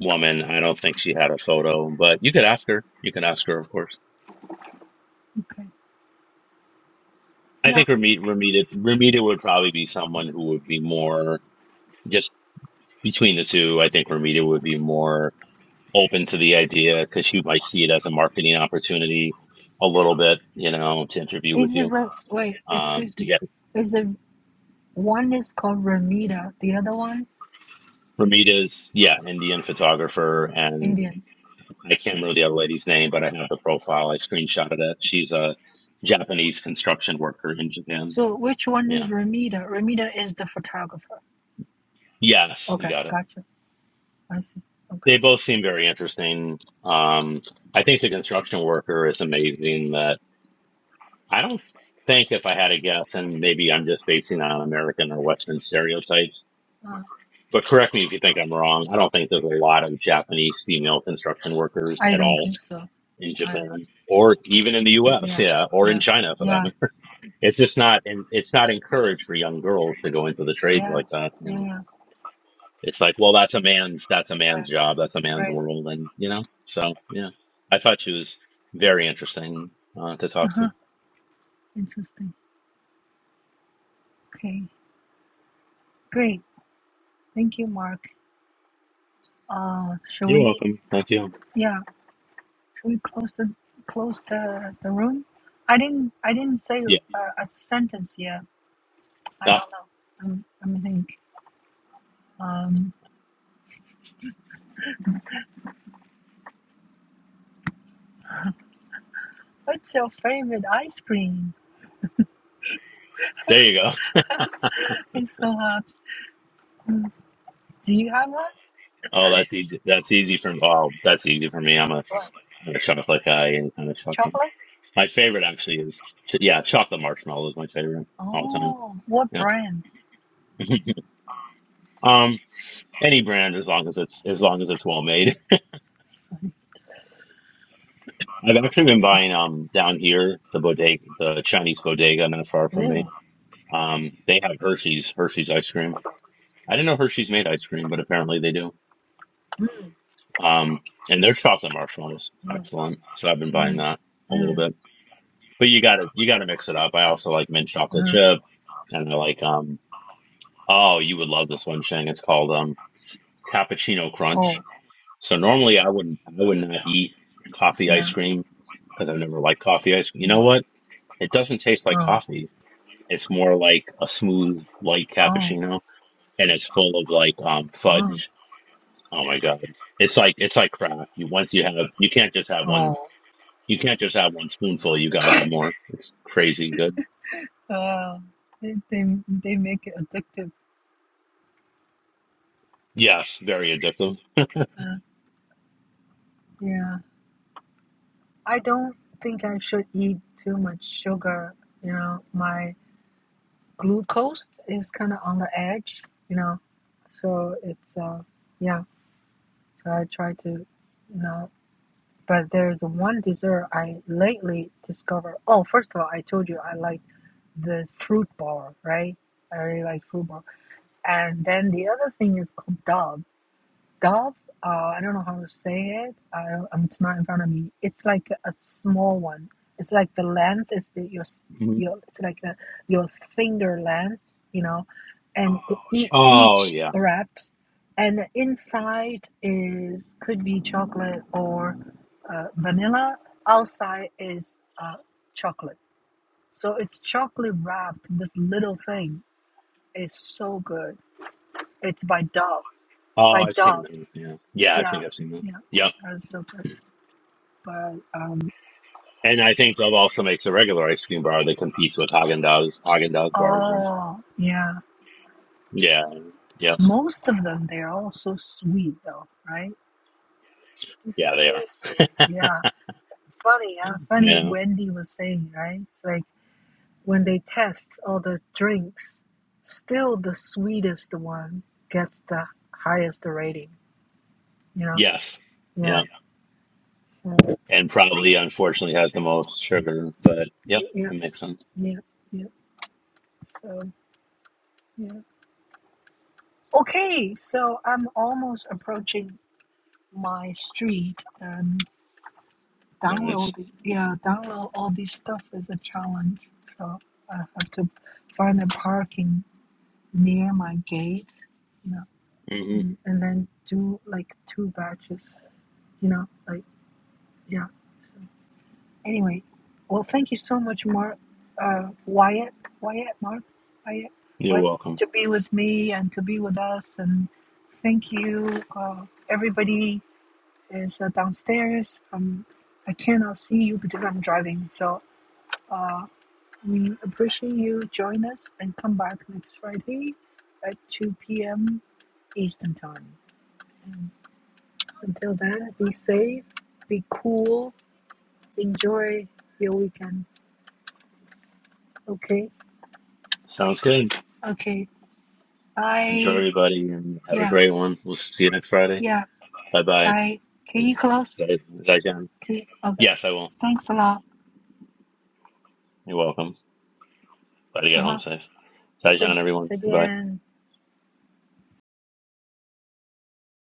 Speaker 2: woman. I don't think she had a photo, but you could ask her. You can ask her, of course.
Speaker 1: okay
Speaker 2: I
Speaker 1: Yeah.
Speaker 2: think Ramita Ramita Ramita would probably be someone who would be more just between the two. I think Ramita would be more open to the idea because she might see it as a marketing opportunity a little bit, you know, to interview with
Speaker 1: Is it
Speaker 2: you
Speaker 1: Re- wait,
Speaker 2: um,
Speaker 1: excuse
Speaker 2: to
Speaker 1: me. Is the one is called Ramita, the other one
Speaker 2: Ramita's, yeah, Indian photographer, and
Speaker 1: Indian.
Speaker 2: I can't remember the other lady's name, but I have the profile. I screenshotted it. She's a Japanese construction worker in Japan.
Speaker 1: So which one is
Speaker 2: Yeah.
Speaker 1: Ramita? Ramita is the photographer.
Speaker 2: Yes, you
Speaker 1: Okay,
Speaker 2: got it.
Speaker 1: gotcha. I see. Okay.
Speaker 2: They both seem very interesting. Um, I think the construction worker is amazing. That I don't think, if I had a guess, and maybe I'm just basing on American or Western stereotypes,
Speaker 1: Uh,
Speaker 2: but correct me if you think I'm wrong. I don't think there's a lot of Japanese female construction workers
Speaker 1: I
Speaker 2: at
Speaker 1: don't
Speaker 2: all
Speaker 1: think so.
Speaker 2: in
Speaker 1: Uh,
Speaker 2: Japan or even in the US,
Speaker 1: yeah,
Speaker 2: yeah, or in
Speaker 1: yeah,
Speaker 2: China for that
Speaker 1: yeah,
Speaker 2: matter. It's just not and it's not encouraged for young girls to go into the trades
Speaker 1: yeah,
Speaker 2: like that, you
Speaker 1: yeah,
Speaker 2: know.
Speaker 1: yeah.
Speaker 2: It's like, well, that's a man's that's a man's
Speaker 1: Right,
Speaker 2: job, that's a man's
Speaker 1: right.
Speaker 2: world and you know. So, yeah. I thought she was very interesting uh, to
Speaker 1: Uh
Speaker 2: talk to.
Speaker 1: huh. Interesting. Okay, great. Thank you, Mark. Uh, shall
Speaker 2: You're
Speaker 1: we?
Speaker 2: welcome. Thank you.
Speaker 1: Yeah, shall we close the close the the room? I didn't I didn't say
Speaker 2: Yeah.
Speaker 1: a, a sentence yet I
Speaker 2: Ah,
Speaker 1: don't know. I'm, I'm like, um, what's your favorite ice cream?
Speaker 2: there you go.
Speaker 1: It's so hard. Mm. Do you have one?
Speaker 2: Oh, that's easy. That's easy for oh, that's easy for me. I'm a
Speaker 1: What?
Speaker 2: I'm a chocolate guy, any kind of chocolate.
Speaker 1: Chocolate?
Speaker 2: My favorite actually is ch- yeah, chocolate marshmallow is my favorite all time.
Speaker 1: Oh, what
Speaker 2: Yeah.
Speaker 1: brand?
Speaker 2: Um, any brand as long as it's as long as it's well made. I've actually been buying um down here the bodega, the Chinese bodega not far from
Speaker 1: Mm,
Speaker 2: me. Um, they have Hershey's Hershey's ice cream. I didn't know Hershey's made ice cream, but apparently they do.
Speaker 1: mm,
Speaker 2: Um, and their chocolate marshmallows
Speaker 1: mm,
Speaker 2: excellent. So I've been buying that a little
Speaker 1: mm,
Speaker 2: bit. But you gotta you gotta mix it up. I also like mint
Speaker 1: mm,
Speaker 2: chocolate
Speaker 1: uh,
Speaker 2: chip, and I like um oh you would love this one, Shang. It's called um cappuccino crunch
Speaker 1: oh,
Speaker 2: So normally I wouldn't I would not eat coffee
Speaker 1: yeah,
Speaker 2: ice cream because I've never liked coffee ice cream. You
Speaker 1: yeah.
Speaker 2: know what? It doesn't taste like
Speaker 1: Oh,
Speaker 2: coffee. It's more like a smooth light
Speaker 1: oh,
Speaker 2: cappuccino and it's full of like um
Speaker 1: oh,
Speaker 2: fudge. Oh my god. It's like it's like crack. You once you have you can't just have one
Speaker 1: oh.
Speaker 2: you can't just have one spoonful, you gotta have more. It's crazy good.
Speaker 1: Uh, they, they, they make it addictive.
Speaker 2: Yes, very addictive.
Speaker 1: Uh, yeah. I don't think I should eat too much sugar. You know, my glucose is kind of on the edge, you know. So it's uh yeah. So I try to not. But there's one dessert I lately discovered. Oh, first of all, I told you I like the fruit bar, right? I really like fruit bar. And then the other thing is called dub. Gov, uh, I don't know how to say it. I, I'm it's not in front of me. It's like a small one. It's like the length is the, your
Speaker 2: Mhm.
Speaker 1: your it's like a, your finger length, you know, and oh, e- yeah.
Speaker 2: Oh
Speaker 1: each
Speaker 2: yeah.
Speaker 1: wrapped, and the inside is could be chocolate or uh, vanilla. Outside is uh, chocolate. So it's chocolate wrapped. This little thing is so good. It's by Dove.
Speaker 2: Oh
Speaker 1: By
Speaker 2: I've
Speaker 1: Dove.
Speaker 2: seen that. Yeah. Yeah, I
Speaker 1: Yeah,
Speaker 2: think I've seen that.
Speaker 1: yeah,
Speaker 2: Yep.
Speaker 1: that's so good. But um,
Speaker 2: And I think Dove also makes a regular ice cream bar that competes with Haagen Dazs Haagen Dazs bars, right?
Speaker 1: oh yeah,
Speaker 2: Yeah, yeah,
Speaker 1: most of them they're all so sweet though, right? they
Speaker 2: yeah, they
Speaker 1: so sweet.
Speaker 2: are.
Speaker 1: Yeah, funny. Yeah, funny.
Speaker 2: yeah.
Speaker 1: Wendy was saying right, it's like when they test all the drinks, still the sweetest one gets the highest rating. You know?
Speaker 2: Yes.
Speaker 1: Yeah.
Speaker 2: Yeah.
Speaker 1: So
Speaker 2: And probably unfortunately has the most sugar, but yep,
Speaker 1: yeah,
Speaker 2: that makes sense.
Speaker 1: yeah, yeah. So yeah. Okay, so I'm almost approaching my street. Um,
Speaker 2: Nice.
Speaker 1: download it. yeah download all this stuff is a challenge so i have to find a parking near my gate you know
Speaker 2: hmm
Speaker 1: and and then do like two batches you know like yeah so anyway well thank you so much mark uh wyatt wyatt mark wyatt
Speaker 2: You're
Speaker 1: wyatt
Speaker 2: welcome.
Speaker 1: to be with me and to be with us and thank you uh everybody is uh, downstairs um i cannot see you because i'm driving so uh. We appreciate you join us and come back next Friday at 2 p.m. Eastern Time. And until then, be safe, be cool, enjoy your weekend. Okay?
Speaker 2: Sounds good.
Speaker 1: Okay.
Speaker 2: Enjoy
Speaker 1: Bye.
Speaker 2: everybody and have a
Speaker 1: Yeah.
Speaker 2: great one. We'll see you next Friday.
Speaker 1: Yeah.
Speaker 2: Bye bye.
Speaker 1: Bye. Can you close?
Speaker 2: Zai Zai
Speaker 1: Can you? Okay.
Speaker 2: Yes, I will.
Speaker 1: Thanks a lot.
Speaker 2: You're welcome. Glad to
Speaker 1: Uh
Speaker 2: get home
Speaker 1: huh.
Speaker 2: safe. Zai everyone. Goodbye.
Speaker 1: 再见。